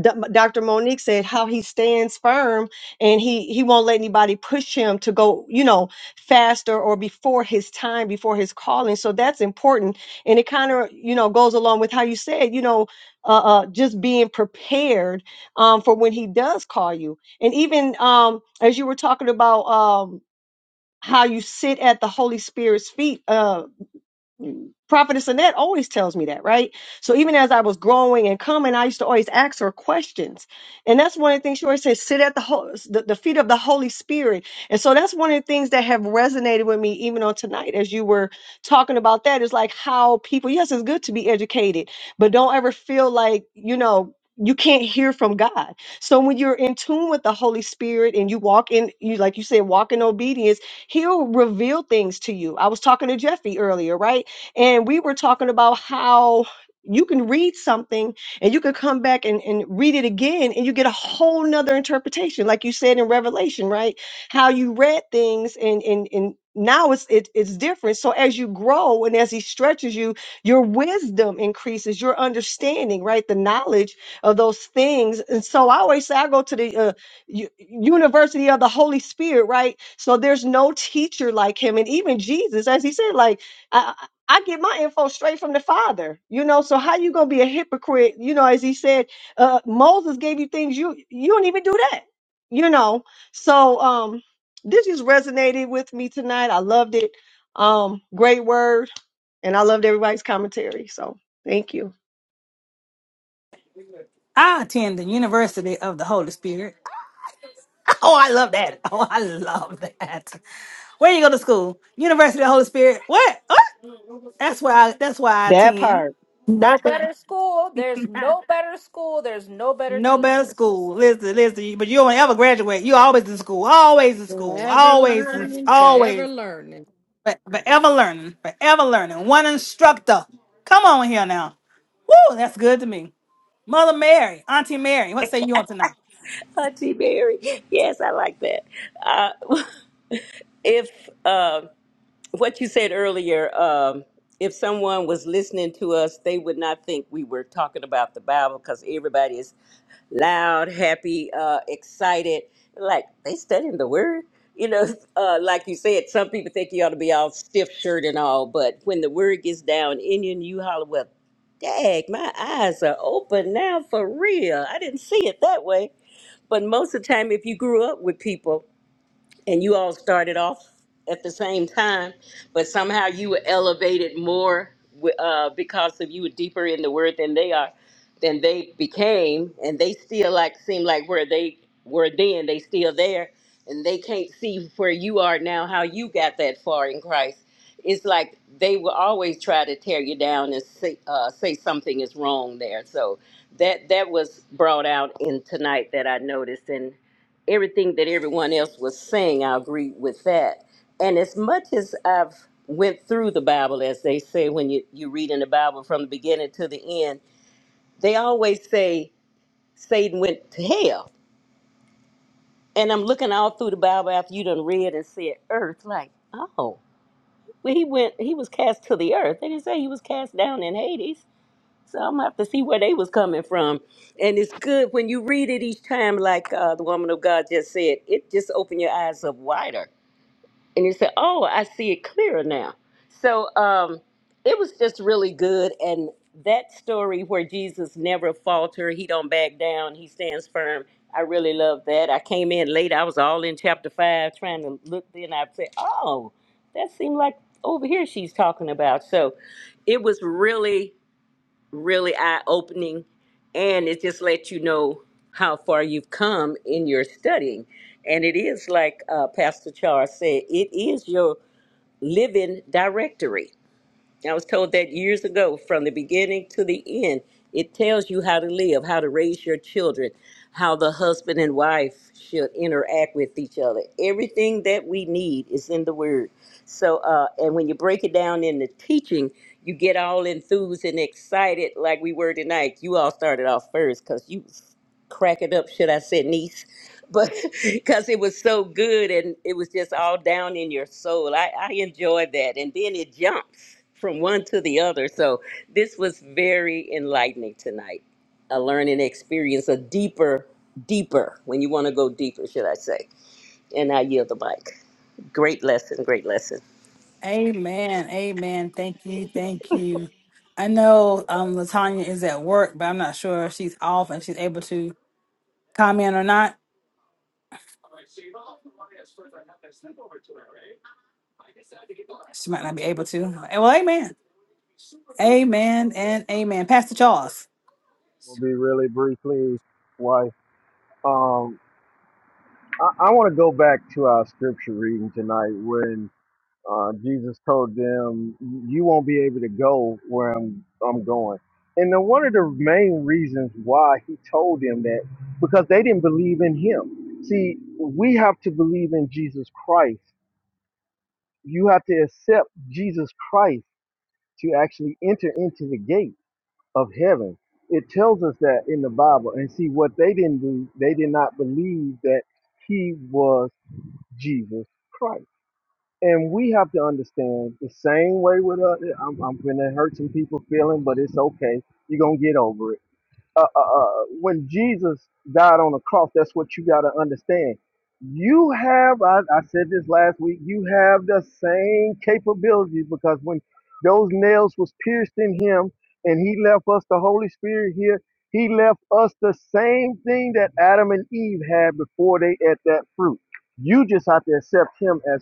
Doc- Dr. Monique said how he stands firm and he he won't let anybody push him to go, you know, faster or before his time, before his calling. So that's important, and it kind of you know goes along with how you said, you know, uh, uh just being prepared um, for when he does call you, and even um, as you were talking about um, how you sit at the Holy Spirit's feet. Uh, Prophetess Annette always tells me that, right? So even as I was growing and coming, I used to always ask her questions. And that's one of the things she always says, sit at the, ho- the, the feet of the Holy Spirit. And so that's one of the things that have resonated with me even on tonight as you were talking about that is like how people, yes, it's good to be educated, but don't ever feel like, you know, you can't hear from God. So when you're in tune with the Holy Spirit and you walk in, you like you said, walk in obedience, He'll reveal things to you. I was talking to Jeffy earlier, right? and we were talking about how you can read something and you can come back and, and read it again and you get a whole nother interpretation like you said in revelation right how you read things and and, and now it's it, it's different so as you grow and as he stretches you your wisdom increases your understanding right the knowledge of those things and so i always say i go to the uh, u- university of the holy spirit right so there's no teacher like him and even jesus as he said like I get my info straight from the Father, you know. So how you gonna be a hypocrite, you know? As he said, uh, Moses gave you things you you don't even do that, you know. So um, this just resonated with me tonight. I loved it. Um, great word, and I loved everybody's commentary. So thank you.
I attend the University of the Holy Spirit. [LAUGHS] Oh, I love that. Oh, I love that. Where you go to school? University of the Holy Spirit. What? What? That's why. I, that's why I
That part.
attend. I
No
attend.
better school. There's
[LAUGHS]
no better school. There's no better
No better
teachers.
school. Listen, listen. you- But you don't ever graduate. You always in school. Always in school.
Forever
Always, in,
learning,
always.
forever learning.
But forever learning. Forever learning. One instructor. Come on here now. Woo, that's good to me. Mother Mary, Auntie Mary, what say you on tonight?
Auntie Mary. Yes, I like that. Uh, [LAUGHS] if uh, what you said earlier, um, if someone was listening to us, they would not think we were talking about the Bible because everybody is loud, happy, uh, excited. Like they studying the word. You know, [LAUGHS] uh, like you said, some people think you ought to be all stiff shirt and all, but when the word gets down in you and you holler, well, dag, my eyes are open now for real. I didn't see it that way. But most of the time, if you grew up with people and you all started off at the same time, but somehow you were elevated more wi- uh, because of you were deeper in the word than they are, than they became, and they still like seem like where they were then, they still there, and they can't see where you are now, how you got that far in Christ. It's like they will always try to tear you down and say, uh, say something is wrong there. So that that was brought out in tonight that I noticed, everything that everyone else was saying i agree with that and as much as i've went through the bible as they say when you, you read in the bible from the beginning to the end they always say satan went to hell and i'm looking all through the bible after you done read and said earth like oh well he went he was cast to the earth they didn't say he was cast down in hades so i'm gonna have to see where they was coming from and it's good when you read it each time like uh, the woman of god just said it just opened your eyes up wider and you say, "Oh, I see it clearer now." So um, it was just really good, and that story where Jesus never falter, he don't back down, he stands firm. I really love that. I came in late; I was all in chapter five, trying to look. Then I said, "Oh, that seemed like over here she's talking about." So it was really really eye opening and it just lets you know how far you've come in your studying. And it is like uh, Pastor Charles said, it is your living directory. I was told that years ago, from the beginning to the end, it tells you how to live, how to raise your children, how the husband and wife should interact with each other. Everything that we need is in the Word. So, uh, and when you break it down in the teaching, you get all enthused and excited like we were tonight. You all started off first because you crack it up, should I say, niece? but [LAUGHS] because it was so good and it was just all down in your soul. I, I enjoyed that. And then it jumps from one to the other. So this was very enlightening tonight. A learning experience, a deeper, deeper, when you want to go deeper, should I say. And I yield the mic. Great lesson, great lesson.
Amen. Amen. Thank you. Thank you. I know um Latanya is at work, but I'm not sure if she's off and she's able to comment or not. She might not be able to. Eh, Well, amen. Amen and amen. Pastor Charles.
will be really briefly why um I, I want to go back to our scripture reading tonight when uh, Jesus told them you won't be able to go where I'm I'm going. And then one of the main reasons why he told them that because they didn't believe in him. See, we have to believe in Jesus Christ. You have to accept Jesus Christ to actually enter into the gate. of heaven. It tells us that in the Bible. And see, what they didn't do, they did not believe that he was Jesus Christ. And we have to understand the same way with us. I'm, I'm going to hurt some people's feeling, but it's okay. You're going to get over it uh, uh, uh, when Jesus died on the cross, that's what you got to understand. You have, I, I said this last week, you have the same capabilities because when those nails was pierced in him and he left us the Holy Spirit here, he left us the same thing that Adam and Eve had before they ate that fruit. You just have to accept him as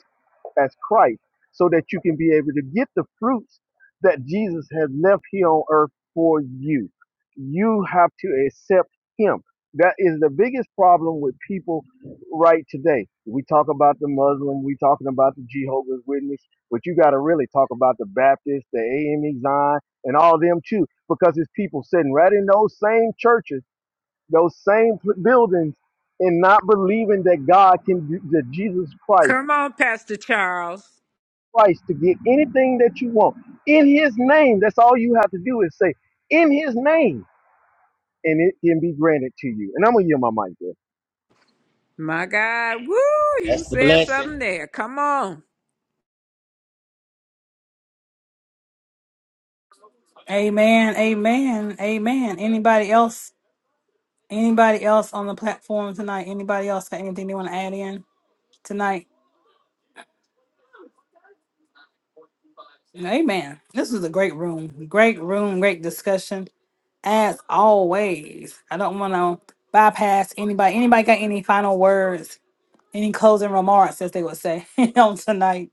as Christ, so that you can be able to get the fruits that Jesus has left here on earth for you. You have to accept Him. That is the biggest problem with people right today. We talk about the Muslim, we talking about the Jehovah's Witness, but you got to really talk about the Baptist, the AME Zion, and all them too, because it's people sitting right in those same churches, those same buildings, and not believing that God can, that Jesus Christ
Come on, Pastor Charles.
Christ to get anything that you want in His name. That's all you have to do is say, in His name, and it can be granted to you. And I'm going to yield my mic there.
My God. Woo!
That's
You
the
said
blessing.
something there. Come on.
Amen. Amen. Amen. Anybody else? Anybody else on the platform tonight? Anybody else got anything they want to add in tonight? Amen. This was a great room. Great room. Great discussion. As always, I don't want to bypass anybody. Anybody got any final words? Any closing remarks, as they would say, [LAUGHS] on tonight?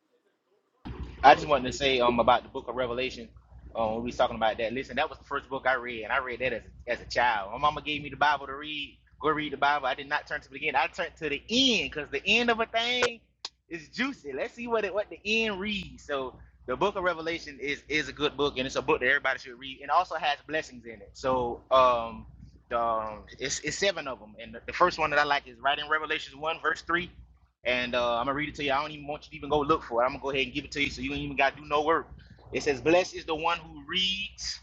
I just wanted to say um about the book of Revelation. Um, we was talking about that. Listen, that was the first book I read, and I read that as a, as a child. My mama gave me the Bible to read. Go read the Bible. I did not turn to the beginning. I turned to the end because the end of a thing is juicy. Let's see what it, what the end reads. So the book of Revelation is is a good book, and it's a book that everybody should read, and also has blessings in it. So um, the, um it's it's seven of them, and the, the first one that I like is right in Revelation one verse three and uh, I'm gonna read it to you. I don't even want you to even go look for it. I'm gonna go ahead and give it to you, so you ain't even gotta do no work. It says, "Blessed is the one who reads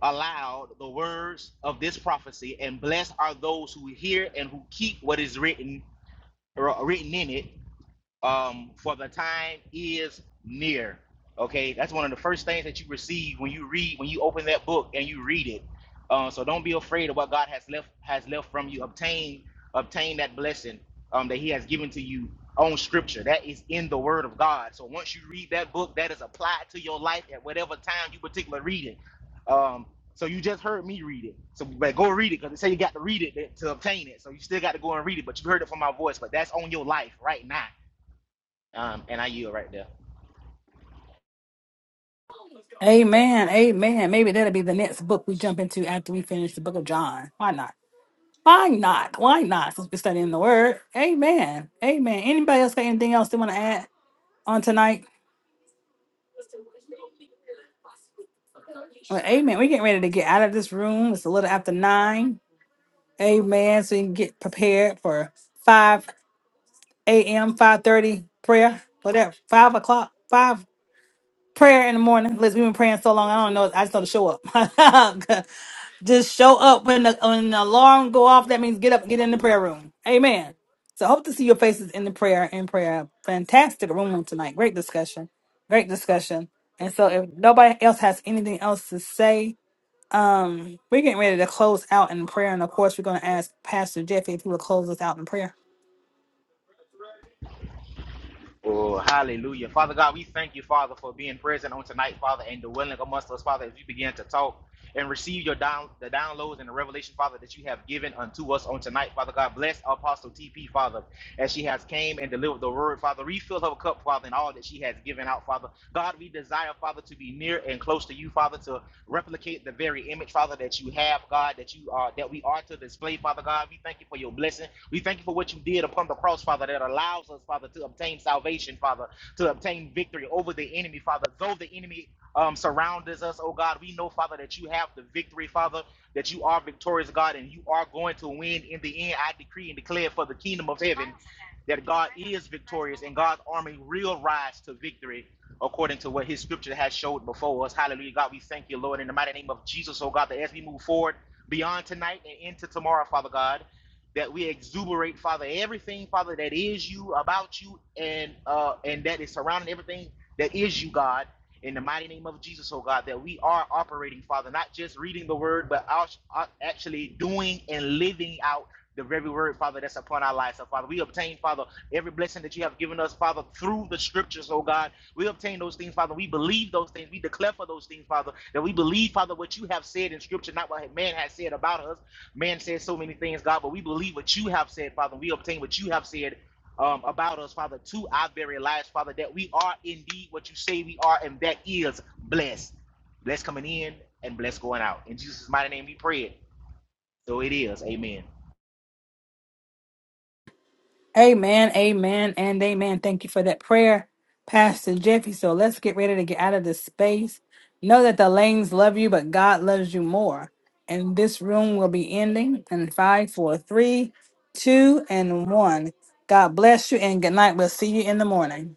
aloud the words of this prophecy, and blessed are those who hear and who keep what is written, or written in it, um, for the time is near. Okay, that's one of the first things that you receive when you read, when you open that book and you read it. Uh, so don't be afraid of what God has left has left from you. Obtain obtain that blessing um, that He has given to you on Scripture. That is in the Word of God. So once you read that book, that is applied to your life at whatever time you particular read it. Um, so you just heard me read it. So but go read it because they say you got to read it to obtain it. So you still got to go and read it, but you heard it from my voice. But that's on your life right now. Um, and I yield right there.
Amen. Amen. Maybe that'll be the next book we jump into after we finish the book of John. Why not? Why not? Why not? Since we're studying the word. Amen. Amen. Anybody else got anything else they want to add on tonight? Well, amen. We're getting ready to get out of this room. It's a little after nine. Amen. So you can get prepared for 5 a.m., 5.30 prayer. Whatever. 5 o'clock. 5 prayer in the morning. Listen, we've been praying so long. I don't know. I just know to show up. [LAUGHS] Just show up when the, when the alarm go off. That means get up, get in the prayer room. Amen. So hope to see your faces in the prayer in prayer. Fantastic room tonight. Great discussion. Great discussion. And so if nobody else has anything else to say, um, we're getting ready to close out in prayer. And of course, we're going to ask Pastor Jeffy if he will close us out in prayer.
Oh, hallelujah. Father God, we thank you, Father, for being present on tonight, Father, and the willing amongst us, Father, as we begin to talk and receive your down the downloads and the revelation, Father, that you have given unto us on tonight, Father God. Bless Apostle TP, Father, as she has came and delivered the word, Father. Refill her cup, Father, and all that she has given out, Father. God, we desire, Father, to be near and close to you, Father, to replicate the very image, Father, that you have, God, that you are that we are to display, Father God. We thank you for your blessing. We thank you for what you did upon the cross, Father, that allows us, Father, to obtain salvation, Father, to obtain victory over the enemy, Father. Though the enemy um, surrounds us, oh God, we know, Father, that you have the victory, Father, that you are victorious, God, and you are going to win in the end. I decree and declare for the kingdom of heaven that God is victorious and God's army will rise to victory according to what his scripture has showed before us. Hallelujah. God, we thank you, Lord, in the mighty name of Jesus, oh God, that as we move forward beyond tonight and into tomorrow, Father God, that we exuberate, Father, everything, Father, that is you, about you, and uh and that is surrounding everything that is you, God. In the mighty name of Jesus, oh God, that we are operating, Father, not just reading the word, but actually doing and living out the very word, Father, that's upon our lives. So, Father, we obtain, Father, every blessing that you have given us, Father, through the scriptures, oh God. We obtain those things, Father. We believe those things. We declare for those things, Father, that we believe, Father, what you have said in Scripture, not what man has said about us. Man says so many things, God, but we believe what you have said, Father. We obtain what you have said um, about us, Father, to our very lives, Father, that we are indeed what you say we are, and that is blessed. Blessed coming in and blessed going out. In Jesus' mighty name we pray it. So it is. Amen.
Amen, amen, and amen. Thank you for that prayer, Pastor Jeffy. So let's get ready to get out of this space. Know that the lanes love you, but God loves you more. And this room will be ending in five, four, three, two, and one. God bless you and good night. We'll see you in the morning.